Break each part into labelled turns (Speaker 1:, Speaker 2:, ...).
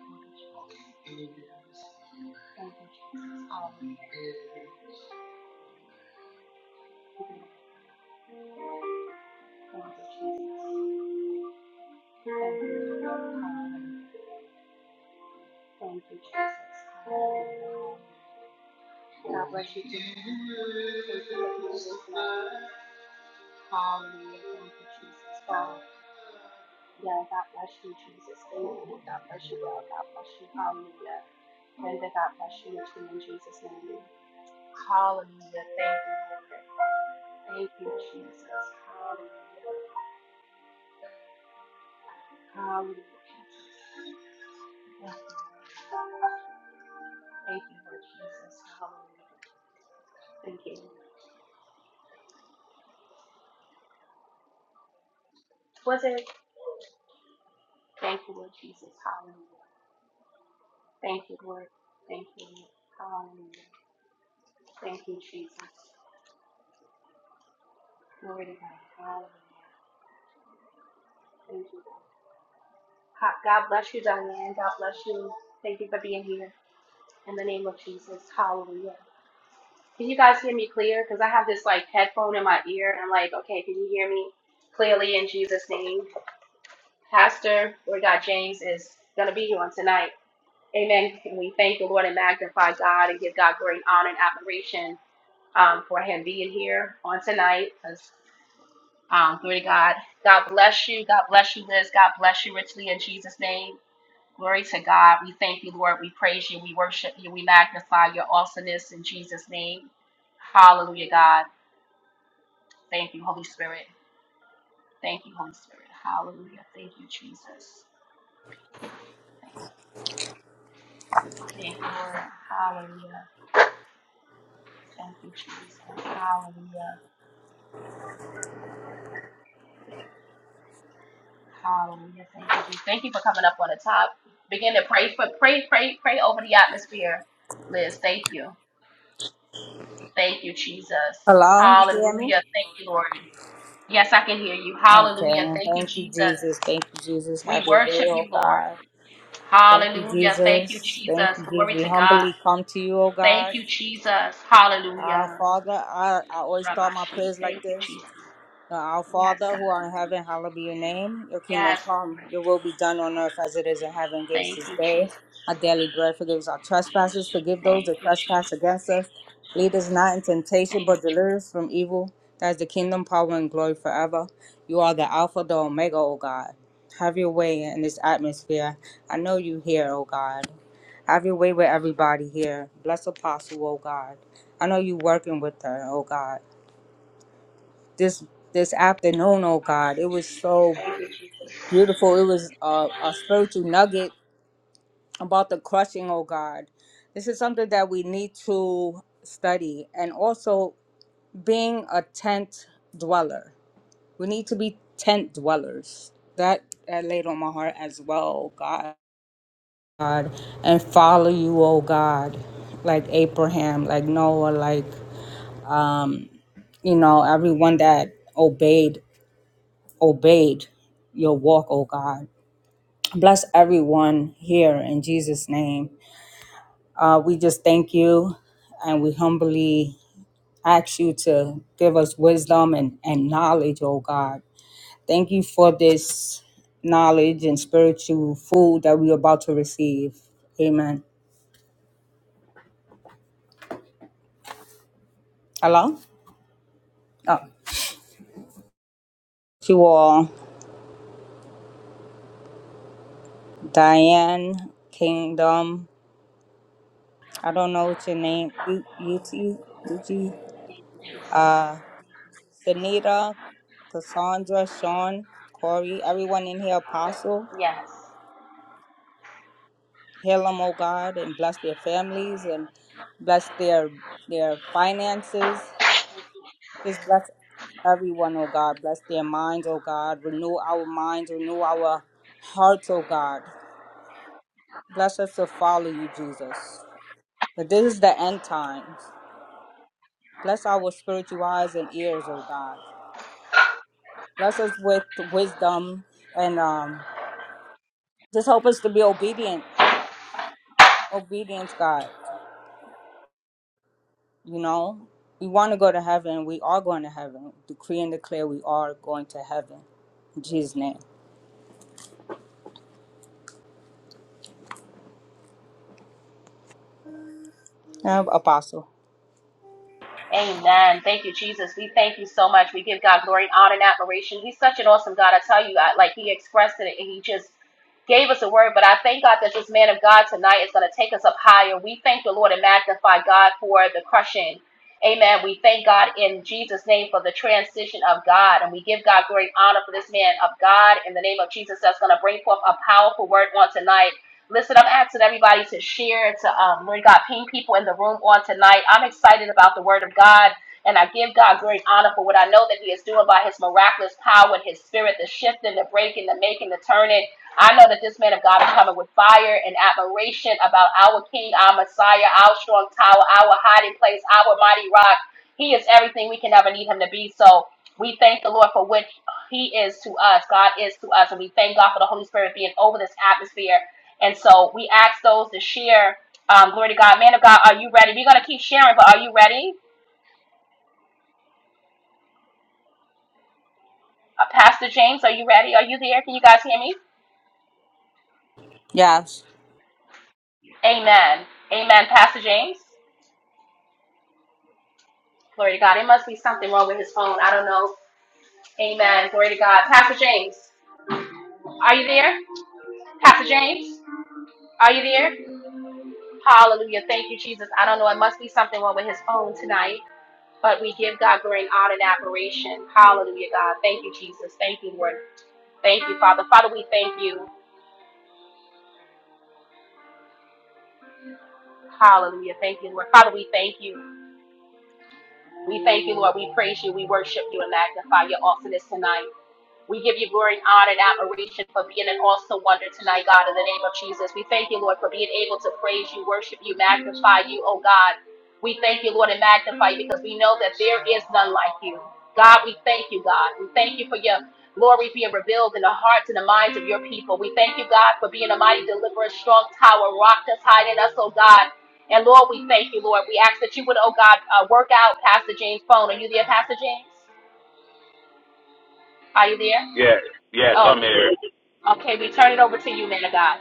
Speaker 1: Oh, Lord Jesus, I bless you in Jesus' name. I bless you, Jesus. Wow. Yeah, I bless you, Jesus. I bless you, Lord. I bless you, I bless you, I bless you, I bless you, Lord. Amen. I bless you in Jesus' name. I bless you, Lord. Thank you, Jesus. Hallelujah. Thank you. Lord. Thank you, Lord Jesus. Hallelujah. Thank you. Lord. Was it? Thank you, Lord Jesus. Hallelujah. Thank you, Lord. Thank you, Lord. Hallelujah. Thank you, Jesus. Glory to God. Hallelujah. Thank you. Lord. Ha- God bless you, Diane. God bless you. Thank you for being here. In the name of Jesus. Hallelujah. Can you guys hear me clear? Because I have this like headphone in my ear. and I'm like, okay, can you hear me clearly in Jesus' name? Pastor, Lord God, James is going to be here on tonight. Amen. And we thank the Lord and magnify God and give God great honor and admiration um, for him being here on tonight. Because, um, glory to God. God bless you. God bless you, Liz. God bless you richly in Jesus' name. Glory to God. We thank you, Lord. We praise you. We worship you. We magnify your awesomeness in Jesus' name. Hallelujah, God. Thank you, Holy Spirit. Thank you, Holy Spirit. Hallelujah. Thank you, Jesus. Thank you, Lord. Hallelujah. Thank you, Jesus. Hallelujah. Hallelujah. Thank you. Jesus. Thank you for coming up on the top. Begin to pray for pray, pray, pray over the atmosphere. Liz, thank you. Thank you, Jesus.
Speaker 2: Hello, you hear me?
Speaker 1: Hallelujah. Thank you, Lord. Yes, I can hear you. Hallelujah.
Speaker 2: Okay,
Speaker 1: Thank you,
Speaker 2: thank you,
Speaker 1: Jesus.
Speaker 2: Jesus. Thank you, Jesus. Have
Speaker 1: We
Speaker 2: your way,
Speaker 1: worship
Speaker 2: oh
Speaker 1: you, Lord.
Speaker 2: God. Thank you,
Speaker 1: Hallelujah. Thank you,
Speaker 2: Jesus. Thank
Speaker 1: Jesus.
Speaker 2: you, Jesus.
Speaker 1: Glory
Speaker 2: We
Speaker 1: to God.
Speaker 2: humbly come to you, oh
Speaker 1: Thank
Speaker 2: God.
Speaker 1: you, Jesus.
Speaker 2: Our
Speaker 1: Hallelujah.
Speaker 2: Father, I, I always start my
Speaker 1: Rabashi.
Speaker 2: prayers
Speaker 1: Thank
Speaker 2: like
Speaker 1: you,
Speaker 2: this.
Speaker 1: Jesus.
Speaker 2: Our
Speaker 1: Yes,
Speaker 2: Father
Speaker 1: God.
Speaker 2: who art in heaven, hallowed be your name. Your kingdom
Speaker 1: Yes, Lord.
Speaker 2: come, your will be done on earth as it is in heaven. Give us
Speaker 1: Thank
Speaker 2: this
Speaker 1: you,
Speaker 2: day
Speaker 1: Jesus.
Speaker 2: our daily bread. Forgive us our trespasses. Forgive
Speaker 1: Thank
Speaker 2: those that
Speaker 1: you,
Speaker 2: trespass
Speaker 1: Jesus.
Speaker 2: against us. Lead us not in temptation,
Speaker 1: Thank
Speaker 2: but
Speaker 1: you,
Speaker 2: deliver us from evil. That is the kingdom, power, and glory forever. You are the Alpha, the Omega, O God. Have your way in this atmosphere. I know you here, O God. Have your way with everybody here. Bless Apostle, O God. I know you working with her, O God this this afternoon, oh God. It was so
Speaker 1: Jesus.
Speaker 2: beautiful. It was a, a spiritual nugget about the crushing, oh God. This is something that we need to study and also being a tent dweller. We need to be tent dwellers. That that laid on my heart as well, oh God. God and follow you, oh God, like Abraham, like Noah, like um, you know, everyone that obeyed obeyed your walk, oh God. Bless everyone here in Jesus' name. Uh, we just thank you and we humbly ask you to give us wisdom and, and knowledge, oh God. Thank you for this knowledge and spiritual food that we're about to receive. Amen. Hello? Oh. To all, Diane Kingdom. I don't know what your name. U U T U G.
Speaker 1: Thank you, Jesus.
Speaker 2: Danita, Cassandra, Sean, Corey, everyone in here, Apostle. Heal them, oh God, and bless their families and bless their their finances.
Speaker 1: Yes.
Speaker 2: Just bless everyone, oh God. Bless their minds, oh God. Renew our minds, renew our hearts, oh God. Bless us to follow you, Jesus. But this is the end times. Bless our spiritual eyes and ears, oh God. Bless us with wisdom and um, just help us to be obedient obedience, God. You know, we want to go to heaven. We are going to heaven. Decree and declare we are going to heaven. In Jesus' name. Uh, Apostle.
Speaker 1: Amen. Thank you, Jesus. We thank you so much. We give God glory honor and admiration. He's such an awesome God. I tell you, I, like He expressed it, and He just gave us a word. But I thank God that this man of God tonight is going to take us up higher. We thank the Lord and magnify God for the crushing. Amen. We thank God in Jesus' name for the transition of God. And we give God glory and honor for this man of God in the name of Jesus that's going to bring forth a powerful word on tonight. Listen, I'm asking everybody to share, to um, Lord God, ping people in the room on tonight. I'm excited about the Word of God, and I give God great honor for what I know that He is doing by His miraculous power and His Spirit, the shifting, the breaking, the making, the turning. I know that this man of God is coming with fire and admiration about our King, our Messiah, our strong tower, our hiding place, our mighty rock. He is everything we can ever need Him to be. So we thank the Lord for what He is to us. God is to us, and we thank God for the Holy Spirit being over this atmosphere and so we ask those to share. Um, glory to God. Man of God, are you ready? We're going to keep sharing, but are you ready? Uh, Pastor James, are you ready? Are you there? Can you guys hear me?
Speaker 2: Yes.
Speaker 1: Amen. Amen, Pastor James. Glory to God. It must be something wrong with his phone. I don't know. Amen. Glory to God. Pastor James, are you there? Pastor James, are you there? Hallelujah. Thank you, Jesus. I don't know. It must be something wrong with his phone tonight. But we give God glory and honor and admiration. Hallelujah, God. Thank you, Jesus. Thank you, Lord. Thank you, Father. Father, we thank you. Hallelujah. Thank you, Lord. Father, we thank you. We thank you, Lord. We praise you. We worship you and magnify your awesomeness tonight. We give you glory and honor and admiration for being an awesome wonder tonight, God, in the name of Jesus. We thank you, Lord, for being able to praise you, worship you, magnify you, oh God. We thank you, Lord, and magnify you because we know that there is none like you. God, we thank you, God. We thank you for your glory being revealed in the hearts and the minds of your people. We thank you, God, for being a mighty deliverer, strong tower, rock that's hiding us, oh God. And Lord, we thank you, Lord. We ask that you would, oh God, uh, work out Pastor James' phone. Are you there, Pastor James? Are you there?
Speaker 3: Yes, yes, I'm
Speaker 1: Oh,
Speaker 3: here.
Speaker 1: Okay, we turn it over to you, man of God.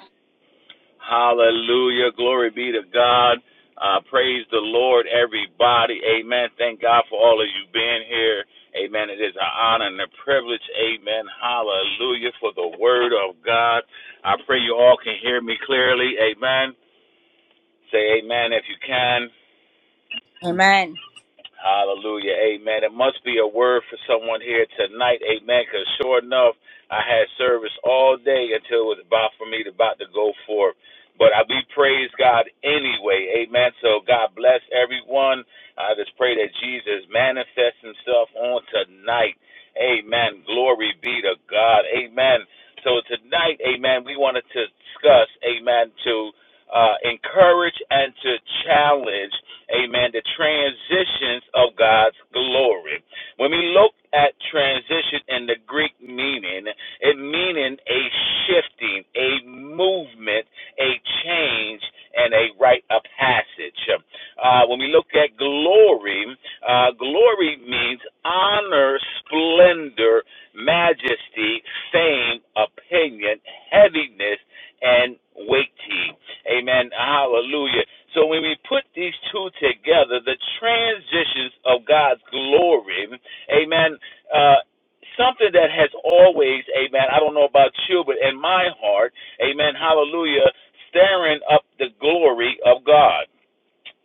Speaker 3: Hallelujah. Glory be to God. Uh, praise the Lord, everybody. Amen. Thank God for all of you being here. Amen. It is an honor and a privilege. Amen. Hallelujah for the word of God. I pray you all can hear me clearly. Amen. Say amen if you can.
Speaker 2: Amen.
Speaker 3: Hallelujah. Amen. It must be a word for someone here tonight. Amen. Because sure enough, I had service all day until it was about for me to about to go forth. But I we praise God anyway. Amen. So God bless everyone. I just pray that Jesus manifests himself on tonight. Amen. Glory be to God. Amen. So tonight, amen, we wanted to discuss, amen, to uh, encourage and to challenge amen, the transitions of God's glory. When we look at transition in the Greek meaning, it meaning a shifting, a movement, a change, and a rite of passage. Uh, when we look at glory, uh, glory means honor, splendor, majesty, fame, opinion, heaviness, and weighty. Amen. Hallelujah. So when we put these two together, the transitions of God's glory, amen, uh, something that has always, amen, I don't know about you, but in my heart, amen, hallelujah, staring up the glory of God.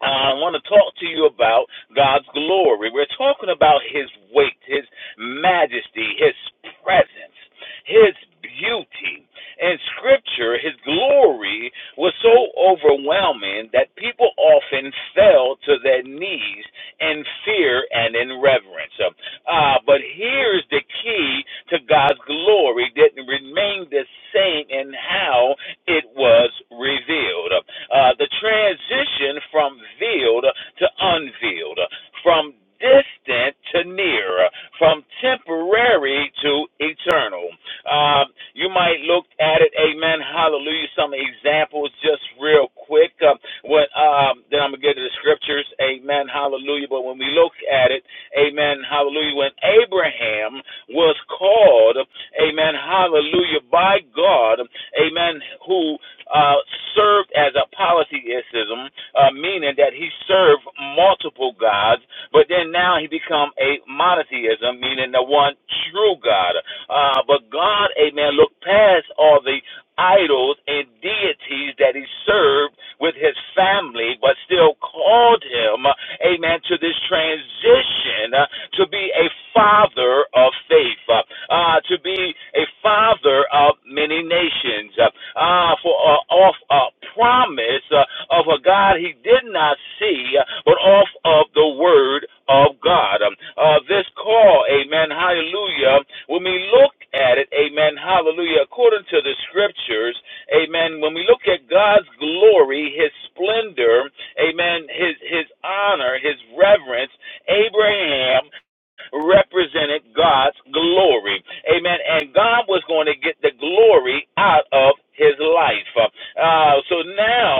Speaker 3: I want to talk to you about God's glory. We're talking about His weight, His majesty, His presence, His beauty. In Scripture, His glory was so overwhelming that people often fell to their knees in fear and in reverence. Uh, but here's the key to God's glory that remained the same in how it was revealed. Uh, the transition from veiled to unveiled, from distant to near, from temporary to eternal. Um, you might look at it, amen, hallelujah. Some examples just real quick. Uh, what, um, then I'm going to get to the scriptures, amen, hallelujah. But when we look at it, amen, hallelujah, when Abraham was called, amen, hallelujah, by God, amen, who uh, served as a polytheism, uh, meaning that he served multiple gods, but then now he become a monotheism, meaning the one true God. Uh, but God, amen, looked past all the idols and deities that he served with his family, but still called him amen, to this transition uh, to be a father of faith, uh, uh, to be a father of many nations, uh, uh, for uh, off a uh, promise uh, of a God he did not see, uh, but off of the word of God. Um, uh, this call, amen, hallelujah, when we look at it, amen, hallelujah, according to the scriptures, Amen. When we look at God's glory, his splendor, amen, his his honor, his reverence, Abraham represented God's glory. Amen. And God was going to get the glory out of his life. Uh, so now,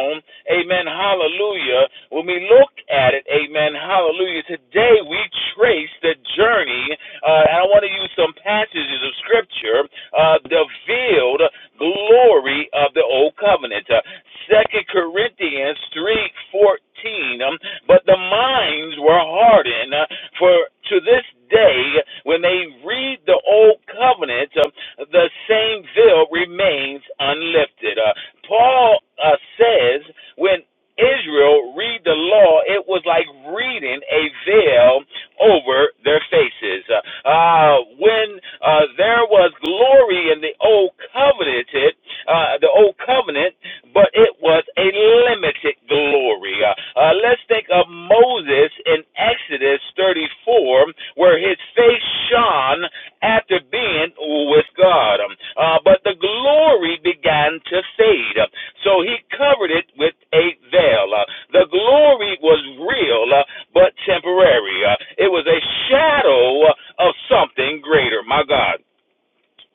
Speaker 3: amen, hallelujah, when we look at it, amen, hallelujah, today we trace the journey, uh, and I want to use some passages of Scripture, uh, the veiled glory of the Old Covenant. Uh, 2 Corinthians 3.14, um, but the minds were hardened, uh, for to this day, when they read the Old Covenant, um, the same veil remains unlifted. Uh, Paul uh, says, when Israel read the law, it was like reading a veil over their faces. Uh, uh, when uh, there was glory in the old covenant, it, uh, the old covenant, but it was a limited glory. Uh, uh, let's think of Moses in Exodus 34, where his face shone after being with God. Um, Uh, but the glory began to fade. Uh, So he covered it with a veil. Uh, the glory was real, uh, but temporary. Uh, it was a shadow uh, of something greater. My God.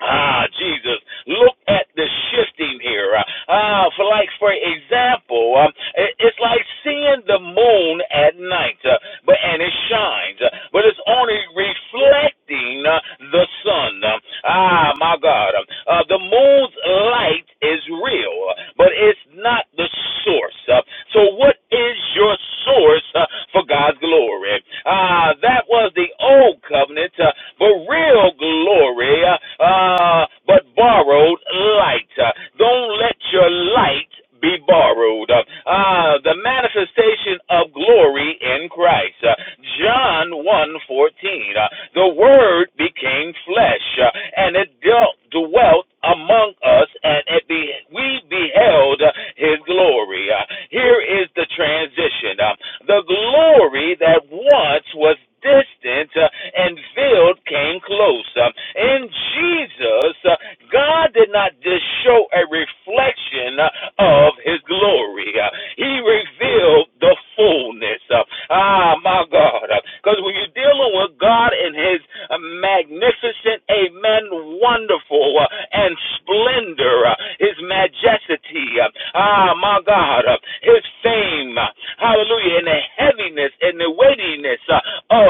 Speaker 3: Ah, Jesus, look at the shifting here. Uh, Ah, for like for example, um, it's like seeing the moon at night, uh, but and it shines, uh, but it's only reflecting uh, the sun. Um, Ah, my God, Um, uh, the moon's light is real, uh, but it's not the source. Uh, So, what is your source uh, for God's glory? glory. Uh, that was the old covenant, uh, but real glory, uh, uh, but borrowed light. Uh, don't let your light be borrowed. Uh, uh, the manifestation of glory in Christ. Uh, John one fourteen. Uh, the word became flesh uh, and it dealt, dwelt among us and it be, we beheld behold uh, his glory. Uh, here is the transition. Uh, the glory that once was distant uh, and veiled came close. Uh, in Jesus, uh, God did not just show a reflection uh, of his glory, Uh, he revealed the fullness. Uh, ah, my God. Because uh, when you're dealing with God in his uh, magnificent magnificent, amen, wonderful, uh, and splendor, uh, his majesty, uh, ah, my God, uh, his fame, uh, hallelujah, and the heaviness and the weightiness uh,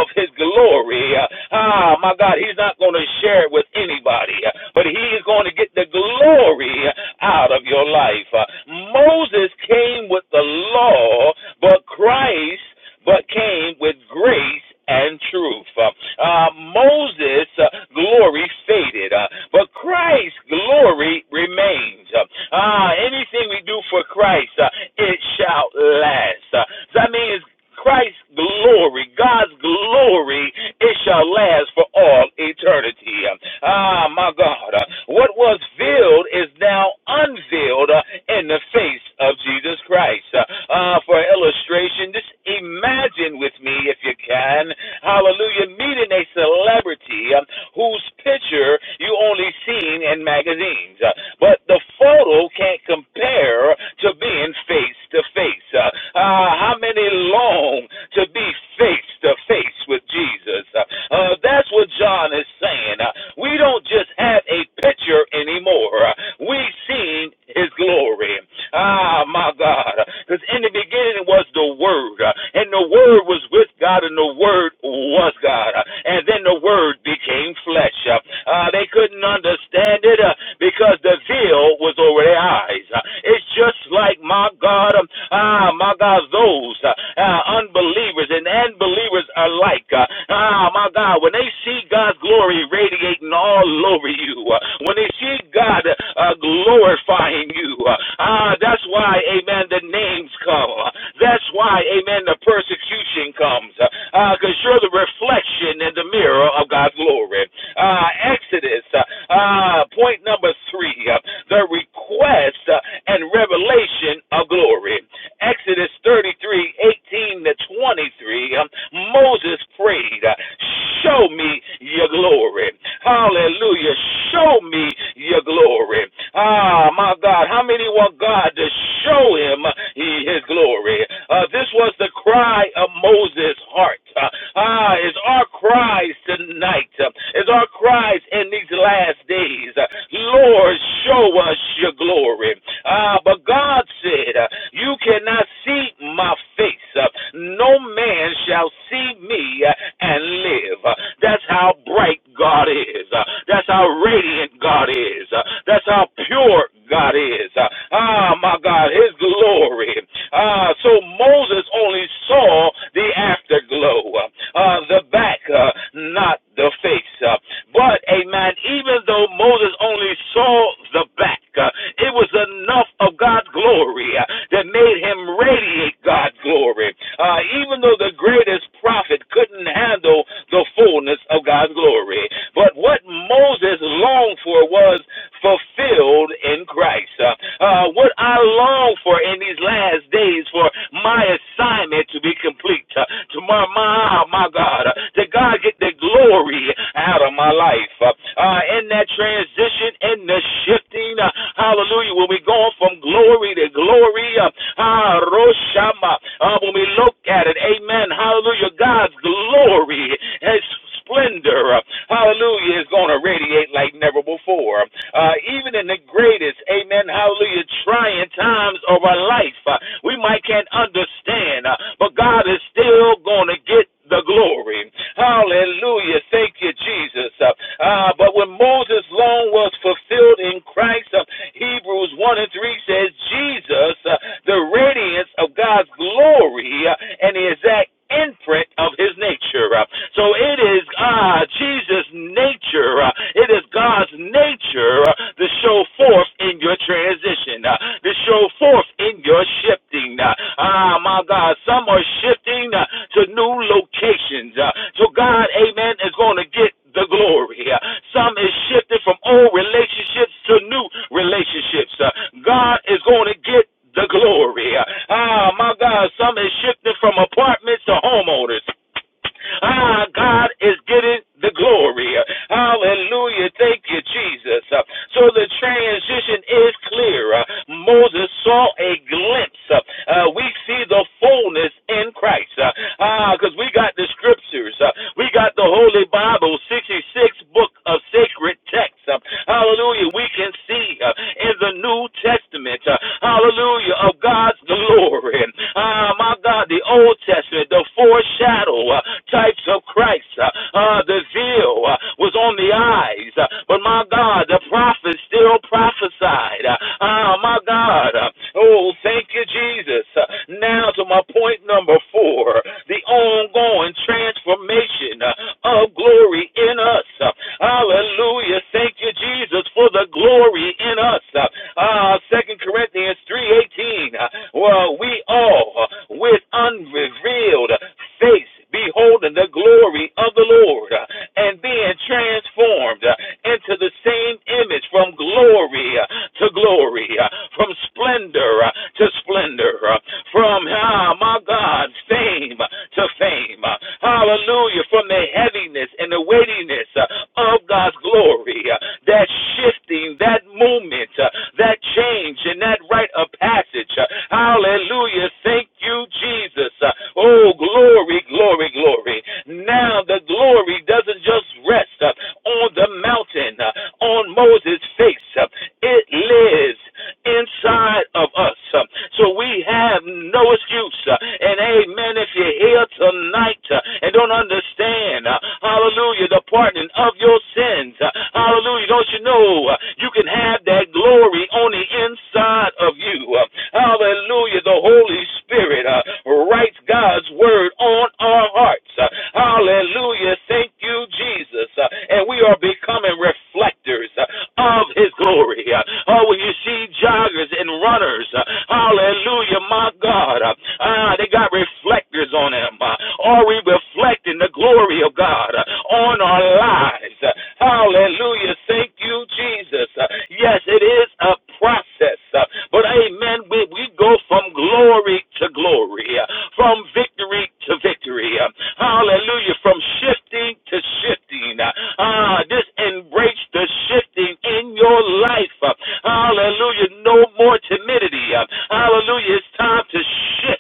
Speaker 3: of his glory. uh, Ah, my God, he's not going to share it with anybody, uh, but he is going to get the glory uh, out of your life. Uh, Moses came with the law, but Christ but came with grace and truth. Uh, uh, Moses' uh, glory faded, uh, but Christ's glory remains. Uh, uh, anything we do for Christ, uh, it shall last. Uh, so that means Christ's glory glory, God's glory, it shall last for all eternity. Ah, my God. uh, What was veiled is now unveiled uh, in the face of Jesus Christ. Uh, uh, for illustration, just imagine with me, if you can, hallelujah, meeting a celebrity um, whose picture you only seen in magazines. Uh, but the photo can't compare to being face to face. Uh, uh, How many long to be face to face with Jesus? Uh, uh, that's what John is saying. Uh, we don't just have a picture anymore. Uh, we seen his glory glory. Ah, my God. Because in the beginning was the Word, and the Word was with God, and the Word was God. And then the Word became flesh. Uh, they couldn't understand it uh, because the veil was over their eyes. It's just like, my God, um, ah, my God, those uh, uh, unbelievers and, unbelievers believers alike. Uh, ah, my God, when they see see God's glory radiating all over you, uh, when they see God uh, glorifying you, uh, ah, uh, that's why, amen, the names come. That's why, amen, the persecution comes. Because uh, you're the reflection in the mirror of God's glory. Uh, Exodus, uh, uh, point number three, uh, the request uh, and revelation of glory. Exodus 33 18 to 23, um, Moses prayed, uh, Show me your glory. Hallelujah. Show me your glory. Ah, my God. How many want God to show him uh, his glory? Uh, this was the cry of Moses' heart. Uh, ah, it's our cries tonight. Uh, it's our cries in these last days. Uh, Lord, show us your glory. Ah, but God said, uh, You cannot see my face. Uh, No man shall see me uh, and live. Uh, That's how bright God is. Uh, That's how radiant God is. Uh, That's how pure God is. Uh, Ah, my God, His glory. Ah, so Moses only saw the afterglow, uh, the back, uh, not the face. Uh, but, amen, even though Moses only saw the back, back. Uh, It was enough of God's glory uh, that made him radiate God's glory. Uh, Even though the greatest prophet couldn't handle the fullness of God's glory. But what Moses longed for was fulfilled in Christ. Uh, uh, what I long for in these last days for my assignment to be complete. Uh, to my, my, my God, uh, that God get the glory out of my life. Uh, uh, in that transition and the shifting. uh, Hallelujah. When we go from glory to glory, uh, ah, uh, when we look at it, amen. Hallelujah. God's glory has splendor, uh, hallelujah, is going to radiate like never before. Uh, even in the greatest, amen, hallelujah, trying times of our life, uh, we might can't understand, uh, but God is still going to get the glory. Hallelujah. Thank you, Jesus. Jesus. Uh, uh, but when Moses' law was fulfilled in Christ, uh, Hebrews 1 and 3 says, Jesus, uh, the radiance of God's glory, uh, and the exact imprint of his nature. Uh, so it is uh, Jesus' nature. Uh, it is God's nature uh, to show forth in your transition, uh, to show forth in your shifting. Uh, ah, uh, my God, some are shifting uh, to new locations, uh, to faithful God, amen, is going to get the glory. Uh, Some is shifted from old relationships to new relationships. Uh, God is going to get the glory. Uh, Ah, my God, some is shifted from apartments to homeowners. Ah, God is getting the glory. Uh, Hallelujah. Thank you, Jesus. Uh, So the transition is clear. Uh, Moses saw a glimpse. Uh, uh, We see the fullness in Christ. Uh, Ah, because we got the scriptures. Uh, we got the Holy Bible, 66 book of sacred texts. Uh, hallelujah. We can see uh, in the New Testament, uh, hallelujah, of God's glory. Ah, uh, my God, the Old Testament, the foreshadow uh, types of Christ. Uh, uh, the veil uh, was on the eyes. Uh, but my God, the prophets still prophesied. Ah, Uh, ah, my God. Uh, oh, thank you, Jesus. Uh, now, to to my point number four the ongoing transformation uh, of glory in us. Uh, Hallelujah. Thank you, Jesus, for the glory in us. Uh, uh, Corinthians 3.18, uh, well, we all uh, with unrevealed face beholding the glory of the Lord uh, and being transformed uh, into the same image from glory uh, to glory, uh, from splendor uh, to splendor, uh, from, ah, my God, fame to fame. uh, Hallelujah. From the heaviness and the weightiness uh, of God's glory, uh, that shifting, that movement, uh, that change, and that rite of passage. uh, Hallelujah. Thank you, Jesus. uh, Oh, glory, glory, glory. Now the glory doesn't just rest uh, on the mountain, uh, on Moses' face. uh, It lives inside of us. Uh, So we have no excuse. Uh, And amen, if you're here tonight uh, and don't understand, uh, hallelujah, the pardon of your sins, uh, hallelujah, don't you know uh, you can have that glory on the inside of you? Uh, Hallelujah, the Holy Spirit uh, writes God's word on our hearts. Uh, Hallelujah, thank you, Jesus. Uh, And we are becoming reflectors uh, of his glory hallelujah. Oh, when you see joggers and runners, uh, hallelujah, my God. Uh, ah, they got reflectors on them. Uh, are we reflecting the glory of God uh, on our lives? Uh, hallelujah. Thank you, Jesus. Uh, yes, it is a process. Uh, but amen, we, we go from glory to glory, uh, from victory to victory. Uh, hallelujah. From shifting to shifting. Uh, ah, this embrace the shifting changing in your life. Hallelujah. No more timidity. Hallelujah. It's time to shift.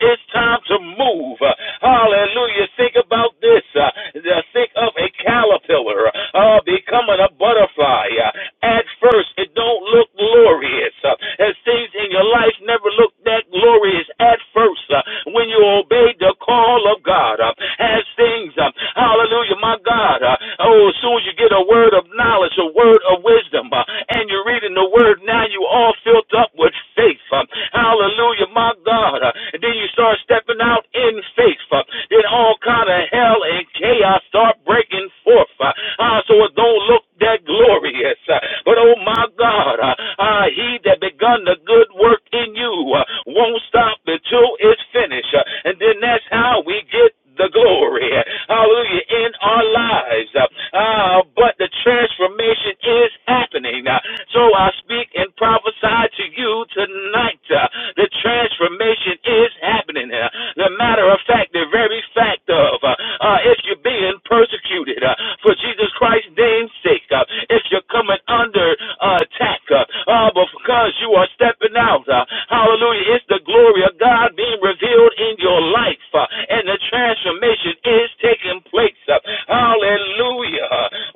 Speaker 3: It's time to move. Hallelujah. Think about this. Think of a caterpillar uh, becoming a butterfly. At first, it don't look glorious. As things in your life never look that glorious at first. uh, When you obey the call of God, as things, uh, hallelujah, my God, uh, oh, as soon as you get away word of knowledge, a word of wisdom, uh, and you're reading the word now, you all filled up with faith. uh, hallelujah, my God. uh, and then you start stepping out in faith. uh, then all kind of hell and chaos start breaking forth. Uh, uh, so it don't look that glorious. uh, but oh my God, uh, uh, he that begun the good work in you uh, won't stop until it's finished. uh, and then that's how we get the glory. uh, Hallelujah. In our lives lives. Uh, uh, but the transformation is happening. Uh, so I speak and prophesy to you tonight. Uh, the transformation is happening. Uh, the matter of fact, the very fact of uh, uh, if you're being persecuted uh, for Jesus Christ's name's sake, uh, if you're coming under uh, attack uh, uh, because you are stepping out, uh, hallelujah, it's the glory of God being revealed in your life, uh, and the transformation is taking place place. Uh, Hallelujah.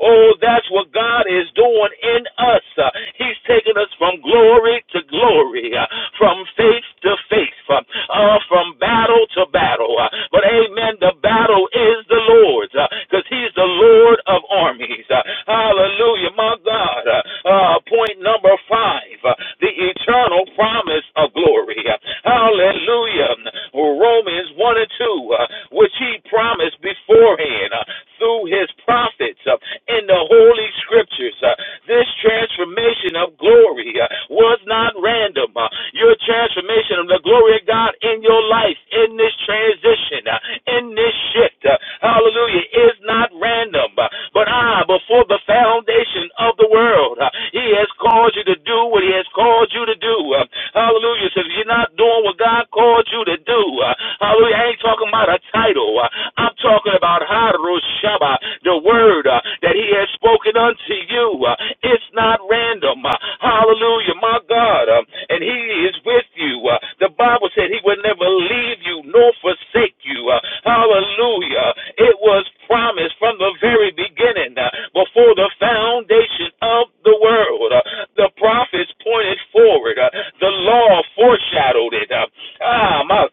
Speaker 3: Oh, that's what God is doing in us. Uh, He's taking us from glory to glory, uh, from faith to faith, uh, uh, from battle to battle. Uh, But amen, the battle is the Lord's because He's the Lord of armies. Uh, Hallelujah. My God. Uh, uh, Point number five uh, the eternal promise of glory. Uh, Hallelujah. Romans 1 and 2, uh, which He promised beforehand uh, through his prophets uh, in the Holy Scriptures. Uh, this transformation of glory uh, was not random. Uh, your transformation of the glory of God in your life, in this transition, uh, in this shift, uh, hallelujah, is not random. Uh, but I, before the foundation of the world, uh, he has called you to do what he has called you to do. Uh, hallelujah. So if you're not doing what God called you to do, uh, hallelujah, I ain't ain't talking about a title. Uh, I'm talking about Harushaba, the word uh, that he has spoken unto you. Uh, It's not random. Uh, Hallelujah, my God. Um, And he is with you. Uh, The Bible said he would never leave you nor forsake you. Uh, Hallelujah. It was promised from the very beginning, uh, before the foundation of the world. Uh, The prophets pointed forward. Uh, The law foreshadowed it. Uh, Ah, my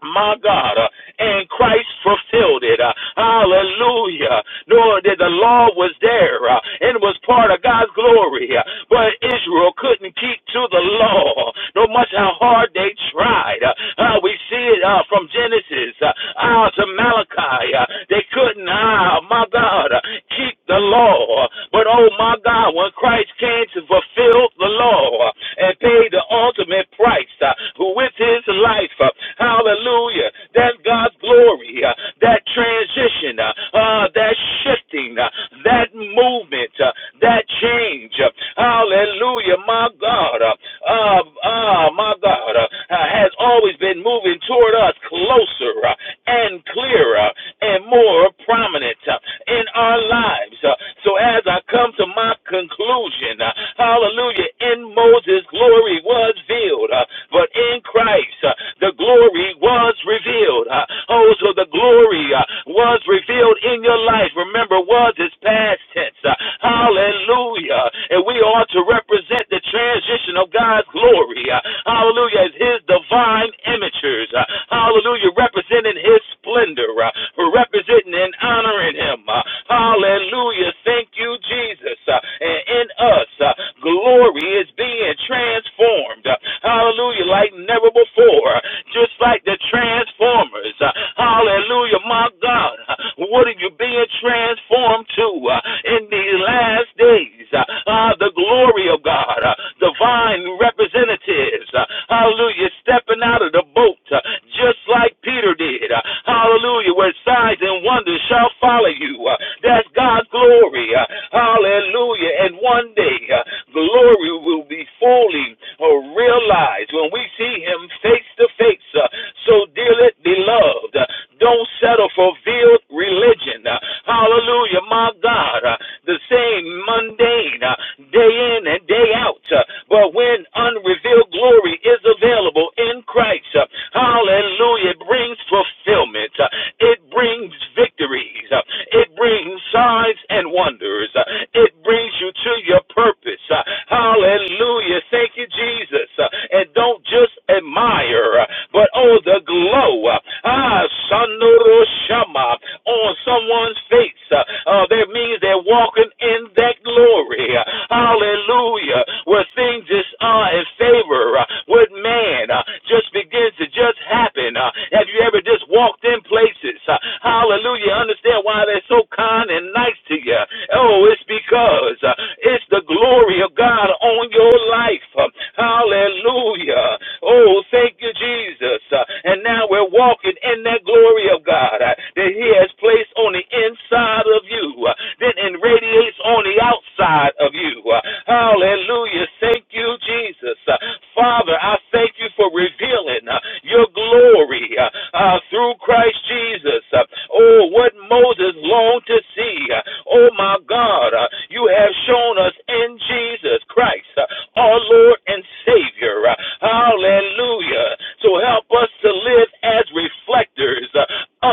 Speaker 3: my God, uh, and Christ fulfilled it. Uh, hallelujah. Nor did the law was there uh, and was part of God's glory, uh, but Israel couldn't keep to the law, no much how hard they tried. Uh, uh, we see it uh, from Genesis uh, out to Malachi. Uh, they couldn't, uh, my God, uh, keep the law. But oh my God, when uh, Christ came to fulfill the law uh, and pay the ultimate price uh, with his life. uh, hallelujah. That's God's glory. uh, that transition, uh, uh, that shifting, uh, that movement, uh, that change. uh, hallelujah. My God. Uh, uh, uh, my God uh, uh, has always been moving toward us closer. uh, and clearer and more prominent uh, in our lives. Uh, So as I come to my conclusion, uh, hallelujah, in Moses glory was veiled, uh, but in Christ uh, the glory was revealed. Uh, Oh, so the glory uh, was revealed in your life. Remember, was is past tense. Uh, Hallelujah. And we ought to represent the transition of God's glory. Uh, Hallelujah. As his divine images. Uh, Hallelujah. Represent representing his splendor, uh, representing and honoring him. Uh, hallelujah. Thank you, Jesus. Uh, and in us, uh, glory is being transformed. Uh, hallelujah. Like never before. Uh, just like the Transformers. Uh, hallelujah. My God. Uh, what are you being transformed to uh, in these last days? Uh, uh, the glory of God. Uh, divine representatives. Uh, hallelujah. Stepping out of the boat uh, just like Peter did. Uh, hallelujah. Where signs and wonders shall follow you. Uh, that's God's glory. Uh, hallelujah. And one day, uh, glory will be fully uh, realized when we see Him face to face. Uh, So, dearly beloved, uh, don't settle for veiled religion. Uh, Hallelujah. My God, uh, the same mundane uh, day in and day out. uh, But when unrevealed glory is available in Christ, uh, hallelujah. Hallelujah. It brings fulfillment. Uh, It brings victories. Uh, It brings signs and wonders. Uh, It brings you to your purpose. Uh, Hallelujah. Thank you, Jesus. Uh, And don't just admire, uh, but oh, the glow. uh, Ah, Sanoro Shama on someone's face. Uh, uh, That means they're walking in that glory. Uh, Hallelujah. Where things just are in favor uh, with man uh, just begins to just happen happen? Uh, have you ever just walked in places? Uh, hallelujah. Understand why they're so kind and nice to you. Oh, it's because uh, it's the glory of God on your life. Uh, hallelujah. Oh, thank you, Jesus. Uh, and now we're walking in that glory of God uh, that He has placed on the inside of you, uh, then it radiates on the outside of you. Uh, hallelujah. Thank you, Jesus. Uh, Father, I thank you for revealing uh, your your glory uh, uh, through Christ Jesus. Uh, oh, what Moses longed to see. Uh, oh, my God, uh, you have shown us in Jesus Christ, uh, our Lord and Savior. Uh, hallelujah. So help us to live as reflectors uh,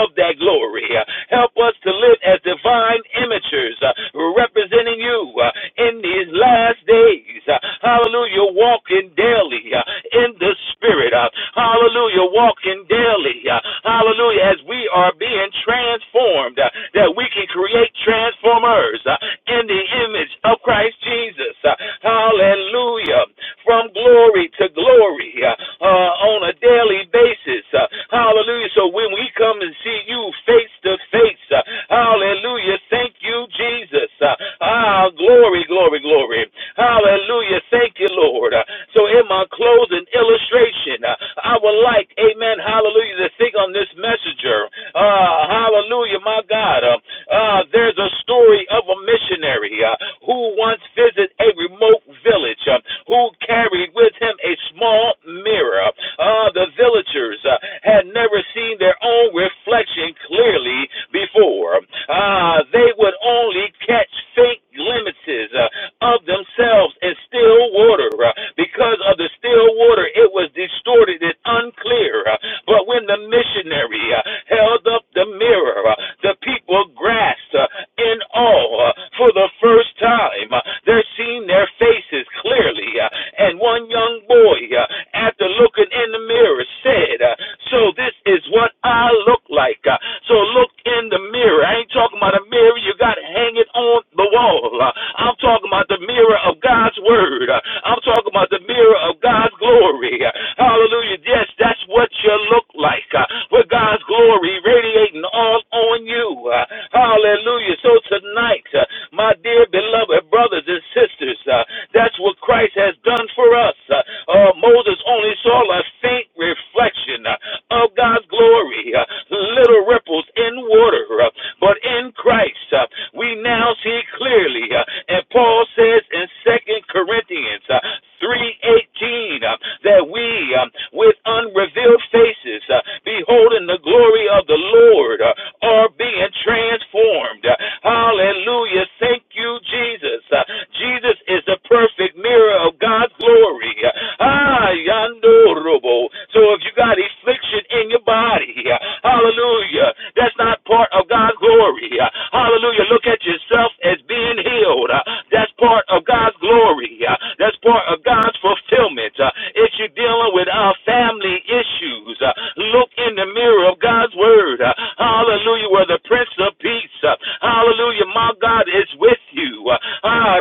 Speaker 3: of that glory. Uh, help us to live as divine imagers uh, representing you uh, in these last days. Uh, hallelujah. Walking daily uh, in in the spirit. Uh, hallelujah. Walking daily. Uh, hallelujah. As we are being transformed, uh, that we can create transformers uh, in the image of Christ Jesus. Uh, hallelujah. From glory to glory uh, uh, on a daily basis. Uh, hallelujah. So when we come and see you face to face, uh, hallelujah. Thank you, Jesus. Uh, ah, glory, glory, glory. Hallelujah. Thank you, Lord. Uh, So in my closing, an illustration. Uh, I would like, amen, hallelujah, to think on this messenger. Uh, hallelujah, my God. Uh, uh, there's a story of a missionary uh, who once visited a remote village uh, who carried with him a small mirror. Uh, the villagers uh, had never seen their own reflection clearly before. Uh, they would only catch faint glimpses uh, of themselves in still water uh, because of the still water, it was distorted and unclear. Uh, But when the missionary uh, held up the mirror, uh, the people grasped uh, in awe uh, for the first time. Uh, They're seeing their faces clearly. uh, And one young boy, uh, after looking in the mirror, said, uh, So this is what I look like. Uh, So look in the mirror. I ain't talking about a mirror you got hanging on the wall. Uh, I'm talking about the mirror of God's word. Uh, I'm talking about the mirror of God's God's glory. Hallelujah. Yes, that's what you look like. uh, With God's glory radiating all on you. Uh, Hallelujah. So tonight, uh, my dear beloved brothers and sisters, uh, that's what Christ has done for us. Uh, uh, Moses only saw a faint reflection uh, of God's glory, uh, little ripples in water. uh, But in Christ, uh, we now see clearly. uh, And Paul says in Second Corinthians uh, 3.18, indeed uh, that we, uh, with unrevealed faces, uh, beholding the glory of the Lord, uh, are being transformed. Uh, hallelujah. Thank you, Jesus. Uh, Jesus is the perfect mirror of God's glory. Uh, ah, yandorobo. So if you got affliction in your body, uh, hallelujah, that's not part of God's glory. Uh, hallelujah. Look at yourself as being healed. Uh, that's part of God's glory. Uh, that's part of God's fulfillment marriage, uh, if you're dealing with uh, family issues, uh, look in the mirror of God's word. Uh, hallelujah, where the Prince of Peace, uh, hallelujah, my God is with you. Uh, ah,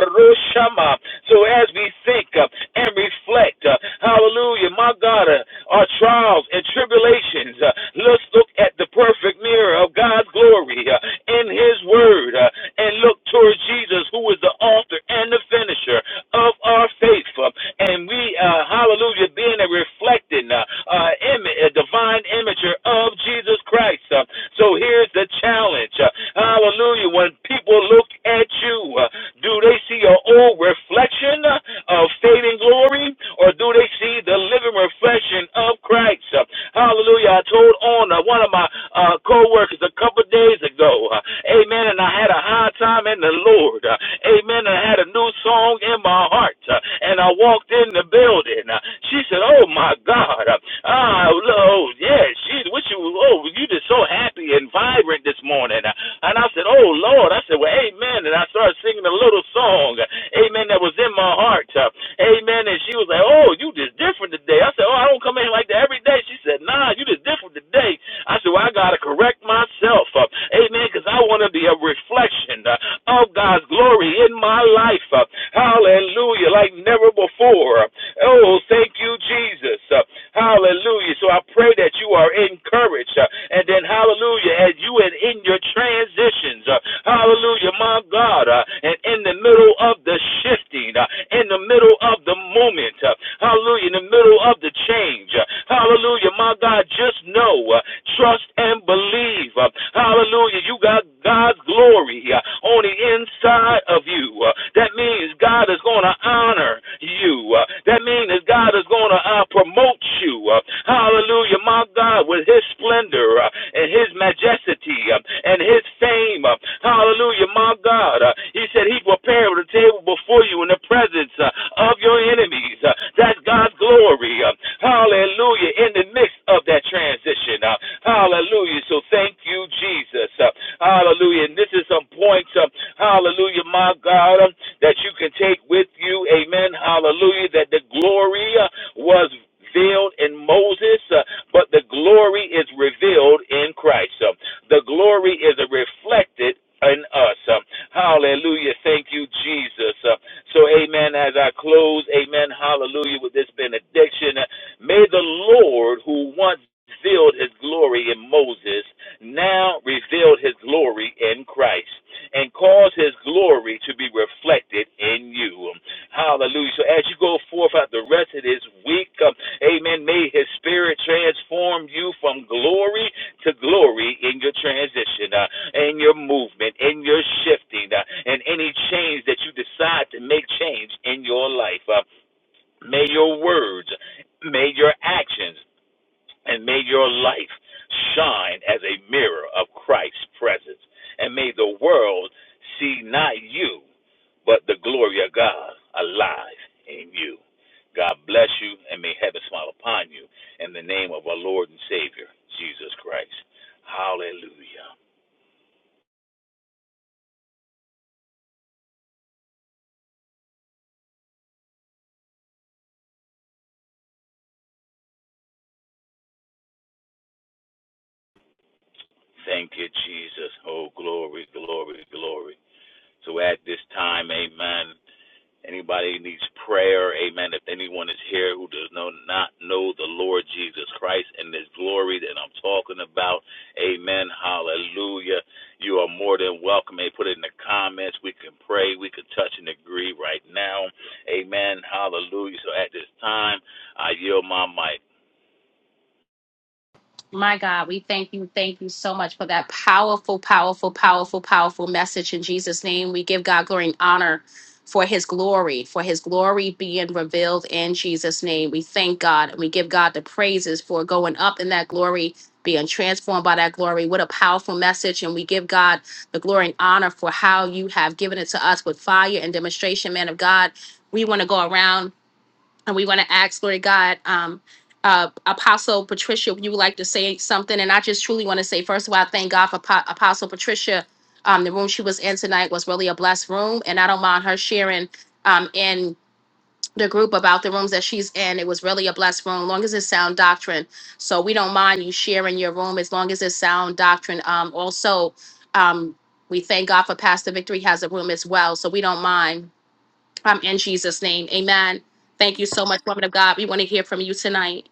Speaker 3: so as we think uh, and reflect, uh, hallelujah, my God, uh, our trials and tribulations, uh, let's look at the perfect mirror of God's glory uh, in His Word uh, and look towards Jesus, who is the author and the finisher of our faith. uh, and we uh, hallelujah, being a reflecting uh, uh, image, a divine imager of Jesus Christ. Uh, so here's the challenge. Uh, hallelujah. When people look at you, uh, do they see your old reflection uh, of fading glory, or do they see the living reflection of Christ? Uh, hallelujah. I told on uh, one of my uh, co workers a couple of days ago, uh, amen, and I had a high time in the Lord. Uh, amen. And I had a new song in my heart, uh, and I walked in the bed building. Uh, She said, "Oh my God, uh, ah, oh yeah, she, what you, oh, you just so happy and vibrant this morning." Uh, And I said, "Oh Lord," I said, "Well, Amen." And I started singing a little song, uh, Amen, that was in my heart, uh, Amen. And she was like, "Oh, you just different today." I said, "Oh, I don't come in like that every day." She said, "Nah, you just different today." I said, "Well, I gotta correct myself, uh, Amen, because I want to be a reflection uh, of God's glory in my life, uh, Hallelujah, like never before." Oh, thank you, Jesus. Uh, hallelujah. So I pray that you are encouraged. uh, and then, hallelujah, as you and in your transitions. uh, hallelujah, my God. uh, and in the middle of the shifting, uh, in the middle of the moment. uh, hallelujah, in the middle of the change. uh, hallelujah, my God. Just know, uh, trust and believe. uh, hallelujah, you got God's glory uh, on the inside of you. Uh, that means God is going to honor you. Uh, that means that God is going to uh, promote you. Uh, hallelujah, my God, with His splendor uh, and His majesty uh, and His fame. Uh, hallelujah, my God. Uh, he said He prepared a table before you in the presence uh, of your enemies. Uh, that's God's glory. Uh, hallelujah, in the midst of that transformation transition. Uh, hallelujah. So thank you, Jesus. Uh, hallelujah. And this is some points, uh, hallelujah, my God, um, that you can take with you. Amen. Hallelujah. That the glory uh, was veiled in Moses, uh, but the glory is revealed in Christ. Uh, the glory is reflected in us. Uh, hallelujah. Thank you, Jesus. Uh, so, amen. As I close, amen. Hallelujah. With this benediction, uh, May the Lord, who once revealed his glory in Moses, now revealed his glory in Christ and cause his glory to be reflected in you. Hallelujah. So as you go forth out the rest of this week, um, amen, may his spirit transform you from glory to glory in your transition, uh, in your movement, in your shifting, uh, and any change that you decide to make change in your life. Uh, May your words, may your actions, and may your life shine as a mirror of Christ's presence. And may the world see not you, but the glory of God alive in you. God bless you, and may heaven smile upon you in the name of our Lord and Savior, Jesus Christ. Hallelujah. Thank you, Jesus. Oh, glory, glory, glory. So at this time, amen. Anybody needs prayer, amen. If anyone is here who does know, not know the Lord Jesus Christ and his glory that I'm talking about, amen. Hallelujah. You are more than welcome. Hey, put it in the comments. We can pray. We can touch and agree right now. Amen. Hallelujah. So at this time, I yield my mic.
Speaker 1: My God, we thank you. Thank you so much for that powerful, powerful, powerful, powerful message in Jesus' name. We give God glory and honor for his glory, for his glory being revealed in Jesus' name. We thank God and we give God the praises for going up in that glory, being transformed by that glory. What a powerful message. And we give God the glory and honor for how you have given it to us with fire and demonstration, man of God. We want to go around And we want to ask, Lord God, um, uh, Apostle Patricia, if you would like to say something. And I just truly want to say, first of all, I thank God for Po- Apostle Patricia. Um, the room she was in tonight was really a blessed room. And I don't mind her sharing um, in the group about the rooms that she's in. It was really a blessed room, long as it's sound doctrine. So we don't mind you sharing your room as long as it's sound doctrine. Um, also, um, we thank God for Pastor Victory has a room as well. So we don't mind um, in Jesus' name. Amen. Thank you so much, woman of God. We want to hear from you tonight.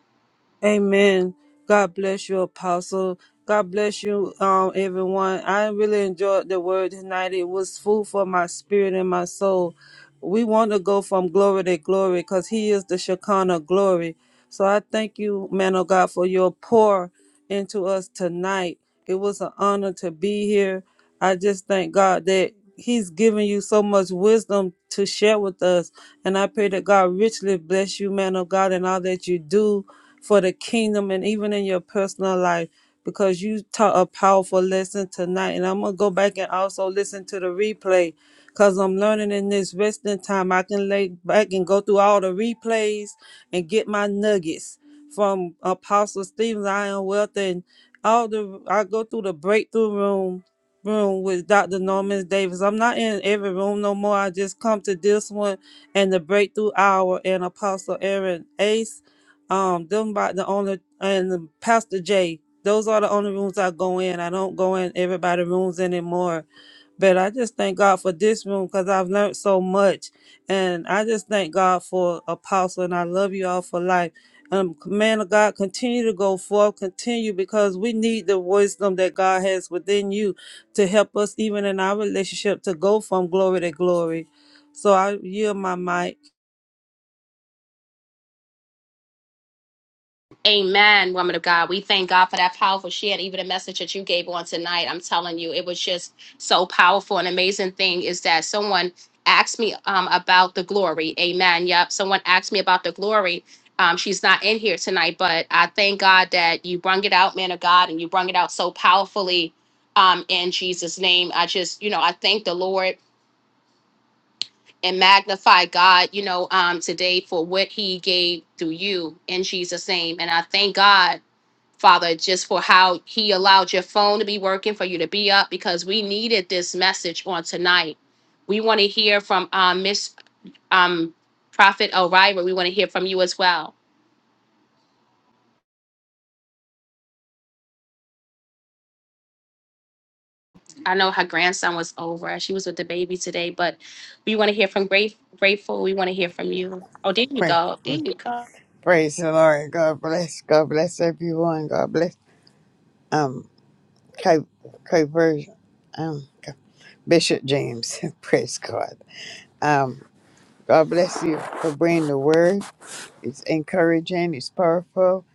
Speaker 4: Amen. God bless you, Apostle. God bless you, um, everyone. I really enjoyed the word tonight. It was food for my spirit and my soul. We want to go from glory to glory because He is the Shekinah glory. So I thank you, man of God, for your pour into us tonight. It was an honor to be here. I just thank God that He's given you so much wisdom to share with us. And I pray that God richly bless you, man of God, and all that you do for the kingdom and even in your personal life. Because you taught a powerful lesson tonight. And I'm gonna go back and also listen to the replay. Cause I'm learning in this resting time. I can lay back and go through all the replays and get my nuggets from Apostle Stephen I am Wealth and all the I go through the breakthrough room room with Dr. Norman Davis. I'm not in every room no more. I just come to this one and the breakthrough hour and Apostle Aaron Ace. Um, them about the only and Pastor J. Those are the only rooms I go in. I don't go in everybody rooms anymore. But I just thank God for this room because I've learned so much. And I just thank God for Apostle and I love you all for life. Um, man of God, continue to go forth, continue because we need the wisdom that God has within you to help us even in our relationship to go from glory to glory. So I yield my mic.
Speaker 1: Amen, woman of God. We thank God for that powerful share, even the message that you gave on tonight. I'm telling you, it was just so powerful. An amazing thing is that someone asked me um, about the glory. Amen. Yep. Someone asked me about the glory. Um, she's not in here tonight, but I thank God that you brung it out, man of God, and you brung it out so powerfully um, in Jesus' name. I just, you know, I thank the Lord and magnify God, you know, um, today for what He gave through you in Jesus' name. And I thank God, Father, just for how He allowed your phone to be working for you to be up because we needed this message on tonight. We want to hear from um, Miss um, Prophet O'Reilly. We want to hear from you as well. I know her grandson was over. She was with the baby today, but we want to hear from Grate- Grateful. We want to hear from you. Oh, there you
Speaker 5: Pray,
Speaker 1: go. There you go.
Speaker 5: praise the Lord. God bless. God bless everyone. God bless. Um, Cape Cape Version. Um, K- Bishop James. praise God. Um, God bless you for bringing the word. It's encouraging. It's powerful,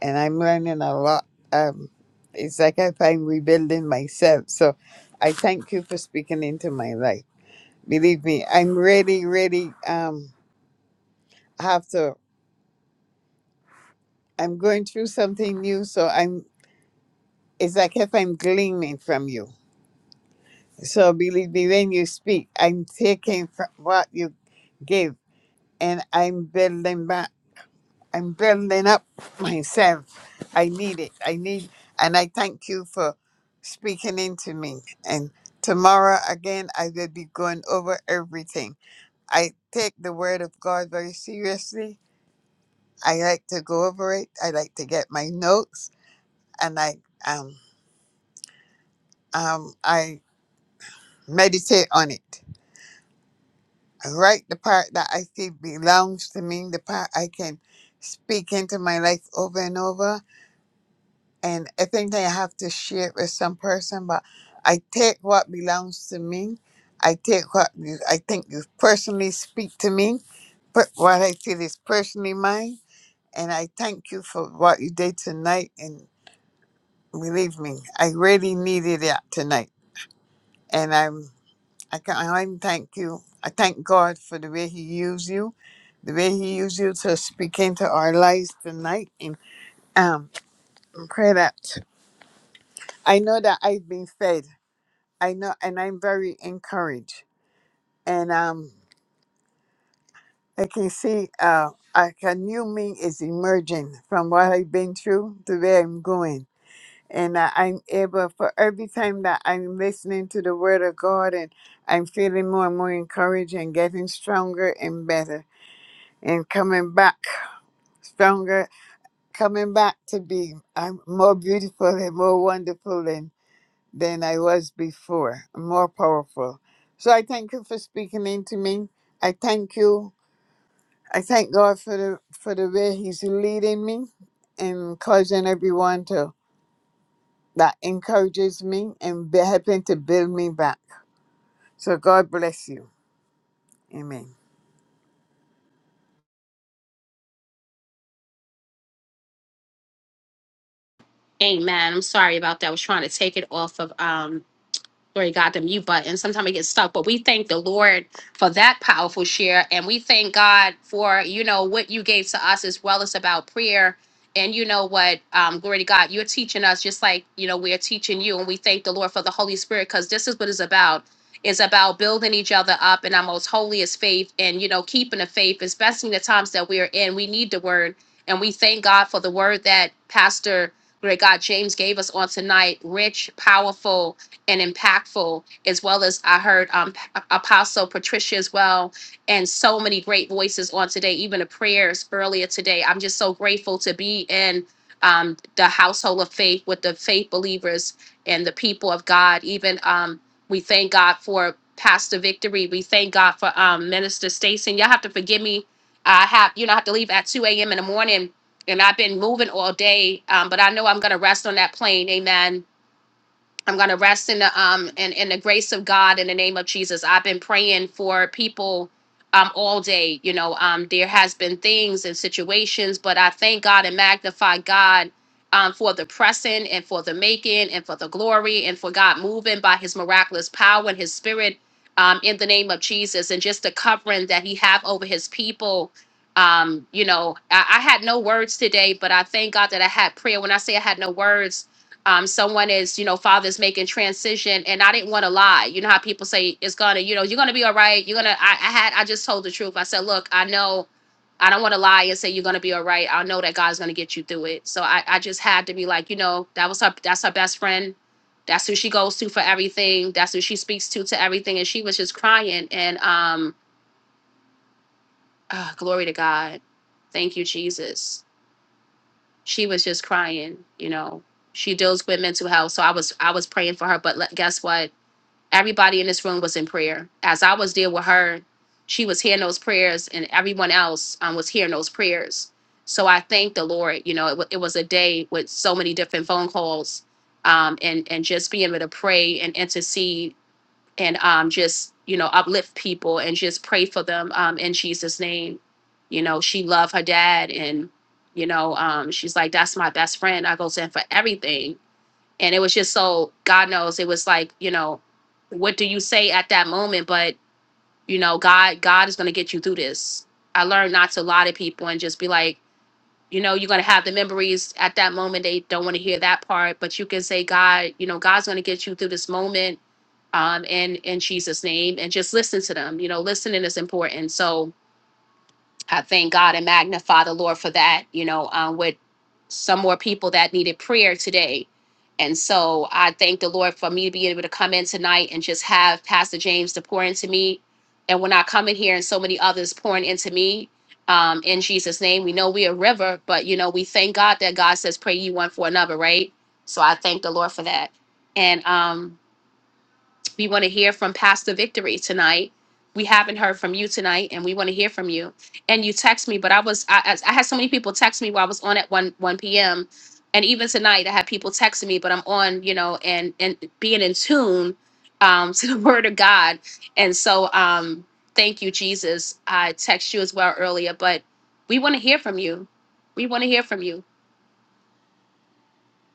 Speaker 5: and I'm learning a lot. Um, it's like if I'm rebuilding myself. So, I thank you for speaking into my life. Believe me, I'm really, really um have to. I'm going through something new, so I'm It's like if I'm gleaning from you. So believe me, when you speak, I'm taking from what you give and I'm building back. I'm building up myself. I need it. I need, and I thank you for speaking into me. And tomorrow again, I will be going over everything. I take the word of God very seriously. I like to go over it. I like to get my notes and I, um, um, I meditate on it. I write the part that I see belongs to me, the part I can speak into my life over and over. And I think I have to share it with some person, but I take what belongs to me. I take what you, I think you personally speak to me, but what I feel is personally mine. And I thank you for what you did tonight. And believe me, I really needed that tonight. And I'm I can I even thank you. I thank God for the way He used you, the way He used you to speak into our lives tonight. And um, pray that I know that I've been fed. I know, and I'm very encouraged. And um, I can see uh, like a new me is emerging from what I've been through to where I'm going. And I I'm able for every time that I'm listening to the Word of God, and I'm feeling more and more encouraged and getting stronger and better. and coming back stronger, coming back to be I'm more beautiful and more wonderful than, than I was before, more powerful. So I thank you for speaking into me. I thank you. I thank God for the for the way He's leading me and causing everyone to that encourages me and be- helping to build me back. So God bless you. Amen.
Speaker 1: Amen. I'm sorry about that. I was trying to take it off of um Glory to God, the mute button. Sometimes we get stuck, but we thank the Lord for that powerful share. And we thank God for, you know, what you gave to us as well as about prayer. And you know what? Um, glory to God, you're teaching us just like, you know, we're teaching you. And we thank the Lord for the Holy Spirit because this is what it's about. It's about building each other up in our most holiest faith and, you know, keeping the faith, especially in the times that we are in. We need the word. And we thank God for the word that Pastor, glory to God, James gave us on tonight. Rich, powerful and impactful, as well as I heard um, P- Apostle Patricia as well, and so many great voices on today, even the prayers earlier today. I'm just so grateful to be in um, the household of faith with the faith believers and the people of God. Even um, we thank God for Pastor Victory. We thank God for um, Minister Stacy. And Y'all have to forgive me. I have, you know, I have to leave at 2 a.m. in the morning, and I've been moving all day, um, but I know I'm going to rest on that plane. Amen I'm gonna rest in the um in, in the grace of God in the name of Jesus. I've been praying for people um all day. You know, um there has been things and situations, but I thank God and magnify God um for the pressing and for the making and for the glory and for God moving by his miraculous power and his spirit um in the name of Jesus and just the covering that he have over his people. Um, you know, I, I had no words today, but I thank God that I had prayer. When I say I had no words, um, someone is, you know, father's making transition, and I didn't want to lie. You know how people say it's gonna, you know, you're gonna be all right. You're gonna. I, I had, I just told the truth. I said, look, I know, I don't want to lie and say you're gonna be all right. I know that God's gonna get you through it. So I, I just had to be like, you know, that was her. That's her best friend. That's who she goes to for everything. That's who she speaks to to everything. And she was just crying. And um, ah, glory to God. Thank you, Jesus she was just crying you know she deals with mental health so i was i was praying for her but le- guess what everybody in this room was in prayer as i was dealing with her she was hearing those prayers and everyone else um, was hearing those prayers so i thank the lord you know it, wa- it was a day with so many different phone calls um, and and just being able to pray and intercede and um, just you know uplift people and just pray for them um, in jesus name you know she loved her dad and you know um, she's like that's my best friend i goes in for everything and it was just so god knows it was like you know what do you say at that moment but you know god god is going to get you through this i learned not to lie to people and just be like you know you're going to have the memories at that moment they don't want to hear that part but you can say god you know god's going to get you through this moment um, in in Jesus' name, and just listen to them. You know, listening is important. So I thank God and magnify the Lord for that. You know, um, with some more people that needed prayer today, and so I thank the Lord for me to be able to come in tonight and just have Pastor James to pour into me, and when I come in here and so many others pouring into me. Um, in Jesus' name, we know we're a river, but you know, we thank God that God says, Pray you one for another, right? So I thank the Lord for that. And um, we want to hear from Pastor Victory tonight. We haven't heard from you tonight, and we want to hear from you. And you text me, but I was I, I I had so many people text me while I was on at one one p.m. And even tonight, I had people texting me, but I'm on, you know, and and being in tune um, to the Word of God. And so, um, thank you, Jesus. I text you as well earlier, but we want to hear from you. We want to hear from you.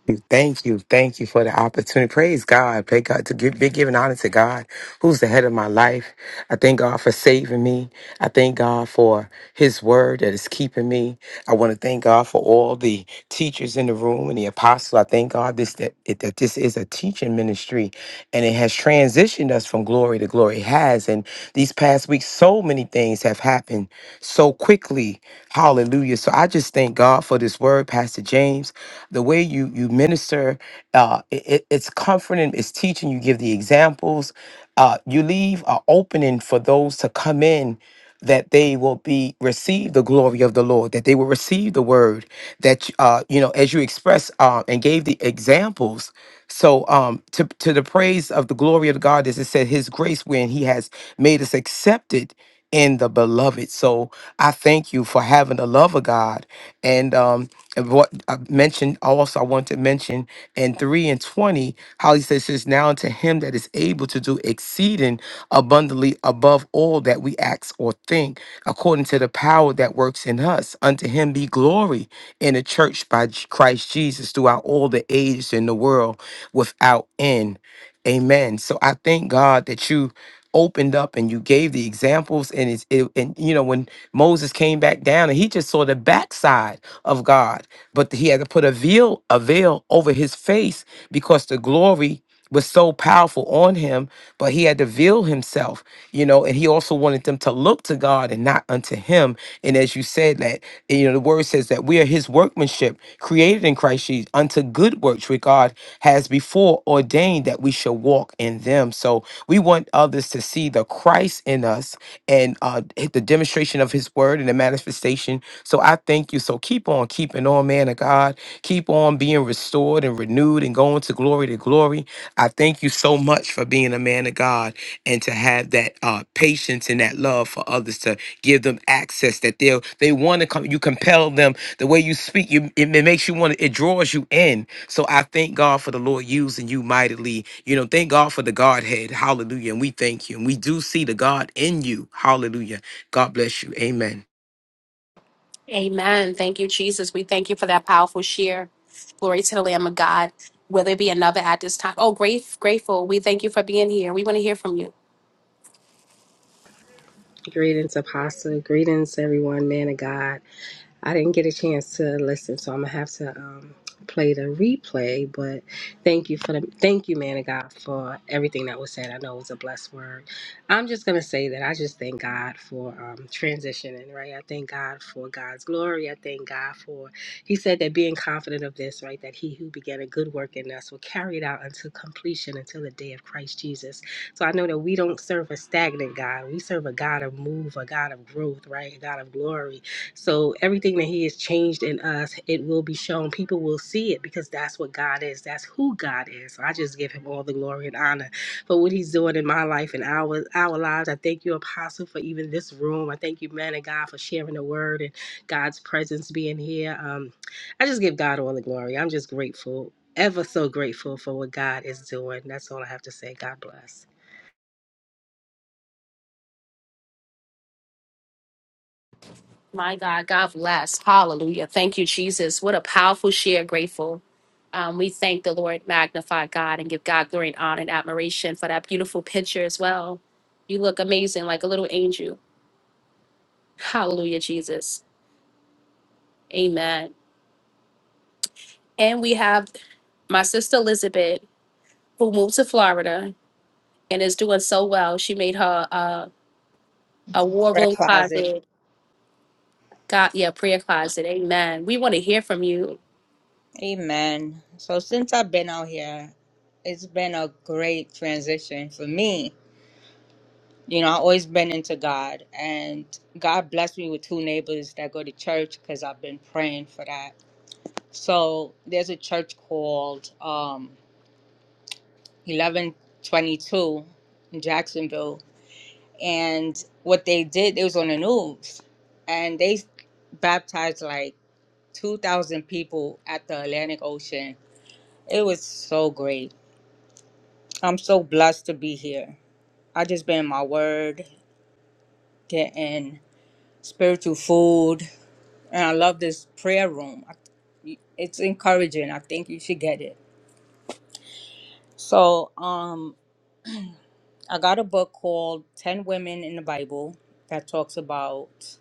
Speaker 6: you. Thank you. Thank you for the opportunity. Praise God. Pray God to give, be giving honor to God, who's the head of my life. I thank God for saving me. I thank God for his word that is keeping me. I want to thank God for all the teachers in the room and the apostles. I thank God this that, it, that this is a teaching ministry and it has transitioned us from glory to glory. It has. And these past weeks, so many things have happened so quickly. Hallelujah. So I just thank God for this word, Pastor James the way you you minister uh it, it- it's comforting it's teaching you give the examples uh you leave an opening for those to come in that they will be receive the glory of the lord that they will receive the word that uh you know as you express uh, and gave the examples so um to, to the praise of the glory of god as it said his grace when he has made us accepted in the beloved so i thank you for having the love of god and um and what I mentioned also, I want to mention in 3 and 20, how he says, says now unto him that is able to do exceeding abundantly above all that we ask or think, according to the power that works in us. Unto him be glory in the church by J- Christ Jesus throughout all the ages in the world without end. Amen. So I thank God that you opened up and you gave the examples and it's it, and you know when Moses came back down and he just saw the backside of God but he had to put a veil a veil over his face because the glory was so powerful on him but he had to veil himself you know and he also wanted them to look to God and not unto him and as you said that and, you know, the word says that we are his workmanship, created in Christ Jesus unto good works, which God has before ordained that we shall walk in them. So we want others to see the Christ in us and uh, the demonstration of his word and the manifestation. So I thank you. So keep on keeping on, man of God. Keep on being restored and renewed and going to glory to glory. I thank you so much for being a man of God and to have that uh, patience and that love for others to give them access that they they want to come you compel them the way you speak you it, it makes you want to it draws you in so i thank god for the lord using you mightily you know thank god for the godhead hallelujah and we thank you and we do see the god in you hallelujah god bless you amen
Speaker 1: Amen. Thank you, Jesus. We thank you for that powerful share. Glory to the Lamb of God. Will there be another at this time? Oh, great, grateful. We thank you for being here. We want to hear from you.
Speaker 7: Greetings, Apostle. Greetings, everyone, man of God. I didn't get a chance to listen, so I'm gonna have to um, play the replay. But thank you for the thank you, man of God, for everything that was said. I know it was a blessed word. I'm just gonna say that I just thank God for um, transitioning, right? I thank God for God's glory. I thank God for He said that being confident of this, right, that He who began a good work in us will carry it out until completion, until the day of Christ Jesus. So I know that we don't serve a stagnant God. We serve a God of move, a God of growth, right? A God of glory so everything that he has changed in us, it will be shown. People will see it because that's what God is. That's who God is. So I just give him all the glory and honor for what he's doing in my life and our our lives. I thank you, Apostle, for even this room. I thank you, man of God, for sharing the word and God's presence being here. Um, I just give God all the glory. I'm just grateful, ever so grateful for what God is doing. That's all I have to say. God bless.
Speaker 1: My God, God bless. Hallelujah. Thank you, Jesus. What a powerful share, grateful. Um, we thank the Lord, magnify God, and give God glory and honor and admiration for that beautiful picture as well. You look amazing, like a little angel. Hallelujah, Jesus. Amen. And we have my sister Elizabeth, who moved to Florida. and is doing so well. She made her uh, a war
Speaker 2: Prayer
Speaker 1: room
Speaker 2: closet.
Speaker 1: closet. God, yeah, prayer closet. Amen. We want to hear from you.
Speaker 2: Amen. So since I've been out here, it's been a great transition for me. You know, I've always been into God, and God blessed me with two neighbors that go to church because I've been praying for that. So there's a church called um, 1122 in Jacksonville. And what they did, it was on the news. And they baptized like 2,000 people at the Atlantic Ocean. It was so great. I'm so blessed to be here. I just been in my word, getting spiritual food. And I love this prayer room. I- It's encouraging. I think you should get it. So, um, I got a book called 10 Women in the Bible that talks about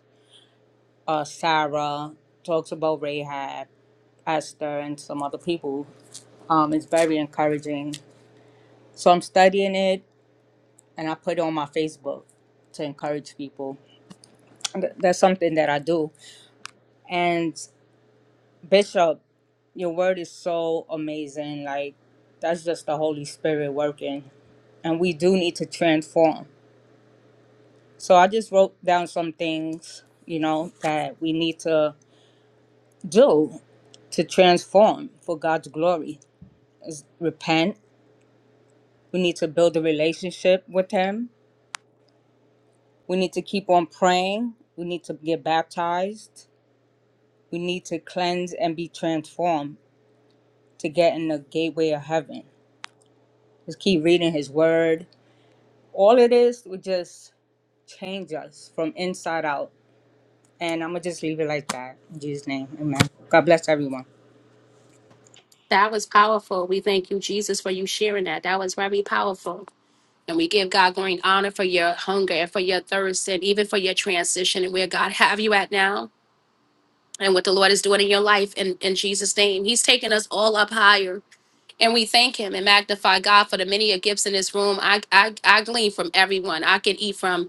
Speaker 2: uh, Sarah, talks about Rahab, Esther, and some other people. Um, it's very encouraging. So I'm studying it and I put it on my Facebook to encourage people. And th- That's something that I do. And Bishop, your word is so amazing. Like, that's just the Holy Spirit working. And we do need to transform. So I just wrote down some things, you know, that we need to do to transform for God's glory is repent. We need to build a relationship with Him. We need to keep on praying. We need to get baptized. We need to cleanse and be transformed to get in the gateway of heaven. Just keep reading His Word. All it is would just change us from inside out. And I'm going to just leave it like that. In Jesus' name, amen. God bless everyone.
Speaker 1: That was powerful. We thank you, Jesus, for you sharing that. That was very powerful. And we give God glory and honor for your hunger and for your thirst and even for your transition and where God have you at now and what the Lord is doing in your life in, in Jesus' name. He's taking us all up higher. And we thank him and magnify God for the many gifts in this room. I, I I glean from everyone. I can eat from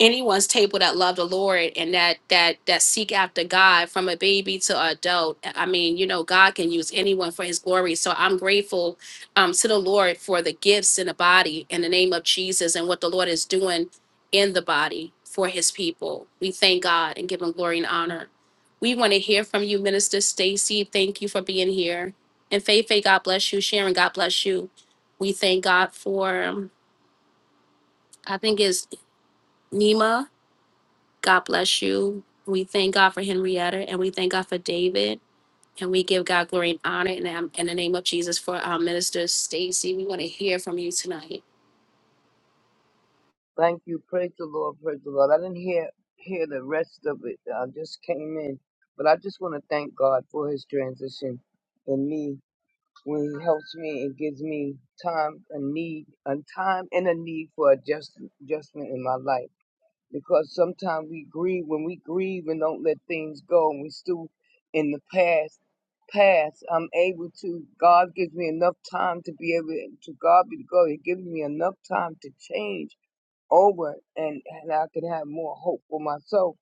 Speaker 1: anyone's table that love the Lord and that that that seek after God from a baby to an adult. I mean, you know, God can use anyone for his glory. So I'm grateful um to the Lord for the gifts in the body in the name of Jesus and what the Lord is doing in the body for his people. We thank God and give him glory and honor. We want to hear from you, Minister Stacy. Thank you for being here. And Faye Faye, God bless you. Sharon, God bless you. We thank God for um, I think it's Nima. God bless you. We thank God for Henrietta and we thank God for David. And we give God glory and honor in, the- in the name of Jesus for our minister, Stacy. We want to hear from you tonight.
Speaker 8: Thank you. Praise the Lord. Praise the Lord. I didn't hear hear the rest of it. I just came in, but I just want to thank God for His transition in me when He helps me and gives me time and need, a time and a need for adjust, adjustment in my life. Because sometimes we grieve when we grieve and don't let things go, and we still in the past. Past, I'm able to. God gives me enough time to be able to. God be the glory. He gives me enough time to change over and, and I could have more hope for myself.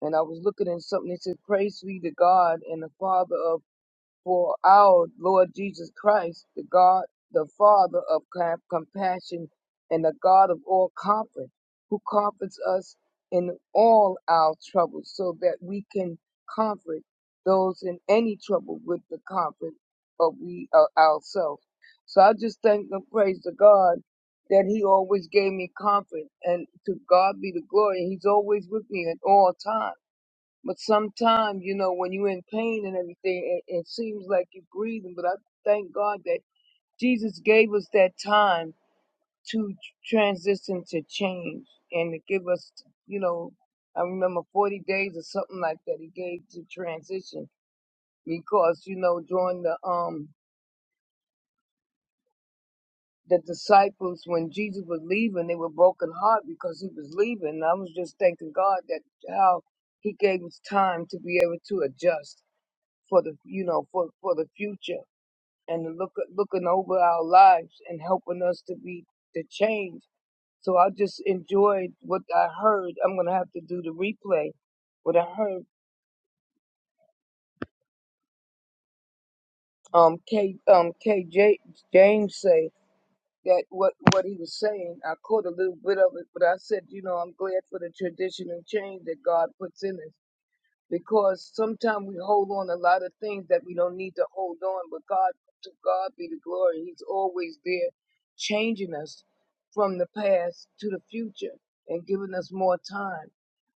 Speaker 8: And I was looking at something that said, Praise be to God and the Father of for our Lord Jesus Christ, the God, the Father of com- compassion and the God of all comfort, who comforts us in all our troubles so that we can comfort those in any trouble with the comfort of we uh, ourselves. So I just thank and praise the God that he always gave me comfort and to God be the glory. He's always with me at all times. But sometimes, you know, when you're in pain and everything, it, it seems like you're breathing. But I thank God that Jesus gave us that time to transition to change and to give us, you know, I remember 40 days or something like that he gave to transition because, you know, during the, um, the disciples, when Jesus was leaving, they were broken heart because he was leaving. And I was just thanking God that how he gave us time to be able to adjust for the you know for for the future and look looking over our lives and helping us to be to change. So I just enjoyed what I heard. I'm gonna have to do the replay. What I heard um K um KJ James say that what what he was saying. I caught a little bit of it, but I said you know I'm glad for the tradition and change that God puts in us because sometimes we hold on a lot of things that we don't need to hold on. But God, to God be the glory. He's always there, changing us from the past to the future and giving us more time.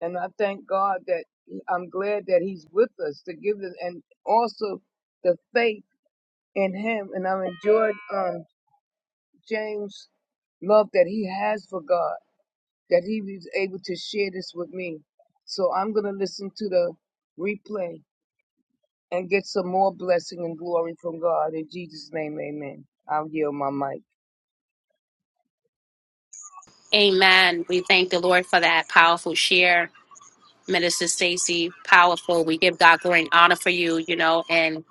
Speaker 8: And I thank God that I'm glad that He's with us to give us, and also the faith in Him. And I've enjoyed um, James' love that he has for God, that he was able to share this with me. So I'm gonna listen to the replay and get some more blessing and glory from God. In Jesus' name, amen. I'll yield my mic.
Speaker 1: Amen. We thank the Lord for that powerful share, Minister Stacy. Powerful. We give God glory and honor for you, you know, and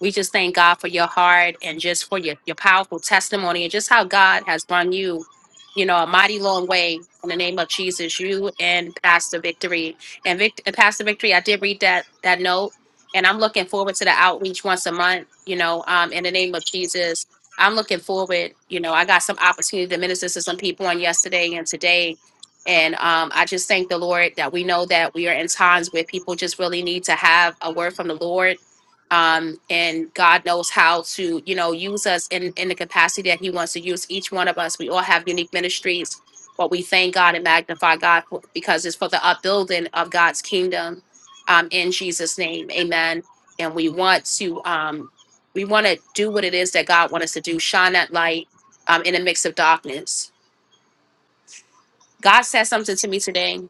Speaker 1: we just thank God for your heart and just for your, your powerful testimony and just how God has run you, you know, a mighty long way in the name of Jesus, you and Pastor Victory. And, Vic- and Pastor Victory, I did read that that note and I'm looking forward to the outreach once a month, you know, um, in the name of Jesus. I'm looking forward, you know, I got some opportunity to minister to some people on yesterday and today. And um, I just thank the Lord that we know that we are in times where people just really need to have a word from the Lord um, and God knows how to, you know, use us in in the capacity that He wants to use each one of us. We all have unique ministries, but we thank God and magnify God for, because it's for the upbuilding of God's kingdom. Um, in Jesus' name, Amen. And we want to, um, we want to do what it is that God wants us to do. Shine that light um, in a mix of darkness. God said something to me today.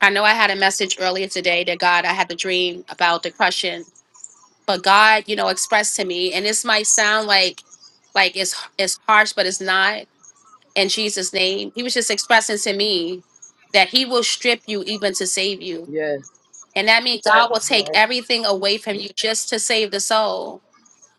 Speaker 1: I know I had a message earlier today that God, I had the dream about the crushing but God, you know, expressed to me, and this might sound like like it's it's harsh, but it's not. In Jesus' name, He was just expressing to me that He will strip you even to save you,
Speaker 8: Yes,
Speaker 1: and that means God will take
Speaker 8: yes,
Speaker 1: everything away from you just to save the soul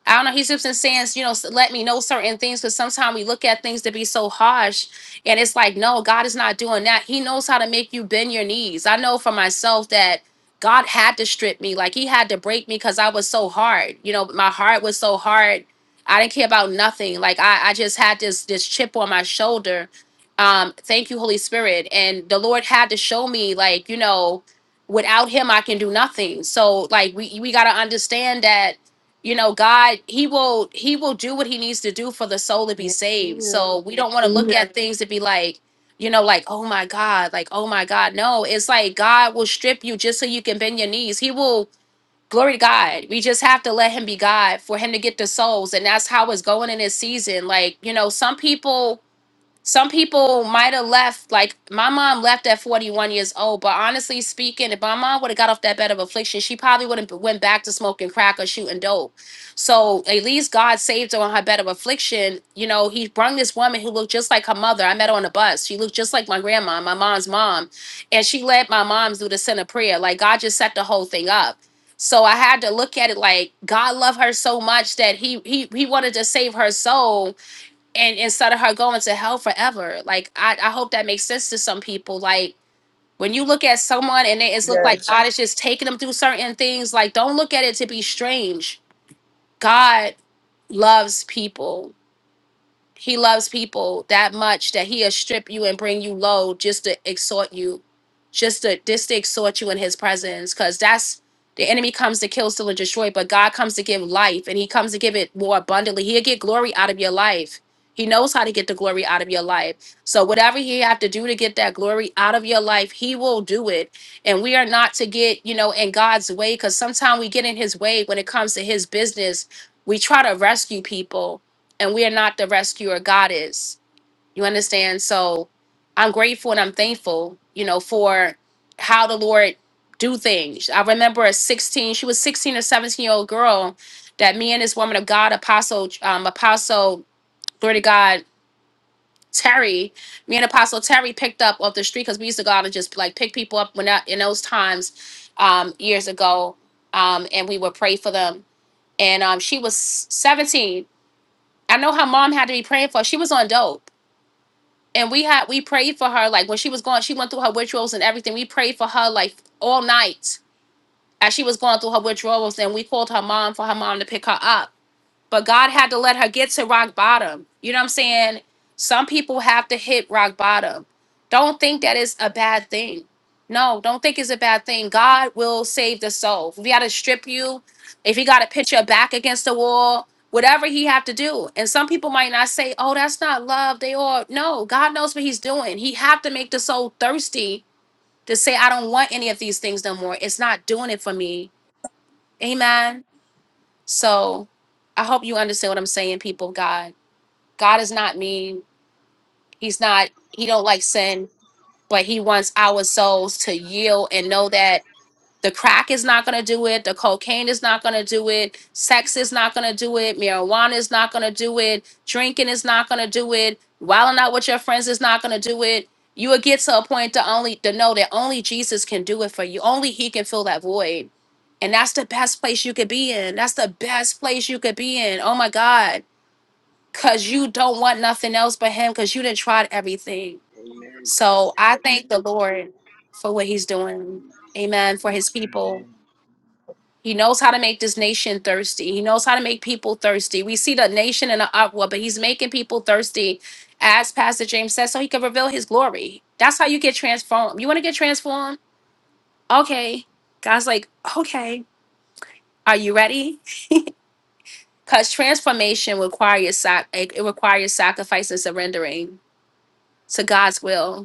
Speaker 1: I don't know. He's just been saying, you know, s- let me know certain things because sometimes we look at things to be so harsh, and it's like, no, God is not doing that. He knows how to make you bend your knees. I know for myself that God had to strip me, like He had to break me because I was so hard. You know, my heart was so hard. I didn't care about nothing. Like I, I just had this this chip on my shoulder. Um, thank you, Holy Spirit, and the Lord had to show me, like, you know, without Him, I can do nothing. So, like, we we gotta understand that you know god he will he will do what he needs to do for the soul to be
Speaker 4: Yes, he
Speaker 1: saved so
Speaker 4: will.
Speaker 1: we don't want to look Mhm. at things to be like you know like oh my god like oh my god no it's like god will strip you just so you can bend your knees he will glory to god we just have to let him be god for him to get the souls and that's how it's going in this season like you know some people some people might have left like my mom left at 41 years old but honestly speaking if my mom would have got off that bed of affliction she probably would have went back to smoking crack or shooting dope so at least god saved her on her bed of affliction you know he brung this woman who looked just like her mother i met her on the bus she looked just like my grandma my mom's mom and she led my mom through the center prayer like god just set the whole thing up so i had to look at it like god loved her so much that he he, he wanted to save her soul and instead of her going to hell forever. Like I, I hope that makes sense to some people. Like when you look at someone and it- it's look
Speaker 8: yes,
Speaker 1: like God is just taking them through certain things, like don't look at it to be strange. God loves people. He loves people that much that he'll strip you and bring you low just to exhort you, just to just to exhort you in his presence. Cause that's the enemy comes to kill, steal, and destroy, but God comes to give life and he comes to give it more abundantly. He'll get glory out of your life. He knows how to get the glory out of your life. So whatever he have to do to get that glory out of your life, he will do it. And we are not to get, you know, in God's way, because sometimes we get in his way when it comes to his business. We try to rescue people and we are not the rescuer god is you understand so i'm grateful and i'm thankful you know for how the lord do things i remember a 16 she was 16 or 17 year old girl that me and this woman of god apostle um apostle glory to god terry me and apostle terry picked up off the street because we used to go out and just like pick people up when that in those times um years ago um and we would pray for them and um she was 17 i know her mom had to be praying for her. she was on dope and we had we prayed for her like when she was going she went through her withdrawals and everything we prayed for her like all night as she was going through her withdrawals and we called her mom for her mom to pick her up but God had to let her get to rock bottom. You know what I'm saying? Some people have to hit rock bottom. Don't think that is a bad thing. No, don't think it's a bad thing. God will save the soul. If he got to strip you, if he got to pitch your back against the wall, whatever he have to do. And some people might not say, "Oh, that's not love." They are no. God knows what he's doing. He have to make the soul thirsty to say, "I don't want any of these things no more. It's not doing it for me." Amen. So I hope you understand what I'm saying, people of God. God is not mean. He's not, he don't like sin, but he wants our souls to yield and know that the crack is not going to do it. The cocaine is not going to do it. Sex is not going to do it. Marijuana is not going to do it. Drinking is not going to do it. Wilding out with your friends is not going to do it. You will get to a point to only to know that only Jesus can do it for you. Only He can fill that void, and that's the best place you could be in. That's the best place you could be in. Oh my God, because you don't want nothing else but Him, because you didn't try everything. So I thank the Lord for what He's doing. Amen. For His people.
Speaker 8: amen.
Speaker 1: He knows how to make this nation thirsty. He knows how to make people thirsty. We see the nation in an uproar, but he's making people thirsty, as Pastor James says, so he can reveal his glory. That's how you get transformed. You want to get transformed? Okay. God's like, okay, are you ready? Because transformation requires sac- it it requires sacrifice and surrendering to God's will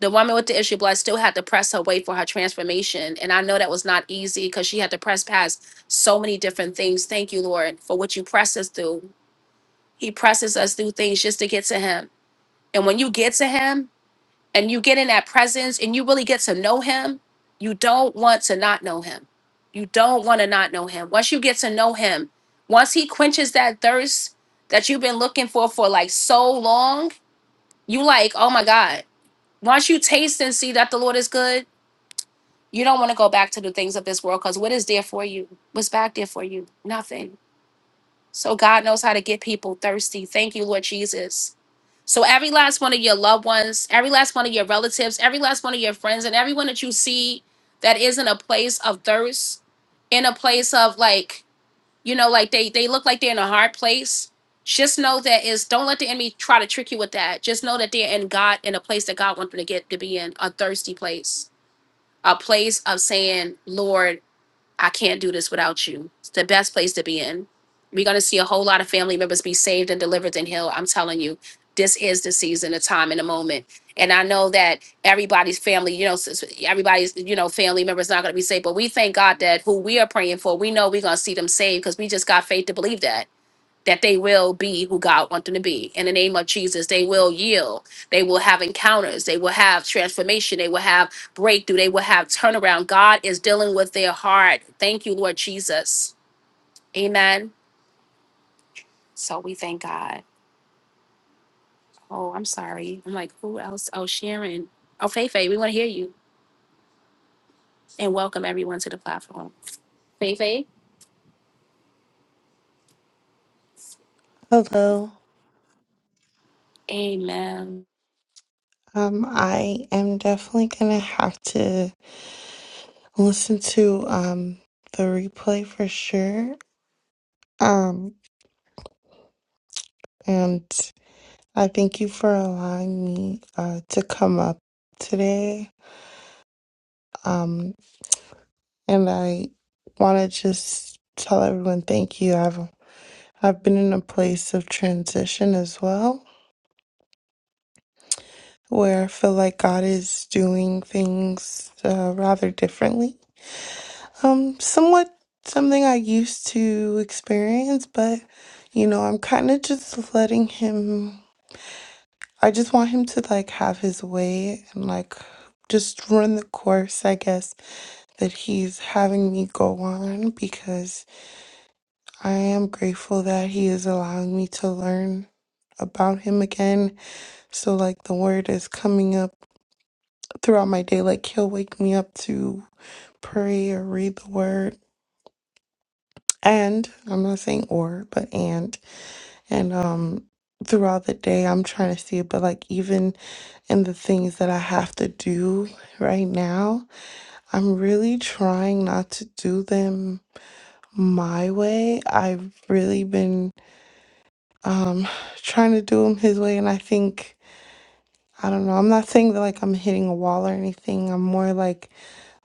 Speaker 1: the woman with the issue of blood still had to press her way for her transformation. And I know that was not easy because she had to press past so many different things. Thank you, Lord, for what you press us through. He presses us through things just to get to Him. And when you get to Him and you get in that presence and you really get to know Him, you don't want to not know Him. You don't want to not know Him. Once you get to know Him, once He quenches that thirst that you've been looking for for like so long, you like, oh my God. Once you taste and see that the Lord is good, You don't want to go back to the things of this world because what is there for you? What's back there for you? Nothing. So God knows how to get people thirsty. Thank you, Lord Jesus. So every last one of your loved ones, every last one of your relatives, every last one of your friends, and everyone that you see that is in a place of thirst, in a place of like, you know, like they they look like they're in a hard place. Just know that is don't let the enemy try to trick you with that. Just know that they're in God in a place that God wants them to get to be in, a thirsty place a place of saying, Lord, I can't do this without you. It's the best place to be in. We're going to see a whole lot of family members be saved and delivered and healed. I'm telling you, this is the season, the time, and the moment. And I know that everybody's family, you know, s- s- everybody's, you know, family members not going to be saved, but we thank God that who we are praying for, we know we're going to see them saved because we just got faith to believe that that they will be who God wants them to be. In the name of Jesus, they will yield. They will have encounters. They will have transformation. They will have breakthrough. They will have turnaround. God is dealing with their heart. Thank you, Lord Jesus. Amen. So we thank God. Oh, I'm sorry. I'm like, who else? Oh, Sharon. Oh, Faye Faye, we want to hear you. And welcome everyone to the platform. Faye Faye,
Speaker 9: Hello.
Speaker 1: amen.
Speaker 9: Um, I am definitely gonna have to listen to um the replay for sure. Um, and I thank you for allowing me uh to come up today. Um, and I want to just tell everyone thank you. I've I've been in a place of transition as well, where I feel like God is doing things uh, rather differently Um, somewhat something I used to experience, but you know, I'm kind of just letting him. I just want him to like have his way and like just run the course, I guess, that he's having me go on because I am grateful that he is allowing me to learn about him again. So, like, the word is coming up throughout my day. Like, he'll wake me up to pray or read the word. And I'm not saying or, but and. and um throughout the day i'm trying to see it but like even in the things that i have to do right now i'm really trying not to do them my way i've really been um trying to do them his way and i think i don't know i'm not saying that like i'm hitting a wall or anything i'm more like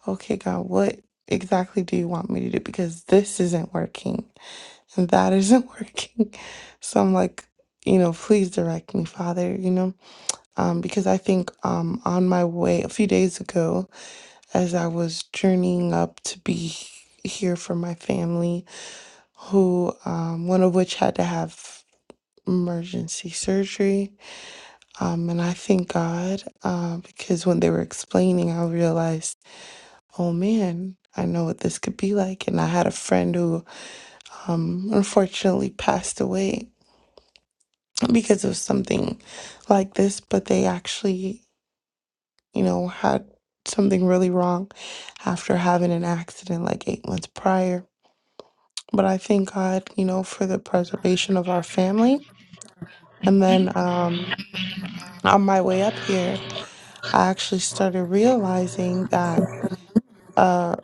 Speaker 9: okay god what exactly do you want me to do because this isn't working and that isn't working so i'm like you know please direct me father you know um, because I think um, on my way a few days ago, as I was journeying up to be here for my family, who um, one of which had to have emergency surgery, um, and I thank God uh, because when they were explaining, I realized, oh man. I know what this could be like. And I had a friend who um, unfortunately passed away because of something like this, but they actually you know, had something really wrong after having an accident like eight months prior. But I thank God, you know, for the preservation of our family. And then um, on my way up here, I actually started realizing that, uh,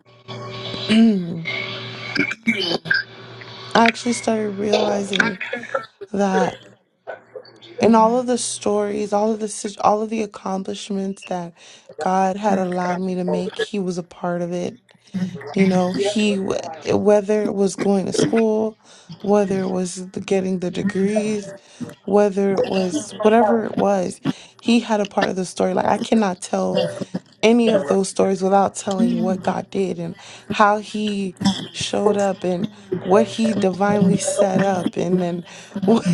Speaker 9: I actually started realizing that in all of the stories, all of the, sit- all of the accomplishments that God had allowed me to make, He was a part of it You know, he, whether it was going to school, whether it was the- getting the degrees, whether it was whatever it was, he had a part of the story. Like, I cannot tell any of those stories without telling what God did and how he showed up and what he divinely set up and then what,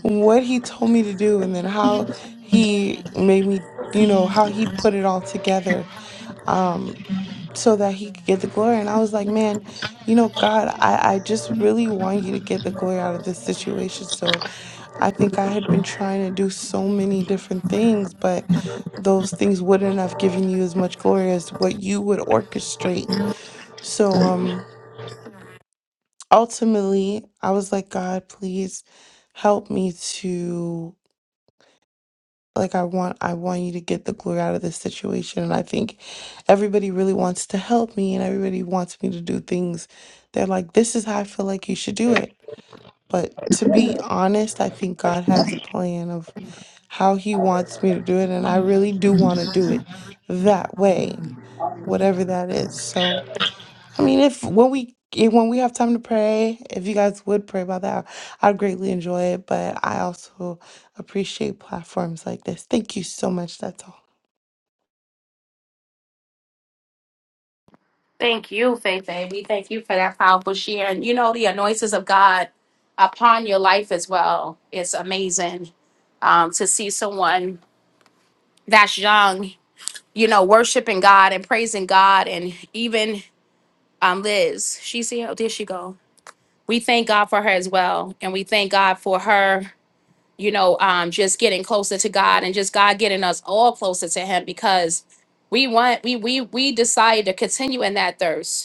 Speaker 9: what he told me to do and then how he made me, you know, how he put it all together. Um, so that he could get the glory. And I was like, man, you know, God, I, I just really want you to get the glory out of this situation. So I think I had been trying to do so many different things, but those things wouldn't have given you as much glory as what you would orchestrate. So um ultimately I was like, God, please help me to like I want I want you to get the glory out of this situation and I think everybody really wants to help me and everybody wants me to do things. They're like this is how I feel like you should do it. But to be honest, I think God has a plan of how he wants me to do it and I really do want to do it that way, whatever that is. So I mean, if when we if- when we have time to pray, if you guys would pray about that, I'd greatly enjoy it. But I also appreciate platforms like this. Thank you so much. That's all.
Speaker 1: Thank you, Faith Baby. Thank you for that powerful share. And you know, the anointings of God upon your life as well. It's amazing um, to see someone that's young, you know, worshiping God and praising God. And even um, Liz, she's here. Oh, there she go. We thank God for her as well. And we thank God for her, you know, um, just getting closer to God and just God getting us all closer to him because we want, we, we, we decide to continue in that thirst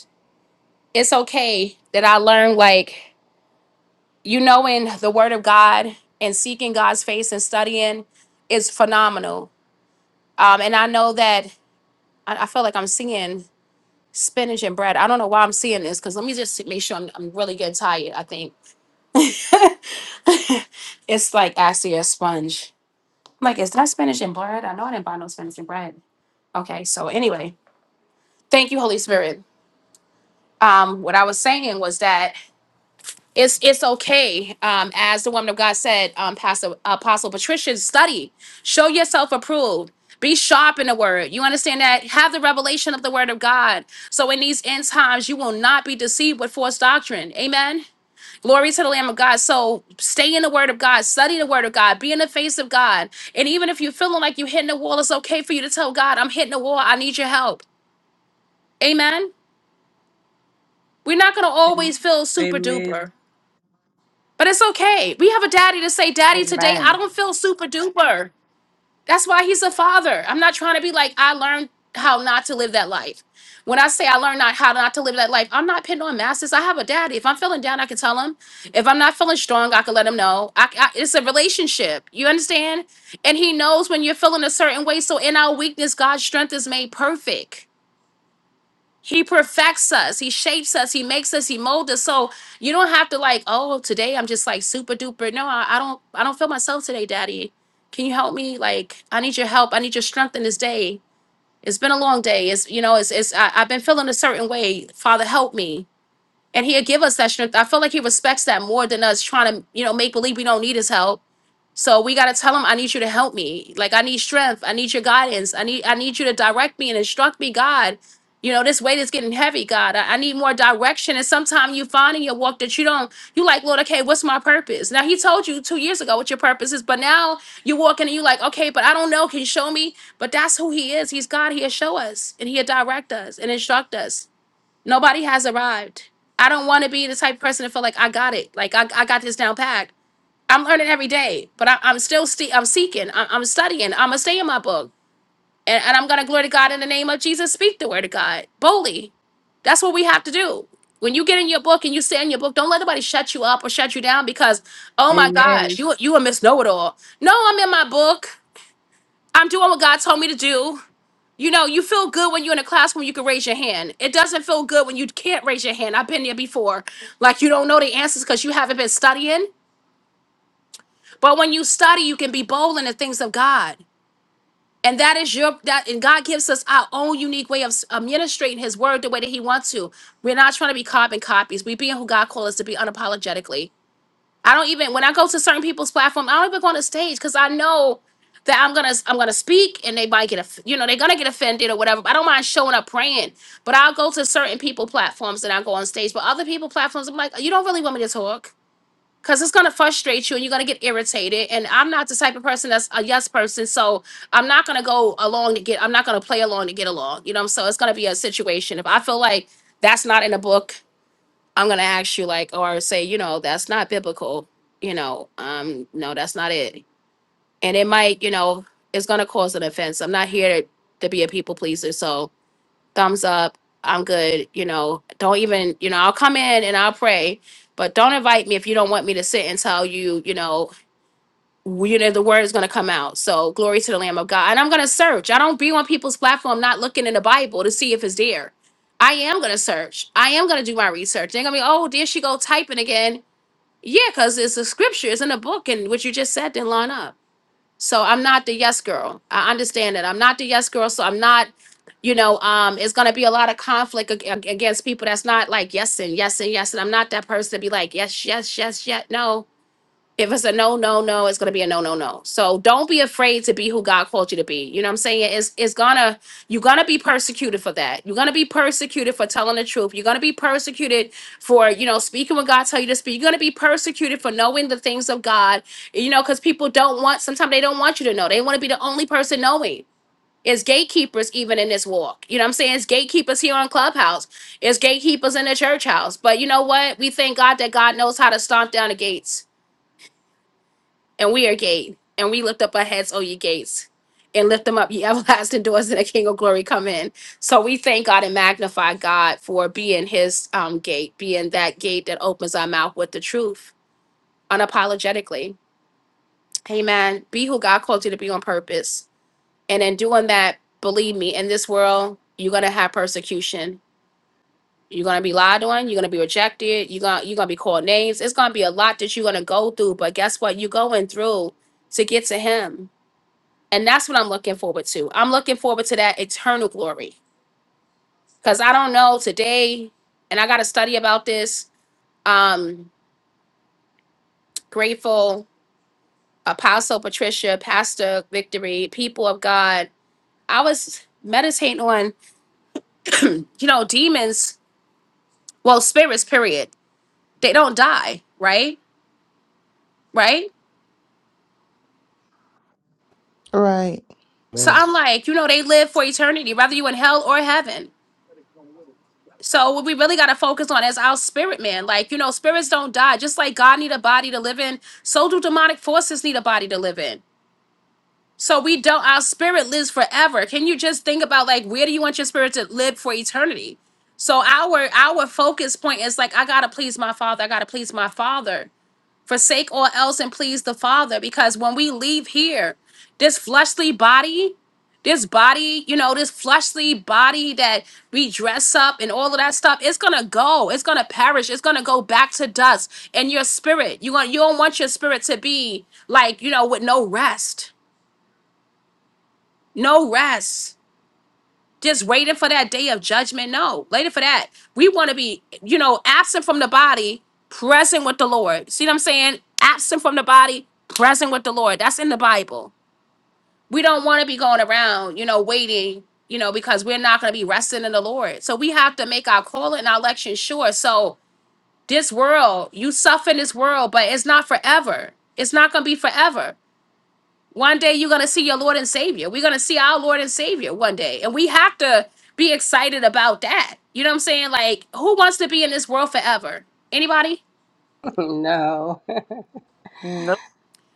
Speaker 1: it's okay that I learned, like, you know, in the Word of God and seeking God's face and studying is phenomenal. Um, and I know that I, I feel like I'm seeing spinach and bread. I don't know why I'm seeing this because let me just make sure I'm, I'm really getting tired. I think it's like actually a sponge. I'm like, is that spinach and bread? I know I didn't buy no spinach and bread. Okay, so anyway, thank you, Holy Spirit. Um, what I was saying was that it's it's okay um as the woman of god said um pastor apostle patricia study show yourself approved be sharp in the word you understand that have the revelation of the word of god so in these end times you will not be deceived with false doctrine amen glory to the lamb of god so stay in the word of god study the word of god be in the face of god and even if you're feeling like you're hitting the wall it's okay for you to tell god i'm hitting the wall i need your help amen we're not going to always feel super
Speaker 4: Amen.
Speaker 1: duper But it's okay. We have a daddy to say, Daddy, today I
Speaker 2: Amen.
Speaker 1: don't feel super duper. That's why he's a father. I'm not trying to be like, I learned how not to live that life. When I say I learned not how not to live that life, I'm not pinning on masters. I have a daddy. If I'm feeling down, I can tell him. If I'm not feeling strong, I can let him know. I, I, it's a relationship. You understand? And he knows when you're feeling a certain way. So in our weakness, God's strength is made perfect. He perfects us. He shapes us. He makes us. He molds us. So you don't have to like, oh, well, today I'm just like super duper. No, I, I don't. I don't feel myself today, Daddy. Can you help me? Like, I need your help. I need your strength in this day. It's been a long day. It's you know, it's it's. I, I've been feeling a certain way. Father, help me. And He'll give us that strength. I feel like He respects that more than us trying to you know make believe we don't need His help so we got to tell them, I need you to help me. Like, I need strength. I need your guidance. I need, I need you to direct me and instruct me, God. You know, this weight is getting heavy, God. I, I need more direction. And sometimes you find in your walk that you don't, you like, Lord, okay, what's my purpose? Now, He told you two years ago what your purpose is, but now you're walking and you're like, okay, but I don't know. Can you show me? But that's who He is. He's God. He'll show us and He'll direct us and instruct us. Nobody has arrived. I don't want to be the type of person to feel like I got it. Like, I, I got this down packed. I'm learning every day, but I, I'm still sti I'm seeking. I, I'm studying. I'm gonna stay in my book, and, and I'm gonna glory to God in the name of Jesus. Speak the word of God boldly. That's what we have to do. When you get in your book and you stay in your book, don't let nobody shut you up or shut you down because, oh my God,
Speaker 4: Amen.
Speaker 1: you you a Miss Know It All. No, I'm in my book. I'm doing what God told me to do. You know, you feel good when you're in a classroom, you can raise your hand. It doesn't feel good when you can't raise your hand. I've been there before. Like you don't know the answers because you haven't been studying But when you study, you can be bold in the things of God. And that is your that and God gives us our own unique way of s- administrating his word the way that he wants to. We're not trying to be carbon copies. We being who God called us to be unapologetically. I don't even when I go to certain people's platform, I don't even go on the stage because I know that I'm gonna I'm gonna speak and they might get off- you know they're gonna get offended or whatever. But I don't mind showing up praying, but I'll go to certain people platforms and I go on stage. But other people platforms, I'm like, you don't really want me to talk Cause it's gonna frustrate you and you're gonna get irritated. And I'm not the type of person that's a yes person. So I'm not gonna go along to get I'm not gonna play along to get along. You know, so it's gonna be a situation. If I feel like that's not in the book, I'm gonna ask you like or say, you know, that's not biblical, you know, um, no, that's not it. And it might, you know, it's gonna cause an offense. I'm not here to, to be a people pleaser. So thumbs up. I'm good. You know, don't even, you know, I'll come in and I'll pray, but don't invite me if you don't want me to sit and tell you, you know, w- you know, the word is going to come out. So glory to the Lamb of God. And I'm going to search. I don't be on people's platform not looking in the Bible to see if it's there. I am going to search. I am going to do my research. They're going to be, oh, there she go typing again. Yeah, because it's a scripture. It's in a book. And what you just said didn't line up. So I'm not the yes girl. I understand that. I'm not the yes girl. So I'm not, you know, um, it's going to be a lot of conflict ag- ag- against people that's not like yes and yes and yes. And I'm not that person to be like, yes, yes, yes, yes. No, if it's a no, no, no, it's gonna be a no, no, no. So don't be afraid to be who God called you to be. You know what I'm saying? It's it's gonna you're gonna be persecuted for that. You're gonna be persecuted for telling the truth. You're gonna be persecuted for you know speaking what God tell you to speak. You're gonna be persecuted for knowing the things of God. You know, because people don't want. Sometimes they don't want you to know. They want to be the only person knowing. It's gatekeepers even in this walk. You know what I'm saying? It's gatekeepers here on Clubhouse. It's gatekeepers in the church house. But you know what? We thank God that God knows how to stomp down the gates and we are gate, and we lift up our heads, O ye gates, and lift them up, ye everlasting doors, and the King of glory come in. So we thank God and magnify God for being His um, gate, being that gate that opens our mouth with the truth unapologetically. Amen. Be who God called you to be on purpose, and in doing that, believe me, in this world you're gonna have persecution. You're gonna be lied on. You're gonna be rejected. You're gonna you're gonna be called names. It's gonna be a lot that you're gonna go through. But guess what? You're going through to get to Him And that's what I'm looking forward to. I'm looking forward to that eternal glory. Because I don't know today, and I got to study about this. Um, grateful, Apostle Patricia, Pastor Victory, people of God. I was meditating on, you know, demons, well, spirits, period. They don't die, right? Right?
Speaker 9: All right.
Speaker 1: So
Speaker 6: amen
Speaker 1: I'm like, you know, they live for eternity, whether you in hell or heaven. So what we really got to focus on is our spirit man. Like, you know, spirits don't die. Just like God need a body to live in, so do demonic forces need a body to live in. So we don't our spirit lives forever. Can you just think about like where do you want your spirit to live for eternity? So our our focus point is like I got to please my father. I got to please my father forsake all else and please the father because when we leave here this fleshly body this body you know this fleshly body that we dress up and all of that stuff it's gonna go it's gonna perish it's gonna go back to dust and your spirit you want you don't want your spirit to be like you know with no rest no rest just waiting for that day of judgment. No, waiting for that. We want to be, you know, absent from the body, present with the Lord. See what I'm saying? Absent from the body, present with the Lord. That's in the Bible. We don't want to be going around, you know, waiting, you know, because we're not going to be resting in the Lord. So we have to make our call and our election sure. So this world, you suffer in this world, but it's not forever. It's not going to be forever. One day you're going to see your Lord and Savior. We're going to see our Lord and Savior one day. And we have to be excited about that. You know what I'm saying? Like, who wants to be in this world forever? Anybody?
Speaker 7: No,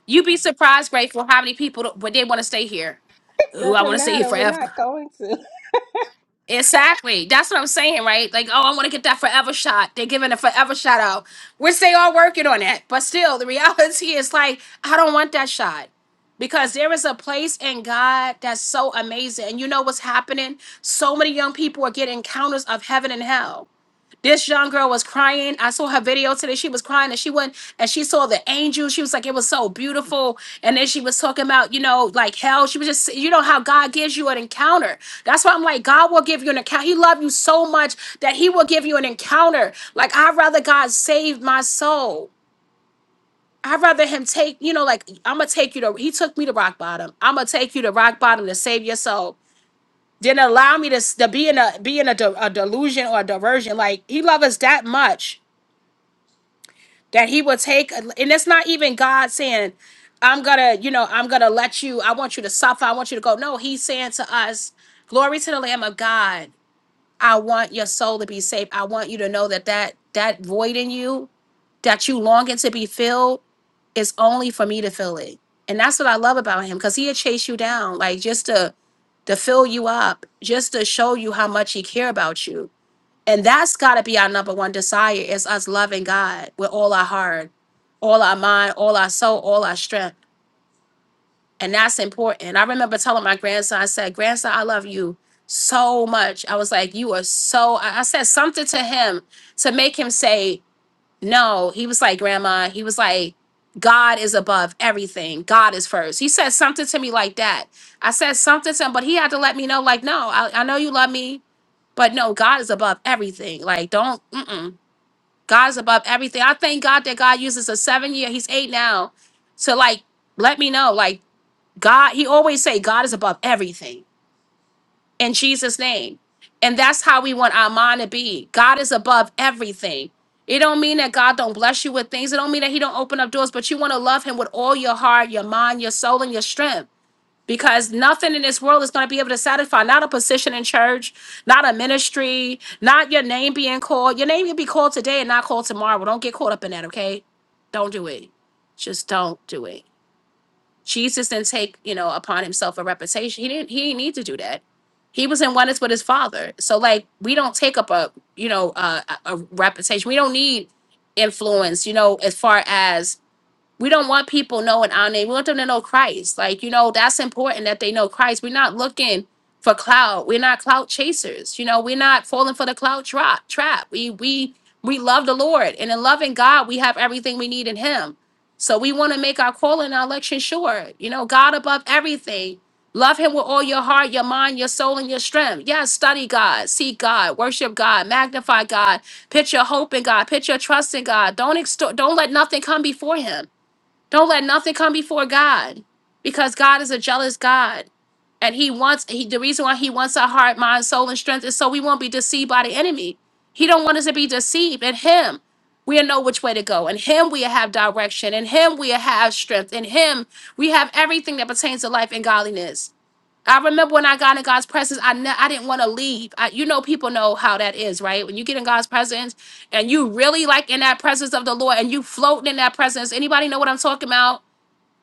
Speaker 1: You'd be surprised, grateful, how many people, but they want to stay here. Ooh, I want
Speaker 7: doesn't
Speaker 1: to stay here
Speaker 7: matter. We're
Speaker 1: forever.
Speaker 7: not going to.
Speaker 1: Exactly. That's what I'm saying, right? Like, oh, I want to get that forever shot. They're giving a forever shot out, which they are working on that. But still, the reality is like, I don't want that shot because there is a place in God that's so amazing. And you know what's happening? So many young people are getting encounters of heaven and hell. This young girl was crying. I saw her video today. She was crying and she went and she saw the angel. She was like, it was so beautiful. And then she was talking about, you know, like hell. She was just, you know, how God gives you an encounter. That's why I'm like, God will give you an encounter. He loved you so much that He will give you an encounter. Like, I'd rather God save my soul. I'd rather him take, you know, like I'm gonna take you to. He took me to rock bottom. I'm gonna take you to rock bottom to save your soul. Didn't allow me to, s- to be in a be in a, de- a delusion or a diversion. Like he loved us that much that he will take and it's not even god saying i'm gonna you know i'm gonna let you i want you to suffer i want you to go no he's saying to us glory to the lamb of god i want your soul to be saved i want you to know that that that void in you that you longing to be filled is only for me to fill it and that's what i love about him because he'll chase you down like just to to fill you up just to show you how much he care about you and that's got to be our number one desire is us loving God with all our heart, all our mind, all our soul, all our strength. And that's important. I remember telling my grandson, I said, Grandson, I love you so much. I was like, You are so, I I said something to him to make him say, No. He was like, Grandma, he was like, God is above everything. God is first." He said something to me like that. I said something to him, but he had to let me know, like, no, I, I know you love me, but no, God is above everything. Like, don't, mm-mm. God is above everything. I thank God that God uses a seven year, he's eight now, to like let me know. Like God, he always say God is above everything in Jesus' name. And that's how we want our mind to be. God is above everything. It don't mean that God don't bless you with things. It don't mean that he don't open up doors, but you want to love him with all your heart, your mind, your soul, and your strength because nothing in this world is going to be able to satisfy not a position in church not a ministry not your name being called your name can be called today and not called tomorrow don't get caught up in that okay don't do it just don't do it jesus didn't take you know upon himself a reputation he didn't he didn't need to do that he was in oneness with his father so like we don't take up a you know a, a a reputation we don't need influence you know as far as we don't want people knowing our name. We want them to know Christ. Like, you know, that's important that they know Christ. We're not looking for clout. We're not clout chasers. You know, we're not falling for the clout trap trap. We we we love the Lord. And in loving God, we have everything we need in Him. So we want to make our call and our election sure. You know, God above everything. Love him with all your heart, your mind, your soul, and your strength. Yes, study God, seek God, worship God, magnify God, put your hope in God, put your trust in God. Don't extort, don't let nothing come before him. Don't let nothing come before God because God is a jealous God. And he wants he the reason why he wants our heart, mind, soul, and strength is so we won't be deceived by the enemy. He don't want us to be deceived. In him, we'll know which way to go. In him we have direction. In him we have strength. In him we have everything that pertains to life and godliness. I remember when I got in God's presence, I ne- I didn't want to leave. I, you know, people know how that is, right? When you get in God's presence and you really like in that presence of the Lord and you floating in that presence. Anybody know what I'm talking about?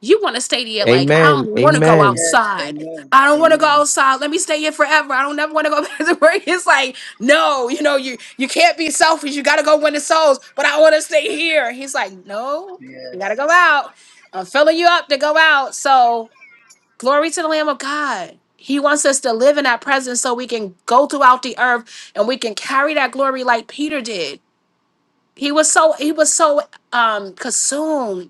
Speaker 1: You want to stay there, like I don't
Speaker 6: amen,
Speaker 1: want to go
Speaker 6: amen.
Speaker 8: Yes,
Speaker 1: outside.
Speaker 8: amen,
Speaker 1: I don't want to go
Speaker 8: amen.
Speaker 1: outside. Let me stay here forever. I don't never want to go back to work. It's like no, you know, you you can't be selfish. You got to go win the souls. But I want to stay here. He's like, no, you got to
Speaker 8: Yes,
Speaker 1: go out. I'm filling you up to go out. So. Glory to the Lamb of God. He wants us to live in that presence so we can go throughout the earth and we can carry that glory like Peter did. He was so he was so um consumed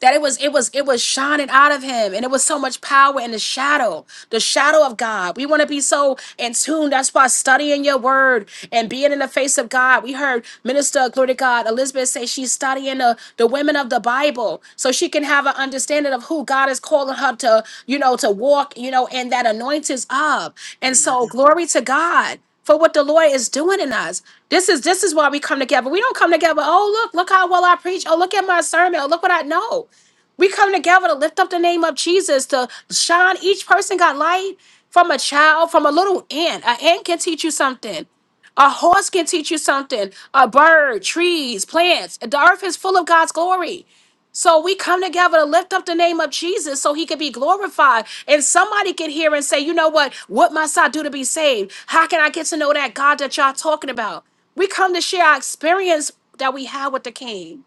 Speaker 1: that it was it was it was shining out of him and it was so much power in the shadow the shadow of god we want to be so in tune that's why studying your word and being in the face of god we heard minister glory to god elizabeth say she's studying the, the women of the bible so she can have an understanding of who god is calling her to you know to walk you know in that anointings of and so glory to god for what the Lord is doing in us. This is this is why we come together. We don't come together, oh look, look how well I preach. Oh, look at my sermon. Oh, look what I know. We come together to lift up the name of Jesus, to shine. Each person got light from a child, from a little ant. An ant can teach you something. A horse can teach you something. A bird, trees, plants. The earth is full of God's glory. So we come together to lift up the name of Jesus so he could be glorified. And somebody could hear and say, you know what? What must I do to be saved? How can I get to know that God that y'all talking about? We come to share our experience that we had with the king.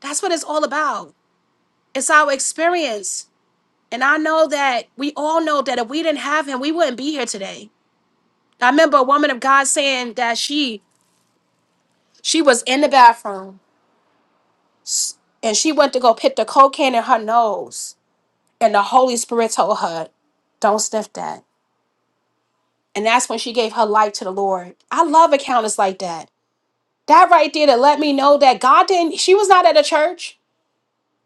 Speaker 1: That's what it's all about. It's our experience. And I know that we all know that if we didn't have him, we wouldn't be here today. I remember a woman of God saying that she she was in the bathroom and she went to go pick the cocaine in her nose And the Holy Spirit told her, don't sniff that. And that's when she gave her life to the Lord. I love encounters like that. That right there to let me know that God didn't, she was not at a church.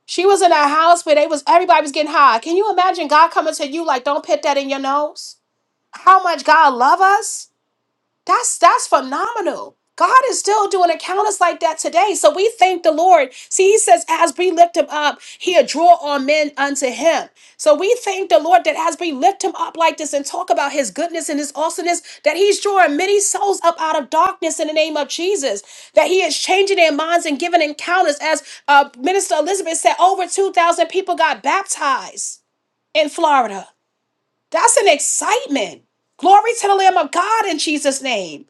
Speaker 1: She was in a house where they was everybody was getting high. Can you imagine God coming to you like, don't put that in your nose? How much God love us? That's that's phenomenal. God is still doing encounters like that today. So we thank the Lord. See, he says, as we lift him up, he'll draw all men unto him. So we thank the Lord that as we lift him up like this and talk about his goodness and his awesomeness, that he's drawing many souls up out of darkness in the name of Jesus. That he is changing their minds and giving encounters. As uh, Minister Elizabeth said, over 2,000 people got baptized in Florida. That's an excitement. Glory to the Lamb of God in Jesus' name.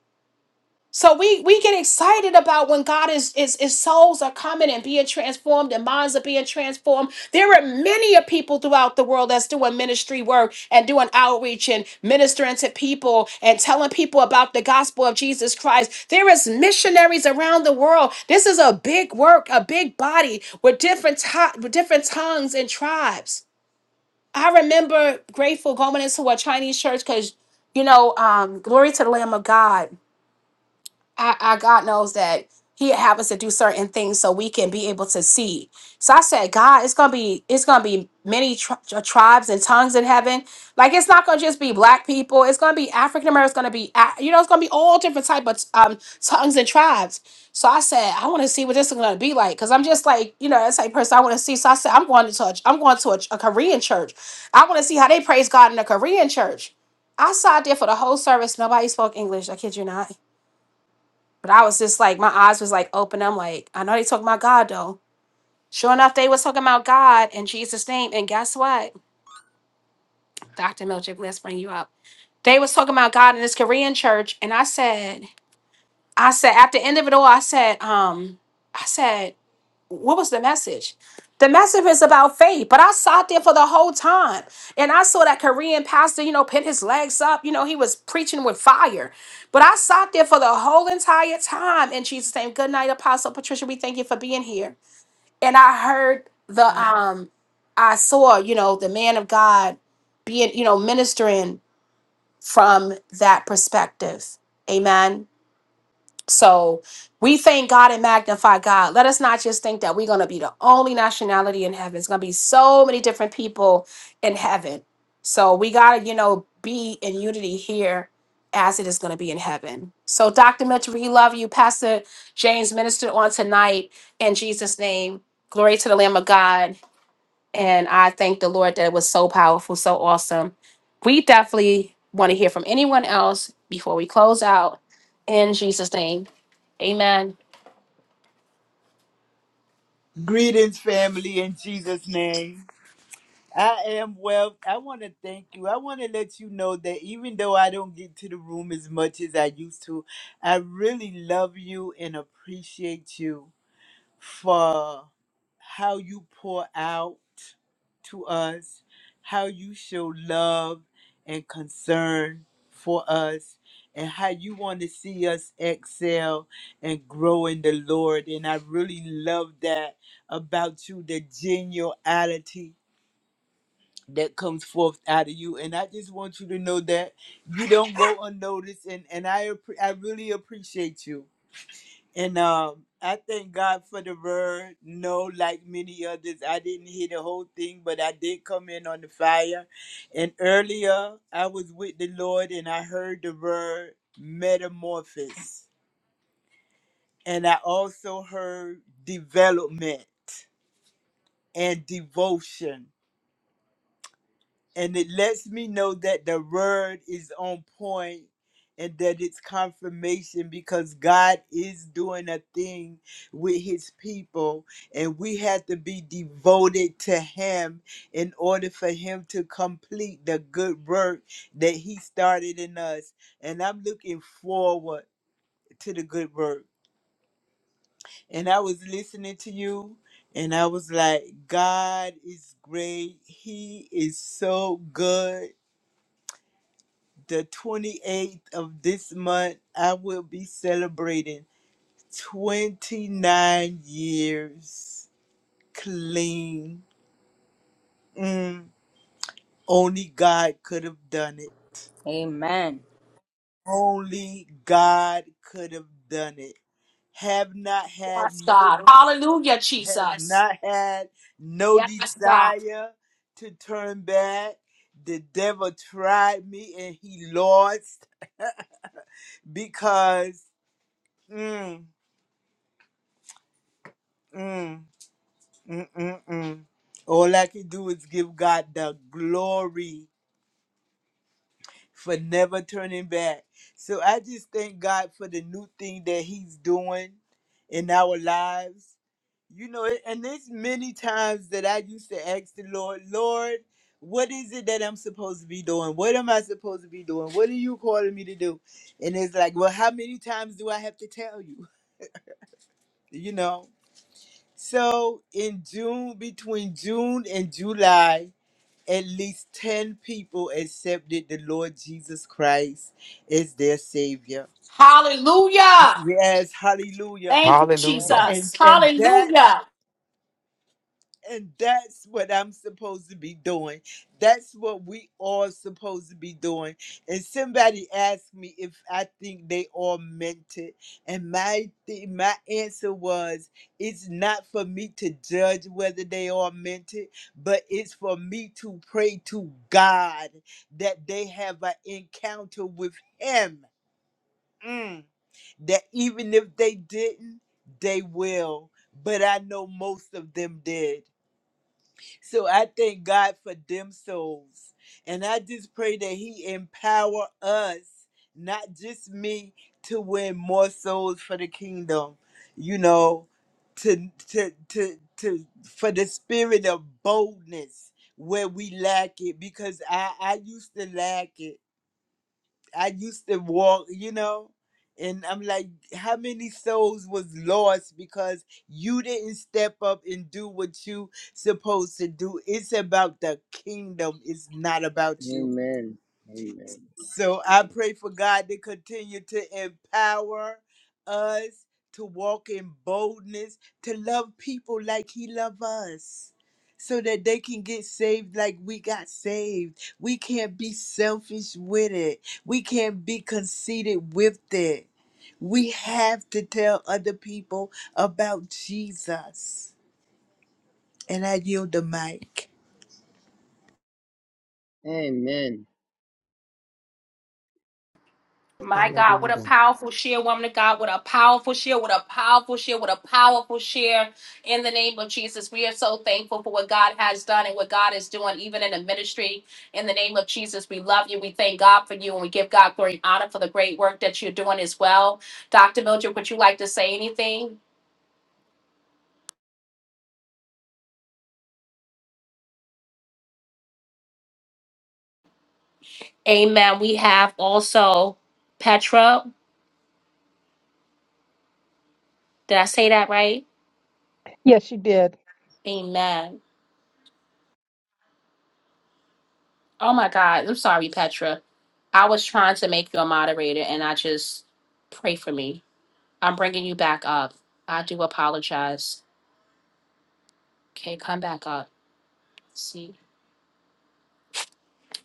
Speaker 1: So we we get excited about when God is is is souls are coming and being transformed and minds are being transformed. There are many of people throughout the world that's doing ministry work and doing outreach and ministering to people and telling people about the gospel of Jesus Christ. There is missionaries around the world. This is a big work, a big body with different ti- with different tongues and tribes. I remember grateful going into a Chinese church because you know, um, glory to the Lamb of God I, I God knows that He have us to do certain things so we can be able to see. So I said, God, it's gonna be it's gonna be many tri- tri- tribes and tongues in heaven. Like it's not gonna just be black people. It's gonna be African Americans. It's gonna be A- you know it's gonna be all different type of um tongues and tribes. So I said, I want to see what this is gonna be like because I'm just like you know that's like person I want to see. So I said, I'm going to a, I'm going to a, a Korean church. I want to see how they praise God in a Korean church. I sat there for the whole service. Nobody spoke English. I kid you not. But I was just like, my eyes was like open. I'm like, I know they talking about God though. Sure enough, they was talking about God in Jesus' name. And guess what? Dr. Milchick, let's bring you up. They was talking about God in this Korean church. And I said, I said, at the end of it all, I said, um, I said, what was the message? The message is about faith, but I sat there for the whole time and I saw that Korean pastor, you know, pin his legs up. You know, he was preaching with fire, but I sat there for the whole entire time. In Jesus' name, good night, Apostle Patricia. We thank you for being here. And I heard the, um, I saw, you know, the man of God being, you know, ministering from that perspective. Amen. So we thank God and magnify God. Let us not just think that we're going to be the only nationality in heaven. It's going to be so many different people in heaven. So we got to, you know, be in unity here as it is going to be in heaven. So, Dr. Mitchell, we love you. Pastor James ministered on tonight in Jesus' name. Glory to the Lamb of God. And I thank the Lord that it was so powerful, so awesome. We definitely want to hear from anyone else before we close out in Jesus' name. Amen.
Speaker 10: Greetings, family, in Jesus' name. I am well. I want to thank you. I want to let you know that even though I don't get to the room as much as I used to, I really love you and appreciate you for how you pour out to us, how you show love and concern for us, and how you want to see us excel and grow in the Lord. And I really love that about you, the geniality that comes forth out of you. And I just want you to know that you don't go unnoticed. And, and I, appre- I really appreciate you. And um, I thank God for the word. No, like many others, I didn't hear the whole thing, but I did come in on the fire. And earlier, I was with the Lord and I heard the word metamorphosis. And I also heard development and devotion. and it lets me know that the word is on point and that it's confirmation because God is doing a thing with his people and we have to be devoted to him in order for him to complete the good work that he started in us and I'm looking forward to the good work and I was listening to you and I was like God is great he is so good the 28th of this month, I will be celebrating 29 years clean. Mm. Only God could have done it.
Speaker 2: Amen.
Speaker 10: Only God could have done it. Have not had
Speaker 1: Yes,
Speaker 10: no
Speaker 1: God. Hallelujah,
Speaker 10: have
Speaker 1: Jesus.
Speaker 10: not had no
Speaker 1: Yes, God.
Speaker 10: desire to turn back. The devil tried me and he lost because mm, mm. Mm-mm-mm. All I can do is give God the glory for never turning back. So I just thank God for the new thing that He's doing in our lives. You know, it- and there's many times that I used to ask the Lord, Lord, what is it that I'm supposed to be doing? What am I supposed to be doing? What are you calling me to do? And it's like, well, how many times do I have to tell you? You know? So in June, between June and July, at least 10 people accepted the Lord Jesus Christ as their Savior.
Speaker 1: Hallelujah.
Speaker 10: Yes, hallelujah.
Speaker 1: Thank you,
Speaker 6: hallelujah
Speaker 10: And,
Speaker 1: Jesus.
Speaker 10: and that
Speaker 1: Hallelujah.
Speaker 10: And that's what I'm supposed to be doing. That's what we all supposed to be doing. And somebody asked me if I think they all meant it. And my th- my answer was, it's not for me to judge whether they all meant it, but it's for me to pray to God that they have an encounter with Him. Mm. That even if they didn't, they will. But I know most of them did so I thank God for them souls. And I just pray that He empower us, not just me, to win more souls for the kingdom, you know, to to to to for the spirit of boldness where we lack it because I, I used to lack it I used to walk, you know, and I'm like, how many souls was lost because you didn't step up and do what you supposed to do? It's about the kingdom. It's not about you.
Speaker 8: amen, amen,
Speaker 10: So I pray for God to continue to empower us to walk in boldness, to love people like He loves us, so that they can get saved like we got saved. We can't be selfish with it, we can't be conceited with it. We have to tell other people about Jesus. And I yield the mic.
Speaker 8: amen.
Speaker 1: My God, what a
Speaker 6: hallelujah
Speaker 1: powerful share, woman of God. What a powerful share, what a powerful share, what a powerful share in the name of Jesus. We are so thankful for what God has done and what God is doing, even in the ministry. In the name of Jesus, we love you. We thank God for you and we give God glory and honor for the great work that you're doing as well. Dr. Mildred, would you like to say anything? Amen. We have also Petra. Did I say that right?
Speaker 11: Yes, she did.
Speaker 1: Amen. Oh my God. I'm sorry, Petra. I was trying to make you a moderator and I just pray for me. I'm bringing you back up. I do apologize. Okay, come back up. See,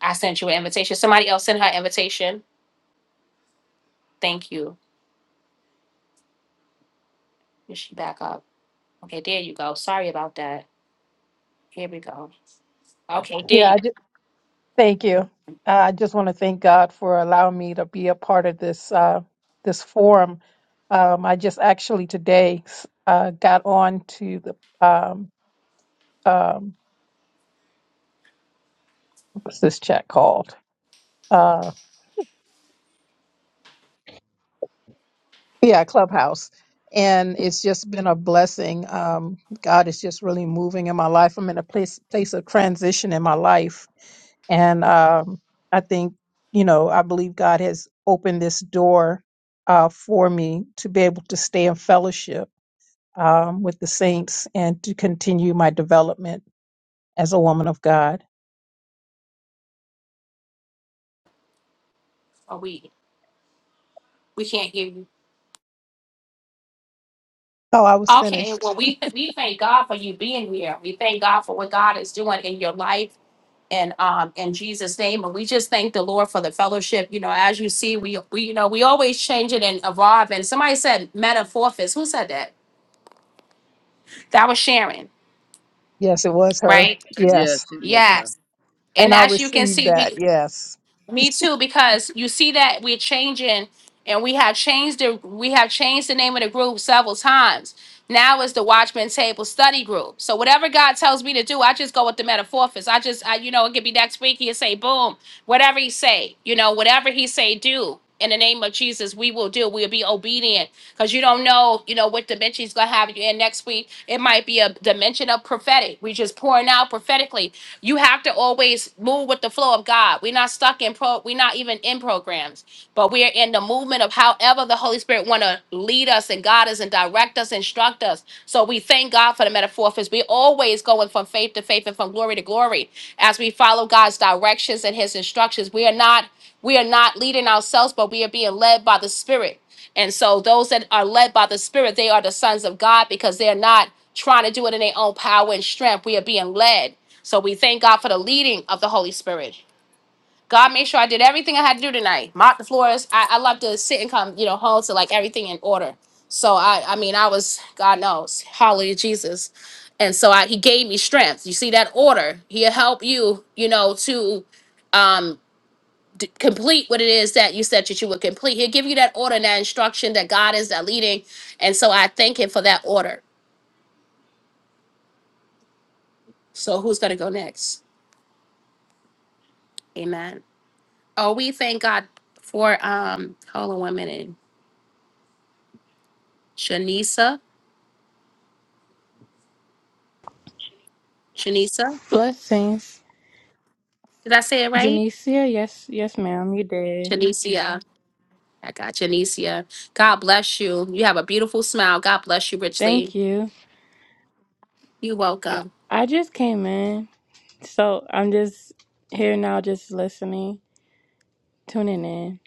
Speaker 1: I sent you an invitation. Somebody else sent her invitation. Thank you. Is she back up? Okay, there you go. Sorry about that. Here we go. Okay, there
Speaker 11: Yeah,
Speaker 1: you
Speaker 11: I
Speaker 1: go.
Speaker 11: just thank you. Uh, I just want to thank God for allowing me to be a part of this uh, this forum. Um, I just actually today uh, got on to the um, um, what's this chat called? Uh, Yeah, Clubhouse. And it's just been a blessing. Um, God is just really moving in my life. I'm in a place place of transition in my life. And um, I think, you know, I believe God has opened this door uh, for me to be able to stay in fellowship um, with the saints and to continue my development as a woman of God.
Speaker 1: Oh, we we can't hear you.
Speaker 11: Oh, I was
Speaker 1: Okay,
Speaker 11: finished.
Speaker 1: well we we thank God for you being here. We thank God for what God is doing in your life and um in Jesus name and we just thank the Lord for the fellowship you know as you see we we you know we always change it and evolve and somebody said metamorphosis who said that that was Sharon
Speaker 11: Yes, it was her.
Speaker 1: right
Speaker 8: Yes,
Speaker 11: Yes.
Speaker 8: it will
Speaker 1: yes and
Speaker 11: And I
Speaker 1: as you can
Speaker 11: received
Speaker 1: see
Speaker 11: that.
Speaker 1: we
Speaker 11: Yes.
Speaker 1: Me too, because you see that we're changing and we have changed the we have changed the name of the group several times. Now it's the Watchman Table Study Group. So whatever God tells me to do, I just go with the metamorphosis. I just I, you know, it could be next week he'll say boom, whatever he say, you know, whatever he say do in the name of Jesus, we will do. We'll be obedient because you don't know, you know, what dimension he's going to have you in next week. It might be a dimension of prophetic. We just pouring out prophetically. You have to always move with the flow of God. We're not stuck in pro. We're not even in programs, but we are in the movement of however the Holy Spirit want to lead us and guide us and direct us, instruct us. So we thank God for the metamorphosis. We always going from faith to faith and from glory to glory as we follow God's directions and His instructions. We are not we are not leading ourselves, but we are being led by the Spirit. And so those that are led by the Spirit, they are the sons of God because they're not trying to do it in their own power and strength. We are being led. So we thank God for the leading of the Holy Spirit. God made sure I did everything I had to do tonight. Mop the floors. I, I love to sit and come, you know, home to like everything in order. So I I mean I was God knows. Hallelujah Jesus. And so I, he gave me strength. You see that order. He'll help you, you know, to um complete what it is that you said that you would complete. He'll give you that order and that instruction that God is that leading. And so I thank him for that order. So who's gonna go next? Amen. Oh, we thank God for um hold on one minute. Shanisa. Shanisa.
Speaker 12: Blessings.
Speaker 1: Did I say it right?
Speaker 12: Janicia, yes, yes, ma'am, you did.
Speaker 1: Janicia. I got Janicia. God bless you. You have a beautiful smile. God bless you
Speaker 12: Thank
Speaker 1: richly.
Speaker 12: you.
Speaker 1: You're
Speaker 12: I,
Speaker 1: welcome.
Speaker 12: I just came in, so I'm just here now, just listening, tuning in.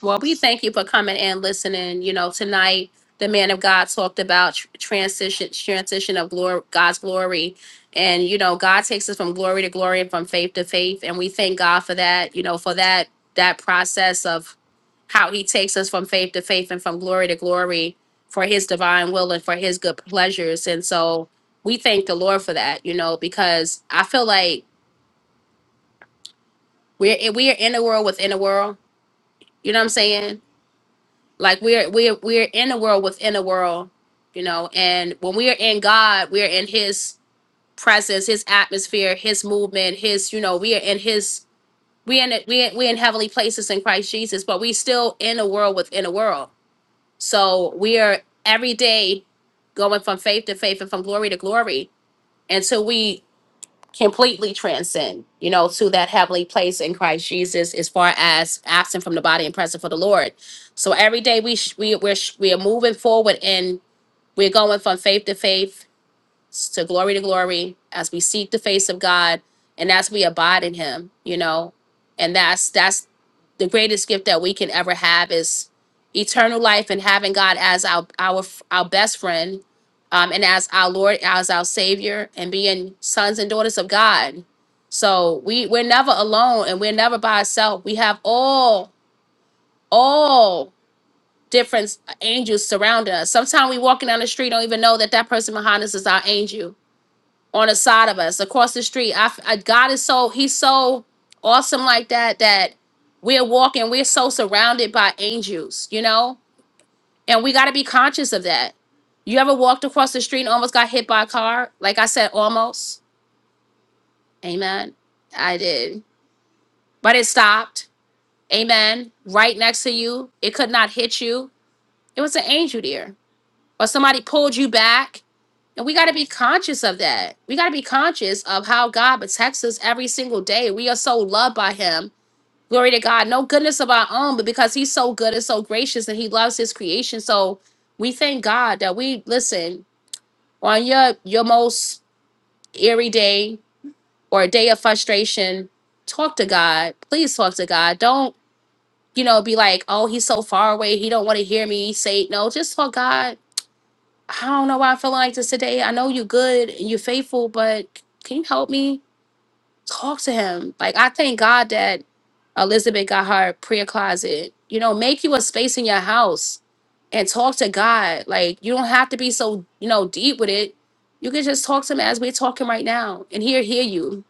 Speaker 1: Well, we thank you for coming and listening. You know, tonight the man of God talked about tr- transition, transition of glory, God's glory, and you know, God takes us from glory to glory and from faith to faith, and we thank God for that. You know, for that that process of how He takes us from faith to faith and from glory to glory for His divine will and for His good pleasures, and so we thank the Lord for that. You know, because I feel like we're we are in a world within a world. You know what I'm saying? like we're we're we're in a world within a world you know and when we are in god we're in his presence his atmosphere his movement his you know we are in his we in it we we in heavenly places in christ jesus but we still in a world within a world so we are every day going from faith to faith and from glory to glory until we completely transcend, you know, to that heavenly place in Christ Jesus, as far as absent from the body and present for the Lord. So every day we sh- we we're sh- we are moving forward, and we're going from faith to faith, to glory to glory as we seek the face of God and as we abide in him, you know. And that's that's the greatest gift that we can ever have is eternal life and having God as our our our best friend um and as our Lord, as our savior and being sons and daughters of God. So we we're never alone and we're never by ourselves. We have all all different angels surrounding us. Sometimes we walking down the street don't even know that that person behind us is our angel on the side of us across the street. I, I God is so he's so awesome like that that we're walking. We're so surrounded by angels, you know, and we got to be conscious of that. You ever walked across the street and almost got hit by a car? Like I said, almost. Amen. I did, but it stopped. Amen. Right next to you, it could not hit you. It was an angel there, or somebody pulled you back And we got to be conscious of that. We got to be conscious of how God protects us every single day. We are so loved by Him. Glory to God. No goodness of our own, but because He's so good and so gracious and He loves His creation. So we thank God that we listen on your your most eerie day or a day of frustration. Talk to God. Please talk to God. Don't you know be like, oh, He's so far away. He don't want to hear me say no. Just talk God I don't know why I feel like this today. I know you good and you faithful, but can you help me talk to him? Like I thank God that Elizabeth got her prayer closet. You know, make you a space in your house and talk to God. Like you don't have to be so, you know, deep with it. You can just talk to him as we're talking right now and he'll hear you.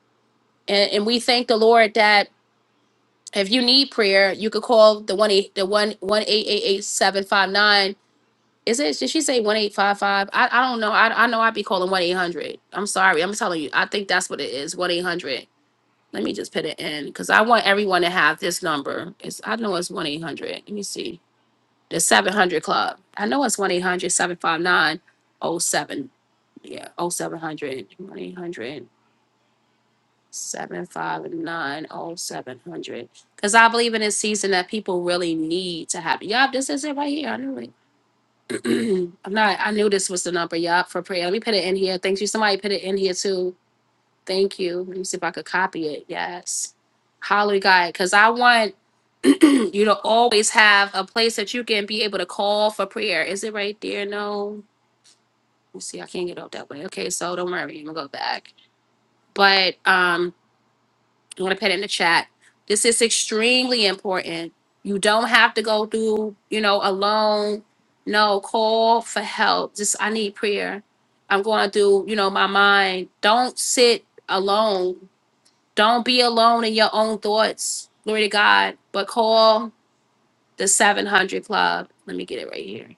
Speaker 1: And and we thank the Lord that if you need prayer, you could call the one eight the one one eight eight eight seven five nine is it? Did she say one eight five five? I I don't know. I I know I'd be calling one eight hundred. I'm sorry. I'm telling you. I think that's what it is. One eight hundred. Let me just put it in because I want everyone to have this number. It's I know it's one eight hundred. Let me see the seven hundred club. I know it's one eight hundred seven five nine, oh seven. Yeah, 0700 one 800 759 oh seven hundred. Because I believe in this season that people really need to have. Yup, this is it right here. I knew it. I'm not. I knew this was the number, y'all, for prayer. Let me put it in here. Thank you. Somebody put it in here too. Thank you. Let me see if I could copy it. Yes. Hallelujah, God, because I want you to always have a place that you can be able to call for prayer. Is it right there? No. Let me see. I can't get up that way. Okay, so don't worry. I'm gonna go back. But um, I'm gonna put it in the chat. This is extremely important. You don't have to go through, you know, alone. No, call for help. Just I need prayer. I'm gonna do, you know, my mind. Don't sit alone. Don't be alone in your own thoughts. Glory to God. But call the 700 Club. Let me get it right here.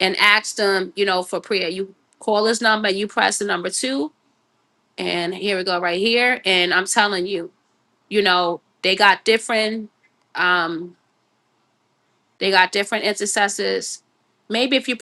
Speaker 1: And ask them, you know, for prayer. You call this number. You press the number two, and here we go, right here. And I'm telling you you know they got different um they got different intercessors maybe if you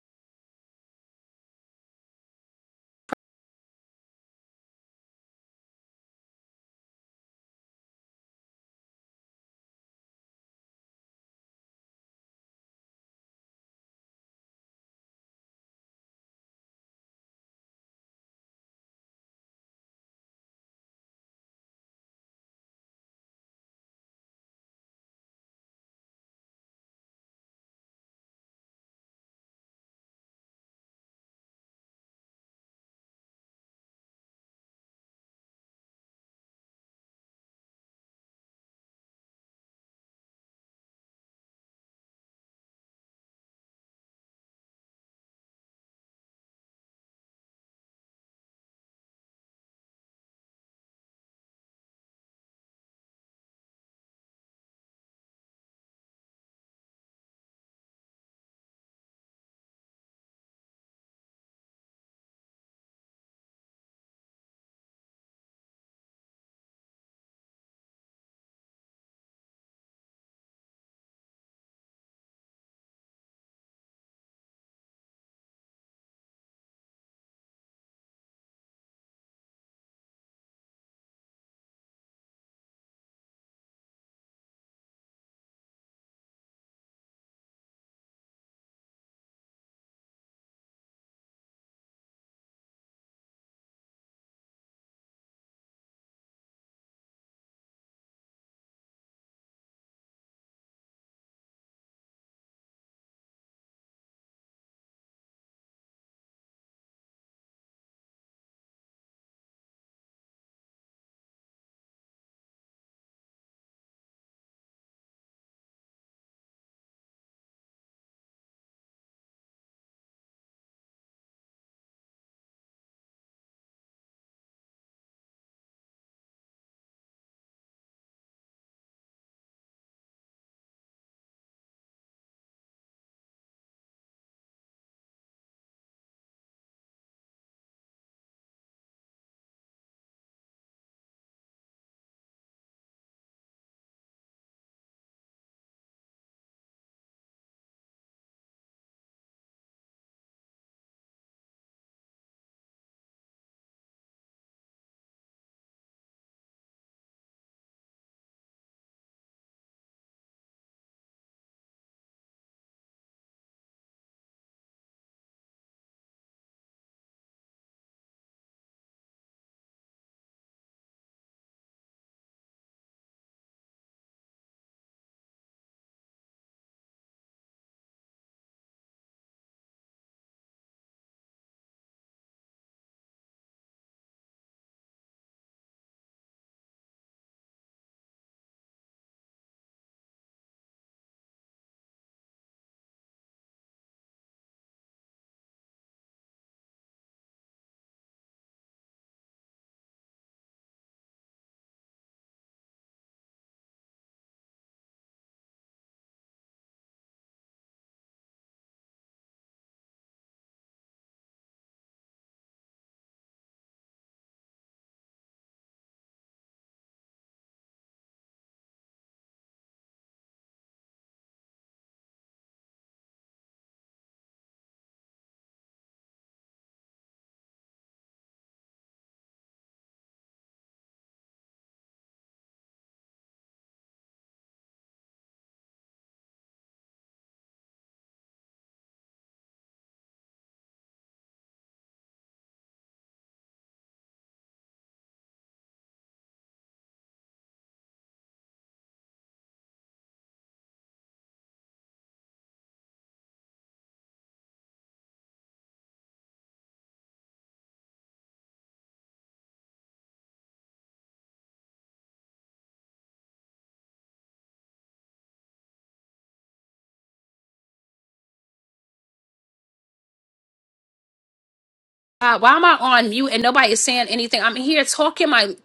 Speaker 1: uh, why am i on mute and nobody is saying anything i'm here talking my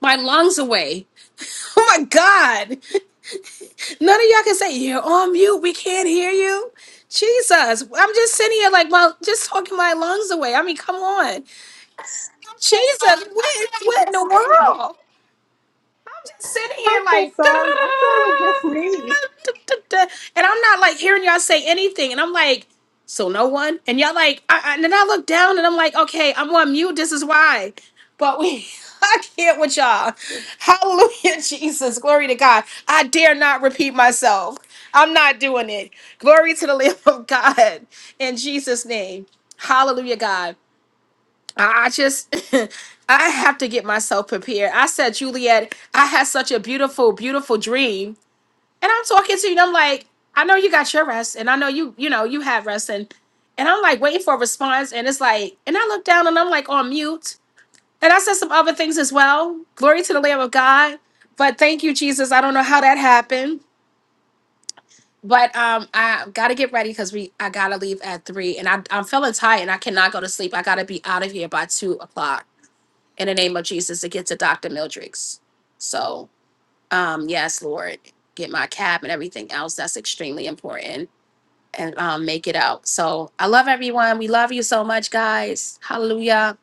Speaker 1: my lungs away oh my god none of y'all can say you're on mute we can't hear you jesus i'm just sitting here like well just talking my lungs away i mean come on jesus what, what in the world I'm just sitting here like, and I'm not like hearing y'all say anything. And I'm like, so no one? And y'all like, I, I- and then I look down and I'm like, okay, I'm on mute. This is why. But we, I can't with y'all. Hallelujah, Jesus. Glory to God. I dare not repeat myself. I'm not doing it. Glory to the Lamb of God in Jesus' name. Hallelujah, God. I I just, I have to get myself prepared. I said, Juliet, I had such a beautiful, beautiful dream. And I'm talking to you, and I'm like, I know you got your rest, and I know you, you know, you had rest. And, and I'm like waiting for a response. And it's like, and I look down and I'm like on mute. And I said some other things as well. Glory to the Lamb of God. But thank you, Jesus. I don't know how that happened. But um, I gotta get ready because we I gotta leave at three, and I I'm feeling tired, and I cannot go to sleep. I gotta be out of here by two o'clock in the name of Jesus to get to Dr. Mildred's. So, um, yes, Lord, get my cab and everything else. That's extremely important and um, make it out. So, I love everyone. We love you so much, guys. Hallelujah.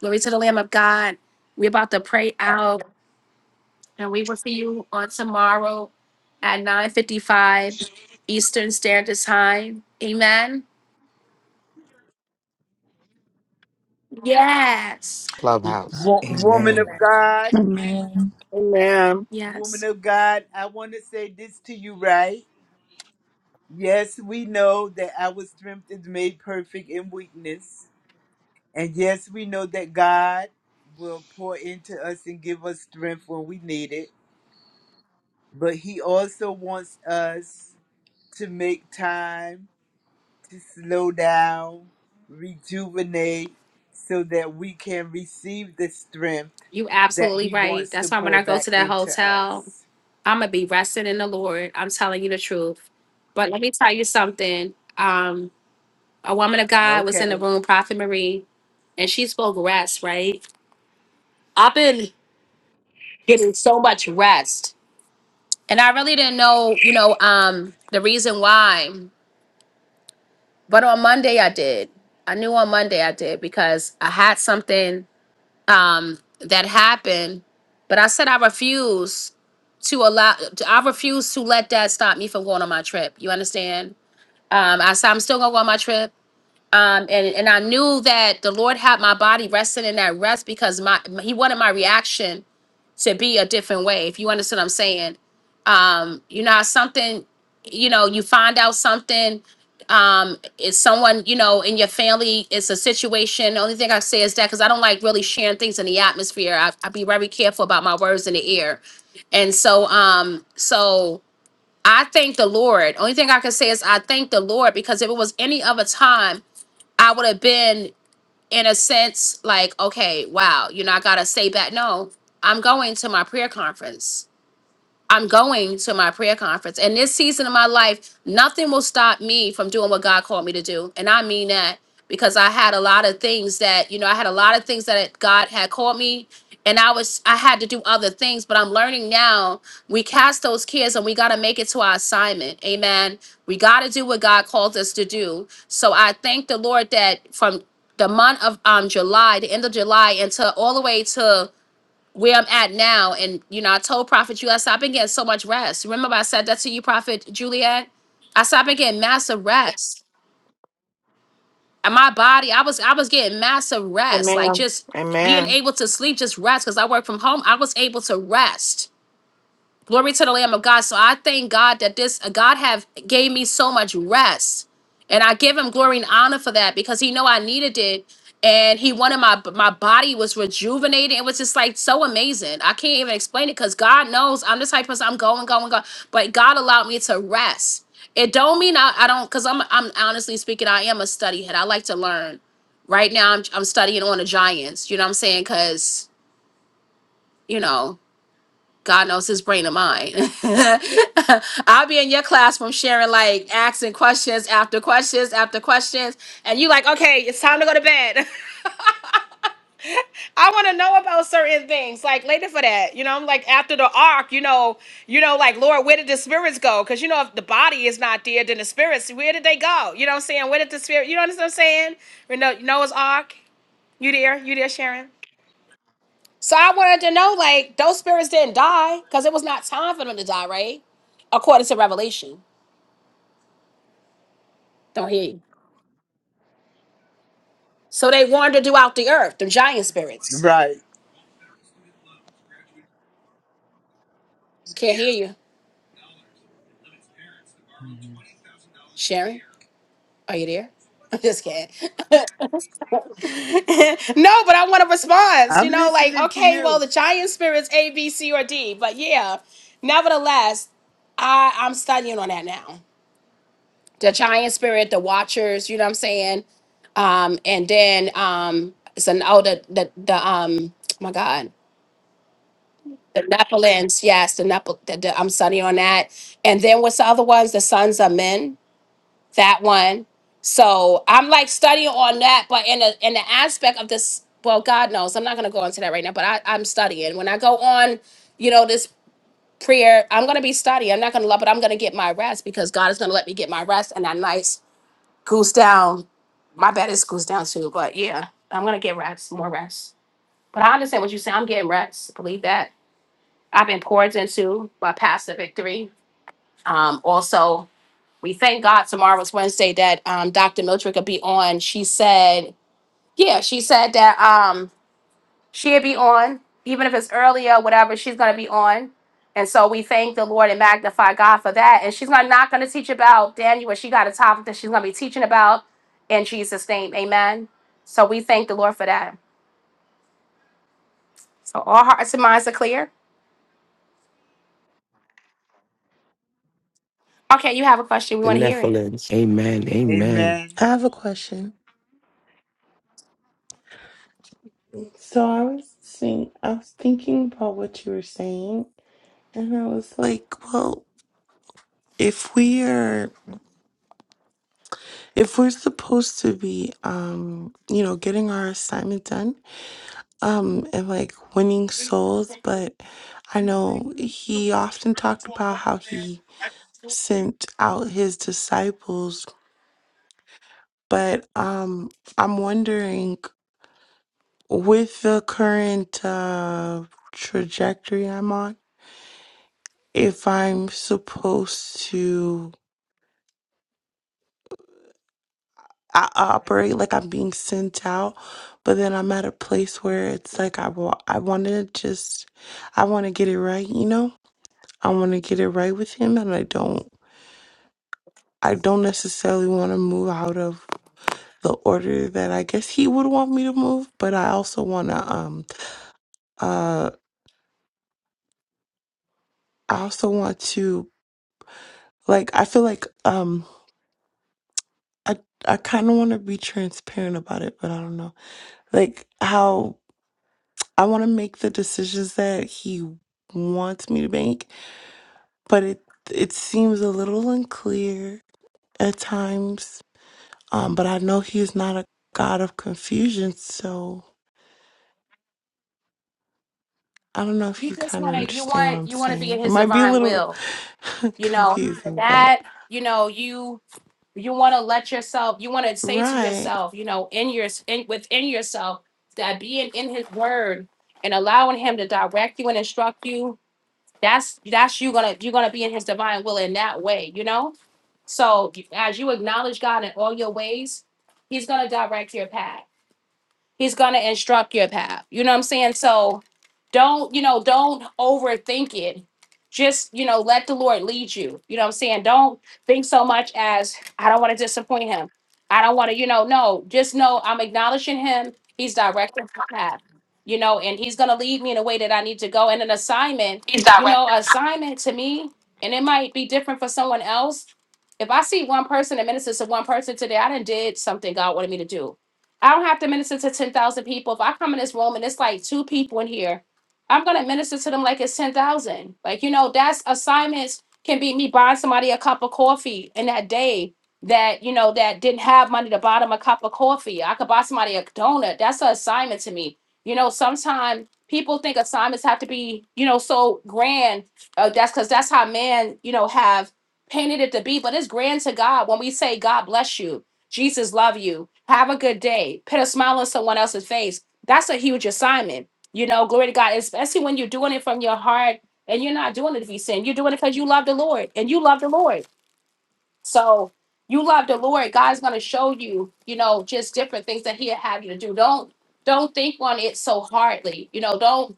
Speaker 1: Glory to the Lamb of God. We're about to pray out, and we will see you on tomorrow at 9:55 Eastern Standard Time. Amen. Yes.
Speaker 6: clubhouse
Speaker 10: Wo- Woman of
Speaker 6: amen
Speaker 10: God,
Speaker 12: Amen.
Speaker 13: Amen.
Speaker 10: woman
Speaker 1: Yes.
Speaker 10: of God, I want to say this to you, right? Yes, we know that our strength is made perfect in weakness. And yes, we know that God will pour into us and give us strength when we need it. But He also wants us to make time to slow down, rejuvenate, so that we can receive the strength
Speaker 1: You
Speaker 10: that
Speaker 1: absolutely
Speaker 10: He
Speaker 1: right.
Speaker 10: wants
Speaker 1: That's
Speaker 10: to
Speaker 1: why when
Speaker 10: pour
Speaker 1: I go
Speaker 10: back
Speaker 1: to that
Speaker 10: into
Speaker 1: hotel,
Speaker 10: us.
Speaker 1: I'm gonna be resting in the Lord. I'm telling you the truth. But let me tell you something. Um, a woman of God was in the
Speaker 10: Okay.
Speaker 1: room, Prophet Marie, and she spoke rest, right? I've been getting so much rest. And I really didn't know, you know, um, the reason why. But on Monday I did. I knew on Monday I did because I had something um that happened, but I said I refuse to allow I refuse to let that stop me from going on my trip. You understand? Um, I said, I'm still gonna go on my trip. Um, and, and I knew that the Lord had my body resting in that rest because my he wanted my reaction to be a different way, if you understand what I'm saying. Um, you know, how something, you know, you find out something, um, it's someone, you know, in your family, it's a situation. The only thing I say is that because I don't like really sharing things in the atmosphere. I I be very careful about my words in the air. And so um, so I thank the Lord. Only thing I can say is I thank the Lord because if it was any other time, I would have been in a sense like, okay, wow, you know, I gotta stay back. No, I'm going to my prayer conference. I'm going to my prayer conference. And this season of my life, nothing will stop me from doing what God called me to do. And I mean that because I had a lot of things that, you know, I had a lot of things that God had called me and I was I had to do other things, but I'm learning now we cast those cares and we got to make it to our assignment. Amen. We got to do what God called us to do. So I thank the Lord that from the month of um July, the end of July, until all the way to where I'm at now. And, you know, I told Prophet Juliet, I stopped and getting so much rest. Remember, I said that to you, Prophet Juliet? I stopped and getting massive rest. And my body, I was I was getting massive rest. Like
Speaker 13: Amen.
Speaker 1: just being
Speaker 13: Amen.
Speaker 1: able to sleep, just rest. Cause I work from home. I was able to rest. Glory to the Lamb of God. So I thank God that this uh, God have gave me so much rest, and I give Him glory and honor for that because He know I needed it, and He wanted my my body was rejuvenated. It was just like so amazing. I can't even explain it because God knows I'm the type of person I'm going, going, going. But God allowed me to rest. It don't mean I, I don't because I'm I'm honestly speaking I am a study head. I like to learn. Right now I'm I'm studying on the Giants. You know what I'm saying? Because you know. God knows his brain and mine. I'll be in your classroom sharing like asking questions after questions after questions, and you like, okay, it's time to go to bed. I want to know about certain things. Like later for that, you know, I'm like after the ark, you know, you know, like Lord, where did the spirits go? Because you know, if the body is not there, then the spirits, where did they go? You know what I'm saying? Where did the spirit? You know what I'm saying? You know, Noah's ark. You there? You there, Sharon? So I wanted to know, like, those spirits didn't die because it was not time for them to die, right? According to Revelation. Don't hear you. So they wandered throughout the earth, the giant spirits.
Speaker 10: Right.
Speaker 1: Can't hear you. Sharon, are you there? I'm just kidding. no, but I want a response, you
Speaker 10: I'm
Speaker 1: know, like,
Speaker 10: listening to
Speaker 1: okay, well,
Speaker 10: you.
Speaker 1: the giant spirits A, B, C, or D. But yeah, nevertheless, I, I'm studying on that now. the giant spirit, the watchers, you know what I'm saying? Um, and then um it's an oh the the, the um oh my god. The Nephilims, yes, the Nephil the, the, I'm sunny on that. And then what's the other ones? The sons of men, that one. So I'm like studying on that, but in the in the aspect of this, well, God knows, I'm not gonna go into that right now, but I, I'm studying. When I go on, you know, this prayer, I'm gonna be studying. I'm not gonna love it, I'm gonna get my rest because God is gonna let me get my rest and that nice Goose down. My bed is goose down too, but yeah, I'm gonna get rest, more rest. But I understand what you're saying. I'm getting rest. Believe that. I've been poured into by past victory. Um, also, we thank God tomorrow is Wednesday that um, Dr. Miltrick will be on. She said, yeah, she said that. Um, she'll be on, even if it's earlier, whatever, she's going to be on. And so we thank the Lord and magnify God for that. And she's not, not going to teach about Daniel. She got a topic that she's going to be teaching about in Jesus' name. Amen. So we thank the Lord for that. So all hearts and minds are clear. Okay, you have a question. We
Speaker 6: The
Speaker 1: want to hear it.
Speaker 6: Nephilims. Amen. Amen.
Speaker 10: Amen.
Speaker 9: I have a question. So I was think I was thinking about what you were saying, and I was like, well, if we are if we're supposed to be, um, you know, getting our assignment done um and like winning souls but i know he often talked about how he sent out his disciples but um i'm wondering with the current uh trajectory i'm on if i'm supposed to I I operate like i'm being sent out but then i'm at a place where it's like i, wa- I want to just i want to get it right you know i want to get it right with him and i don't I don't necessarily want to move out of the order that I guess he would want me to move, but I also want to um uh I also want to like I feel like um I I kind of want to be transparent about it, but I don't know. Like how I want to make the decisions that he wants me to make, but it it seems a little unclear at times. Um but I know he's not a god of confusion, so I don't know if
Speaker 1: You
Speaker 9: you
Speaker 1: just
Speaker 9: kind of
Speaker 1: want to, you
Speaker 9: understand what
Speaker 1: want,
Speaker 9: I'm
Speaker 1: you want to be in
Speaker 9: saying. It
Speaker 1: his
Speaker 9: might be a
Speaker 1: divine
Speaker 9: little
Speaker 1: will. You know,
Speaker 9: confusing, but
Speaker 1: that, you know, you you want to let yourself you want to say to
Speaker 9: right.
Speaker 1: yourself you know in your in, within yourself that being in his word and allowing him to direct you and instruct you that's that's you gonna you're gonna be in his divine will in that way you know so as you acknowledge god in all your ways he's gonna direct your path He's going to instruct your path. You know what I'm saying? So don't, you know, don't overthink it. Just, you know, let the Lord lead you. You know what I'm saying? Don't think so much as, I don't want to disappoint him. I don't want to, you know, no, just know I'm acknowledging him. He's directing my path, you know, and he's going to lead me in a way that I need to go. And an assignment,
Speaker 13: He's
Speaker 1: you know,
Speaker 13: director.
Speaker 1: assignment to me, and it might be different for someone else. If I see one person and ministers to one person today, I done did something God wanted me to do I don't have to minister to 10,000 people. If I come in this room and it's like two people in here, I'm going to minister to them like it's 10,000. Like, you know, that's assignments can be me buying somebody a cup of coffee in that day that, you know, that didn't have money to buy them a cup of coffee. I could buy somebody a donut. That's an assignment to me. You know, sometimes people think assignments have to be, you know, so grand. Uh, that's because that's how man, you know, have painted it to be. But it's grand to God when we say, God bless you. Jesus love you. Have a good day. Put a smile on someone else's face. That's a huge assignment. You know, glory to God, especially when you're doing it from your heart and you're not doing it to be sin. You're doing it because you love the Lord and you love the Lord. So you love the Lord. God's gonna show you, you know, just different things that He'll have you to do. Don't don't think on it so hardly. You know, don't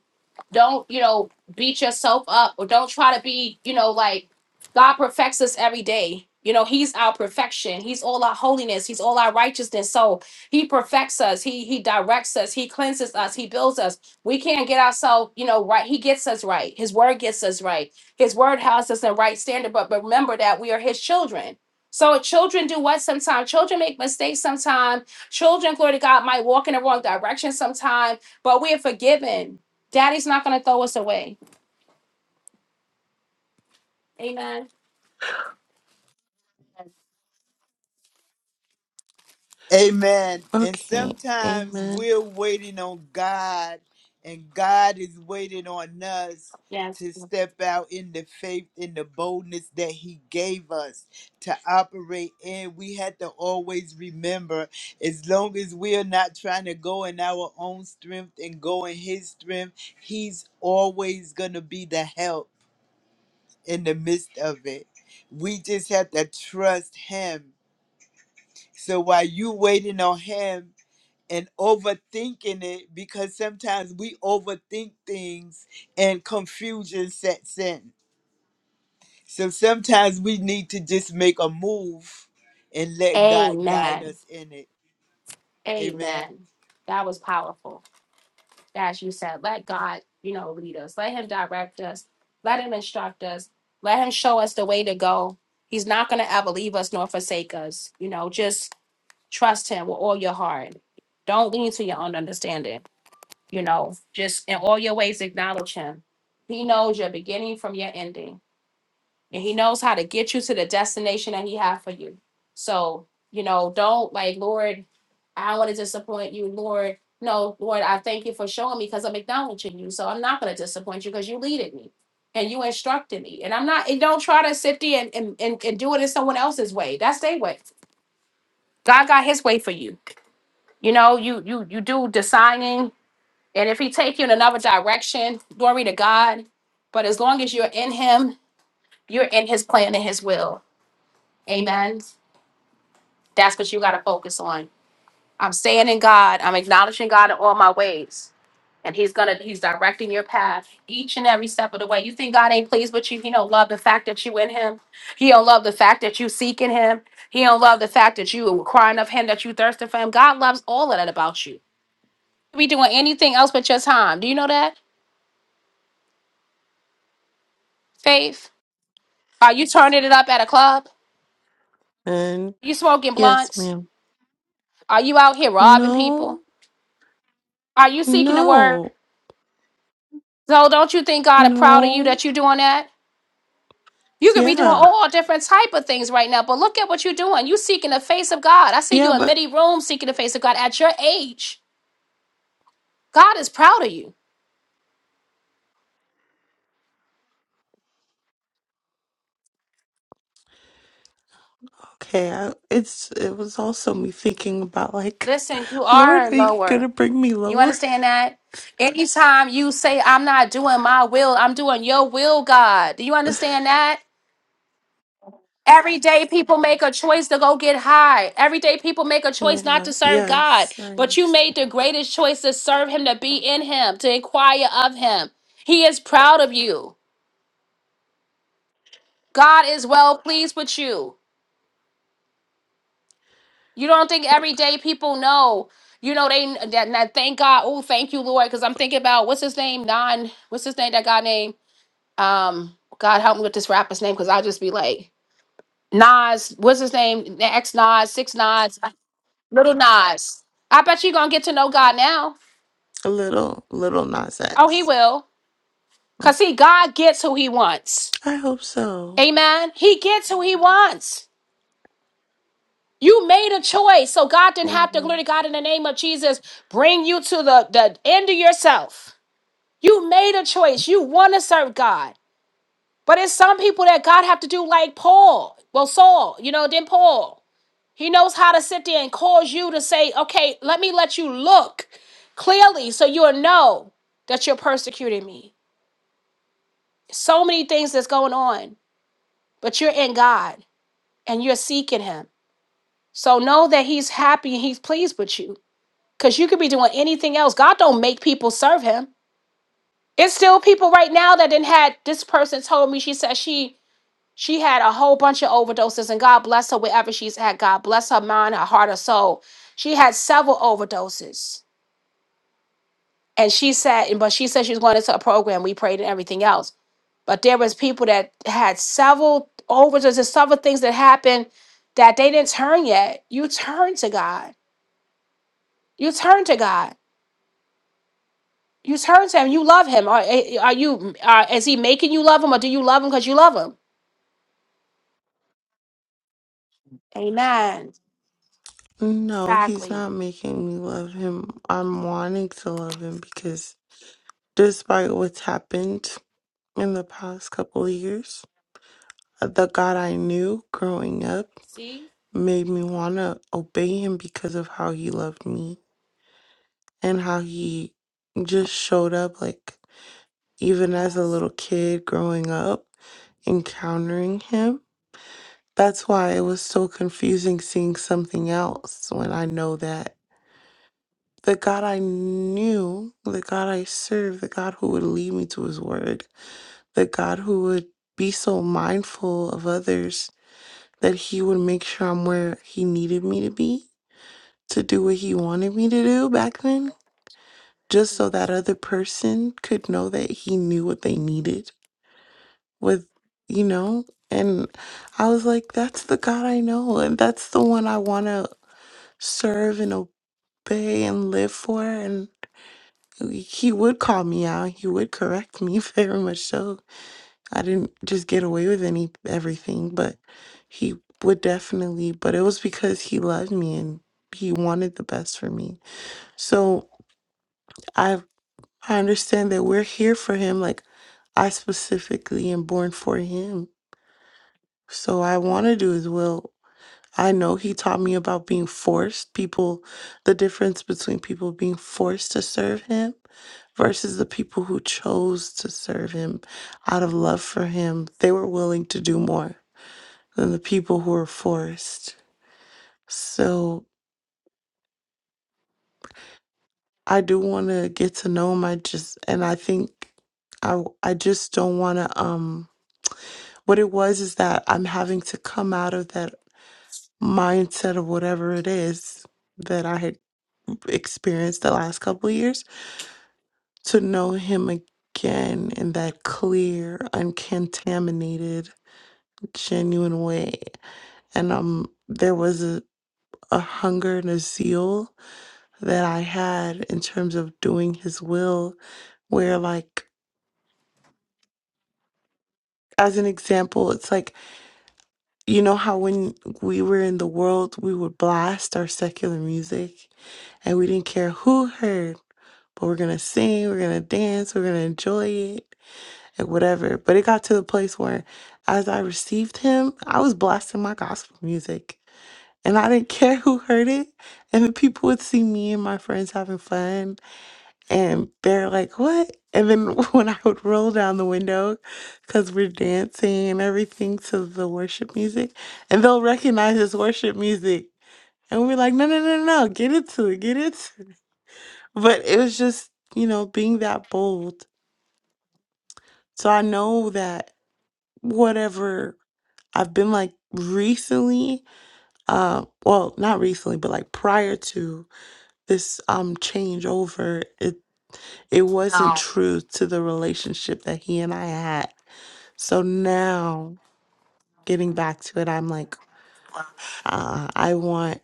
Speaker 1: don't, you know, beat yourself up or don't try to be, you know, like God perfects us every day. You know, He's our perfection. He's all our holiness. He's all our righteousness. So He perfects us. He He directs us. He cleanses us. He builds us. We can't get ourselves, you know, right. He gets us right. His word gets us right. His word has us in right standard. But but remember that we are His children. So children do what sometimes? Children make mistakes sometimes. Children, glory to God, might walk in the wrong direction sometimes, but we are forgiven Daddy's not going to throw us away. Amen.
Speaker 10: Amen. And
Speaker 9: Okay.
Speaker 10: sometimes
Speaker 9: Amen.
Speaker 10: we're waiting on God, and God is waiting on us
Speaker 1: Yes.
Speaker 10: to step out in the faith, in the boldness that He gave us to operate in. We had to always remember as long as we're not trying to go in our own strength and go in His strength, He's always going to be the help in the midst of it. We just have to trust Him. So while you waiting on Him, and overthinking it because sometimes we overthink things and confusion sets in. So sometimes we need to just make a move and let God guide
Speaker 1: Amen.
Speaker 10: us in it. Amen.
Speaker 1: Amen. That was powerful. As you said, let God, you know, lead us. Let Him direct us. Let Him instruct us. Let Him show us the way to go. He's not going to ever leave us nor forsake us. You know, just trust Him with all your heart. Don't lean to your own understanding. You know, just in all your ways acknowledge Him. He knows your beginning from your ending and he knows how to get you to the destination that he has for you. So, you know, don't like, Lord, I don't want to disappoint you, Lord. No, Lord, I thank you for showing me because I'm acknowledging you. So I'm not going to disappoint you because you leaded me and you instructed me. And I'm not, and don't try to sit there and, and, and, and do it in someone else's way. That's their way. God got his way for you. You know, you you you do designing, and if he take you in another direction, glory to God. But as long as you're in him, you're in his plan and his will Amen. That's what you got to focus on. I'm staying in God. I'm acknowledging God in all my ways. And he's gonna he's directing your path each and every step of the way. You think God ain't pleased with you? He don't love the fact that you in him. He don't love the fact that you seeking him. He don't love the fact that you crying of him, that you thirsting for him. God loves all of that about you. You be doing anything else but your time. Do you know that? Faith. Are you turning it up at a club?
Speaker 9: And
Speaker 1: You smoking
Speaker 9: yes,
Speaker 1: blunts?
Speaker 9: ma'am.
Speaker 1: Are you out here robbing
Speaker 9: No,
Speaker 1: people? Are you seeking the word?
Speaker 9: no,
Speaker 1: So don't you think God is proud of you
Speaker 9: no.
Speaker 1: that you're doing that? You could be doing
Speaker 9: Yeah.
Speaker 1: all different type of things right now, but look at what you're doing. You seeking the face of God. I see
Speaker 9: Yeah,
Speaker 1: you in
Speaker 9: but
Speaker 1: many rooms seeking the face of God at your age. God is proud of you.
Speaker 9: okay. I, it's it was also me thinking about like,
Speaker 1: Listen, you
Speaker 9: Lord,
Speaker 1: are
Speaker 9: are you
Speaker 1: lower.
Speaker 9: gonna bring me
Speaker 1: You
Speaker 9: lower?
Speaker 1: understand that? Anytime you say, I'm not doing my will, I'm doing your will, God. Do you understand that? Every day people make a choice to go get high. Every day people make a choice not
Speaker 9: Yeah.
Speaker 1: to serve God.
Speaker 9: Yes, I
Speaker 1: But you made
Speaker 9: understand.
Speaker 1: the greatest choice to serve him, to be in him, to inquire of him. He is proud of you. God is well pleased with you. You don't think every day people know. You know, they that, that thank God. Oh, thank you, Lord. Because I'm thinking about what's his name? Non, what's his name? That guy name? Um, God help me with this rapper's name, because I'll just be like, Nas, what's his name? X Nas, six Nas. Little Nas. I bet you gonna get to know God now.
Speaker 9: A little, little Nas
Speaker 1: Oh, he
Speaker 9: X.
Speaker 1: will. Cause see, God gets who he wants.
Speaker 9: I hope so.
Speaker 1: Amen. He gets who he wants. You made a choice. So God didn't have to glory
Speaker 9: Amen.
Speaker 1: to God in the name of Jesus bring you to the, the end of yourself. You made a choice. You want to serve God. But it's some people that God have to do like Paul. Well, Saul, you know, then Paul. He knows how to sit there and cause you to say, okay, let me let you look clearly so you'll know that you're persecuting me. So many things that's going on, but you're in God and you're seeking Him. So know that He's happy and He's pleased with you because you could be doing anything else. God don't make people serve Him. It's still people right now that then had this person told me she said she she had a whole bunch of overdoses and God bless her wherever she's at. God bless her mind, her heart, her soul. She had several overdoses and she sat and but she said she was going into a program we prayed and everything else but there was people that had several overages and several things that happened that they didn't turn yet you turn to god you turn to god you turn to him you love him are, eh, eh, are you are, is he making you love him or do you love him because you love him amen
Speaker 9: No, he's
Speaker 1: exactly
Speaker 9: not making me love him. I'm wanting to love him because despite what's happened in the past couple of years, uh, the God I knew growing up
Speaker 1: see
Speaker 9: made me want to obey him because of how he loved me and how he just showed up. Like, even as a
Speaker 1: yes
Speaker 9: little kid growing up, encountering him. That's why it was so confusing seeing something else when I know that the God I knew, the God I served, the God who would lead me to his word, the God who would be so mindful of others that he would make sure I'm where he needed me to be to do what he wanted me to do back then, just so that
Speaker 1: yes
Speaker 9: other person could know that he knew what they needed with, you know? And I was like, that's the God I know, and that's the one I want to serve and obey and live for. and. he would call me out. He would correct me very much so. I didn't just get away with any everything, but he would definitely. But it was because he loved me and he wanted the best for me. So I I understand that we're here for him. Like I specifically am born for him. So I want to do his will I know he taught me about being forced, people, the difference between people being forced to serve him versus the people who chose to serve him out of love for him. They were willing to do more than the people who were forced. So I do want to get to know him. I just, and I think I, I just don't want to, um, what it was is that I'm having to come out of that mindset of whatever it is that I had experienced the last couple of years to know him again in that clear, uncontaminated, genuine way. And um there was a, a hunger and a zeal that I had in terms of doing his will where like as an example, it's like you know how when we were in the world we would blast our secular music and we didn't care who heard, but we're gonna sing, we're gonna dance, we're gonna enjoy it and whatever. But it got to the place where as I received him, I was blasting my gospel music. And I didn't care who heard it. And the people would see me and my friends having fun. And they're like, what? And then when I would roll down the window, because we're dancing and everything to the worship music, and they'll recognize this worship music. And we're like, no, no, no, no, no, get into it, get into it. But it was just, you know, being that bold. So I know that whatever I've been like recently, uh, well, not recently, but like prior to this um changeover, it it wasn't
Speaker 1: Well,
Speaker 9: true to the relationship that he and I had. So now getting back to it, I'm like, uh, I want,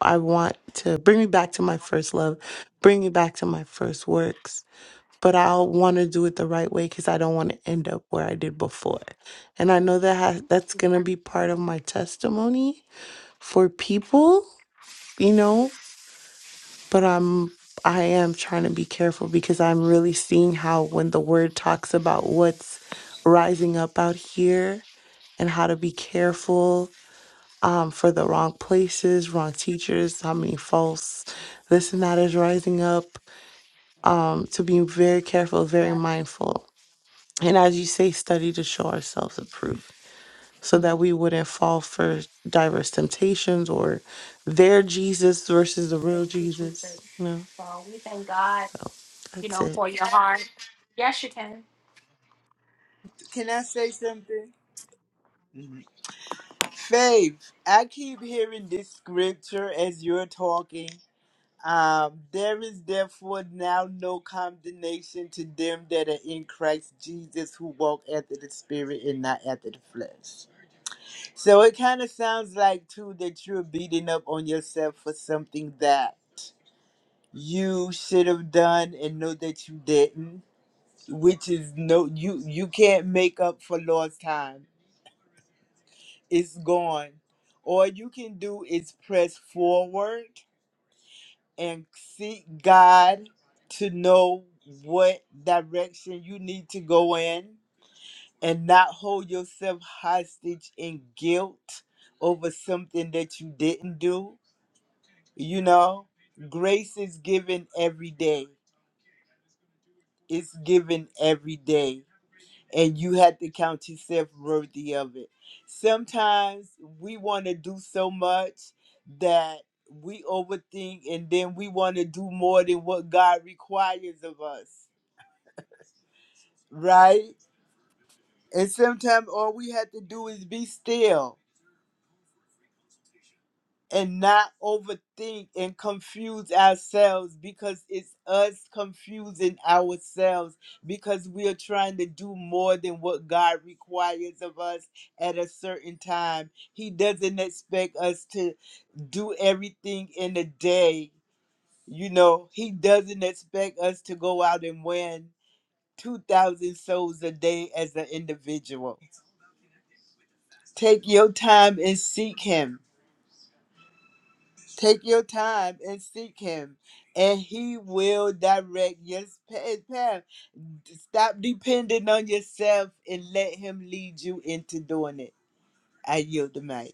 Speaker 9: I want to bring me back to my first love, bring me back to my first works, but I'll want to do it the right way because I don't want to end up where I did before. And I know that has, that's going to be part of my testimony for people, you know, but I'm I am trying to be careful because I'm really seeing how when the word talks about what's rising up out here and how to be careful um for the wrong places, wrong teachers, how many false this and that is rising up. Um to be very careful, very mindful. And as you say, study to show ourselves approved. so that we wouldn't fall for diverse temptations or their Jesus versus the real Jesus. No, so
Speaker 1: you
Speaker 9: that's
Speaker 1: know
Speaker 9: it.
Speaker 1: for your heart yes you can
Speaker 10: Can I say something? Mhm. Faith, I keep hearing this scripture as you're talking. Um, there is therefore now no condemnation to them that are in Christ Jesus who walk after the Spirit and not after the flesh. So it kind of sounds like too that you're beating up on yourself for something that you should have done and know that you didn't, which is no you you can't make up for lost time. It's gone. All you can do is press forward and seek God to know what direction you need to go in and not hold yourself hostage in guilt over something that you didn't do You know, grace is given every day. It's given every day. And you have to count yourself worthy of it. Sometimes we want to do so much that we overthink and then we want to do more than what God requires of us, right? And sometimes all we have to do is be still and not overthink and confuse ourselves because it's us confusing ourselves because we are trying to do more than what God requires of us at a certain time. He doesn't expect us to do everything in a day. You know, He doesn't expect us to go out and win 2,000 souls a day as an individual. Take your time and seek Him Take your time and seek him, and he will direct your sp- path. Stop depending on yourself and let him lead you into doing it. I yield the mic.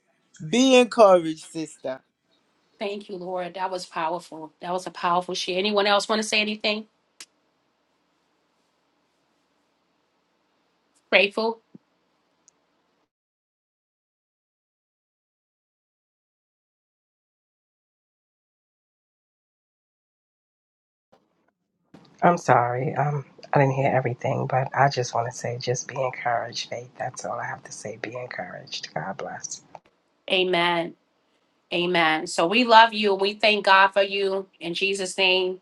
Speaker 10: Be encouraged, sister.
Speaker 1: thank you lord that was powerful that was a powerful share anyone else want to say anything grateful
Speaker 7: I'm sorry. Um, I didn't hear everything, but I just want to say just be encouraged, Faith. That's all I have to say. Be encouraged. God bless.
Speaker 1: Amen. Amen. So we love you. We thank God for you. In Jesus' name,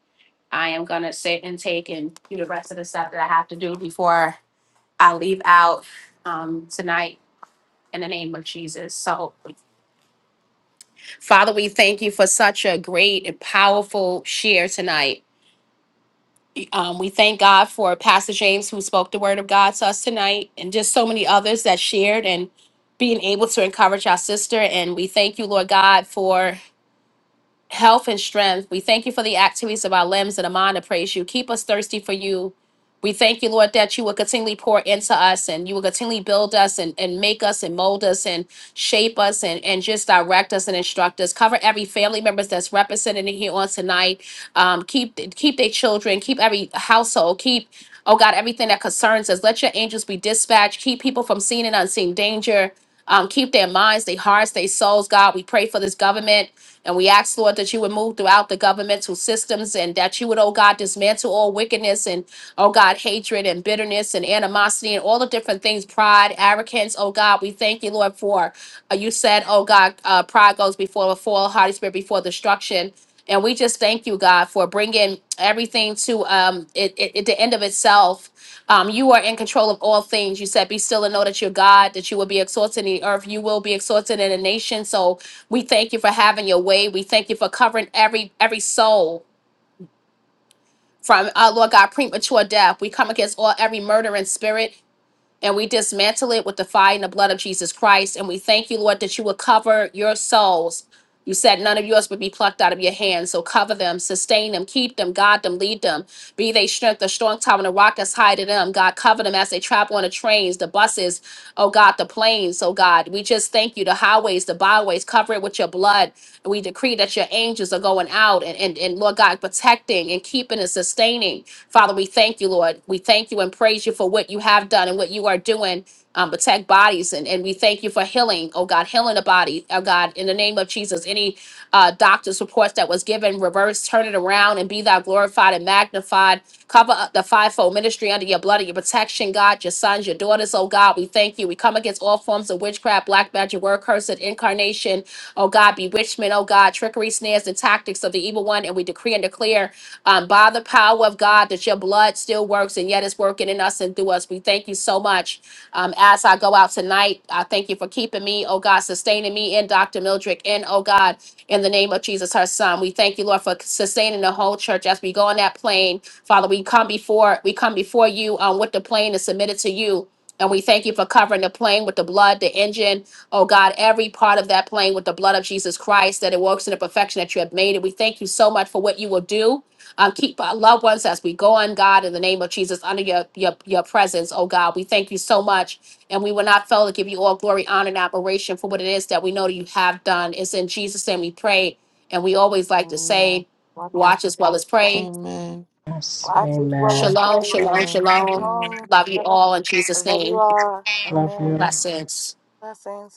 Speaker 1: I am going to sit and take and do the rest of the stuff that I have to do before I leave out um, tonight in the name of Jesus. So, Father, we thank you for such a great and powerful share tonight. Um, we thank God for Pastor James, who spoke the word of God to us tonight, and just so many others that shared and being able to encourage our sister. And we thank you, Lord God, for health and strength. We thank you for the activities of our limbs and a mind to praise you. Keep us thirsty for you. We thank you, Lord, that you will continually pour into us and you will continually build us and, and make us and mold us and shape us and, and just direct us and instruct us. Cover every family members that's represented in here on tonight. Um, keep keep their children, keep every household, keep, oh God, everything that concerns us. Let your angels be dispatched. Keep people from seen and unseen danger. Um, keep their minds, their hearts, their souls, God. We pray for this government. And we ask, Lord, that you would move throughout the governmental systems and that you would, oh God, dismantle all wickedness and, oh God, hatred and bitterness and animosity and all the different things, pride, arrogance. Oh God, we thank you, Lord, for uh, you said, oh God, uh, pride goes before a fall, Holy Spirit before destruction. And we just thank you, God, for bringing everything to um, it, it, it- the end of itself. Um, you are in control of all things. You said, Be still and know that you're God, that you will be exalted in the earth. You will be exalted in the nation. So we thank you for having your way. We thank you for covering every every soul from uh, Lord God, premature death. We come against all every murdering spirit and we dismantle it with the fire and the blood of Jesus Christ. And we thank you, Lord, that you will cover your souls. You said none of yours would be plucked out of your hands. So cover them, sustain them, keep them, guide them, lead them. Be they strength, the strong tower, and the rock that's high to them. God, cover them as they travel on the trains, the buses, oh God, the planes, oh God. We just thank you, the highways, the byways, cover it with your blood. We decree that your angels are going out and, and, and Lord God, protecting and keeping and sustaining. Father, we thank you, Lord. We thank you and praise you for what you have done and what you are doing. Um, protect bodies and, and we thank you for healing, oh God, healing the body, oh God, in the name of Jesus. Any uh, doctor's reports that was given, reverse, turn it around, and be thou glorified and magnified. Cover up the fivefold ministry under your blood and your protection, God, your sons, your daughters, oh God. We thank you. We come against all forms of witchcraft, black magic, word, cursed, incarnation, oh God, bewitchment, oh God, trickery, snares, and tactics of the evil one. And we decree and declare um, by the power power of God that your blood still works and yet it's working in us and through us. We thank you so much. Um, as I go out tonight, I thank you for keeping me, oh God, sustaining me and Dr. Mildred and oh God, in the name of Jesus, her son. We thank you, Lord, for sustaining the whole church as we go on that plane. Father, we come before we come before you um, with the plane and submit it to you. And we thank you for covering the plane with the blood, the engine, oh God, every part of that plane with the blood of Jesus Christ, that it works in the perfection that you have made. And we thank you so much for what you will do uh, keep our loved ones as we go on, God, in the name of Jesus, under your, your, your presence, oh God. We thank you so much, and we will not fail to give you all glory, honor, and admiration for what it is that we know that you have done. It's in Jesus' name we pray, and we always like to
Speaker 13: Amen.
Speaker 1: say,
Speaker 13: Watch what
Speaker 1: watch as well
Speaker 13: you
Speaker 1: as
Speaker 13: say.
Speaker 1: pray.
Speaker 9: Amen.
Speaker 7: Yes.
Speaker 13: Watch it well and
Speaker 7: Amen.
Speaker 1: Shalom, shalom,
Speaker 13: stay.
Speaker 9: Shalom.
Speaker 1: shalom.
Speaker 9: Amen.
Speaker 13: Um,
Speaker 1: Love you
Speaker 13: I
Speaker 1: all in Jesus'
Speaker 13: love you
Speaker 1: name.
Speaker 13: all.
Speaker 7: Love
Speaker 13: Amen.
Speaker 7: you.
Speaker 1: Blessings.
Speaker 13: Blessings.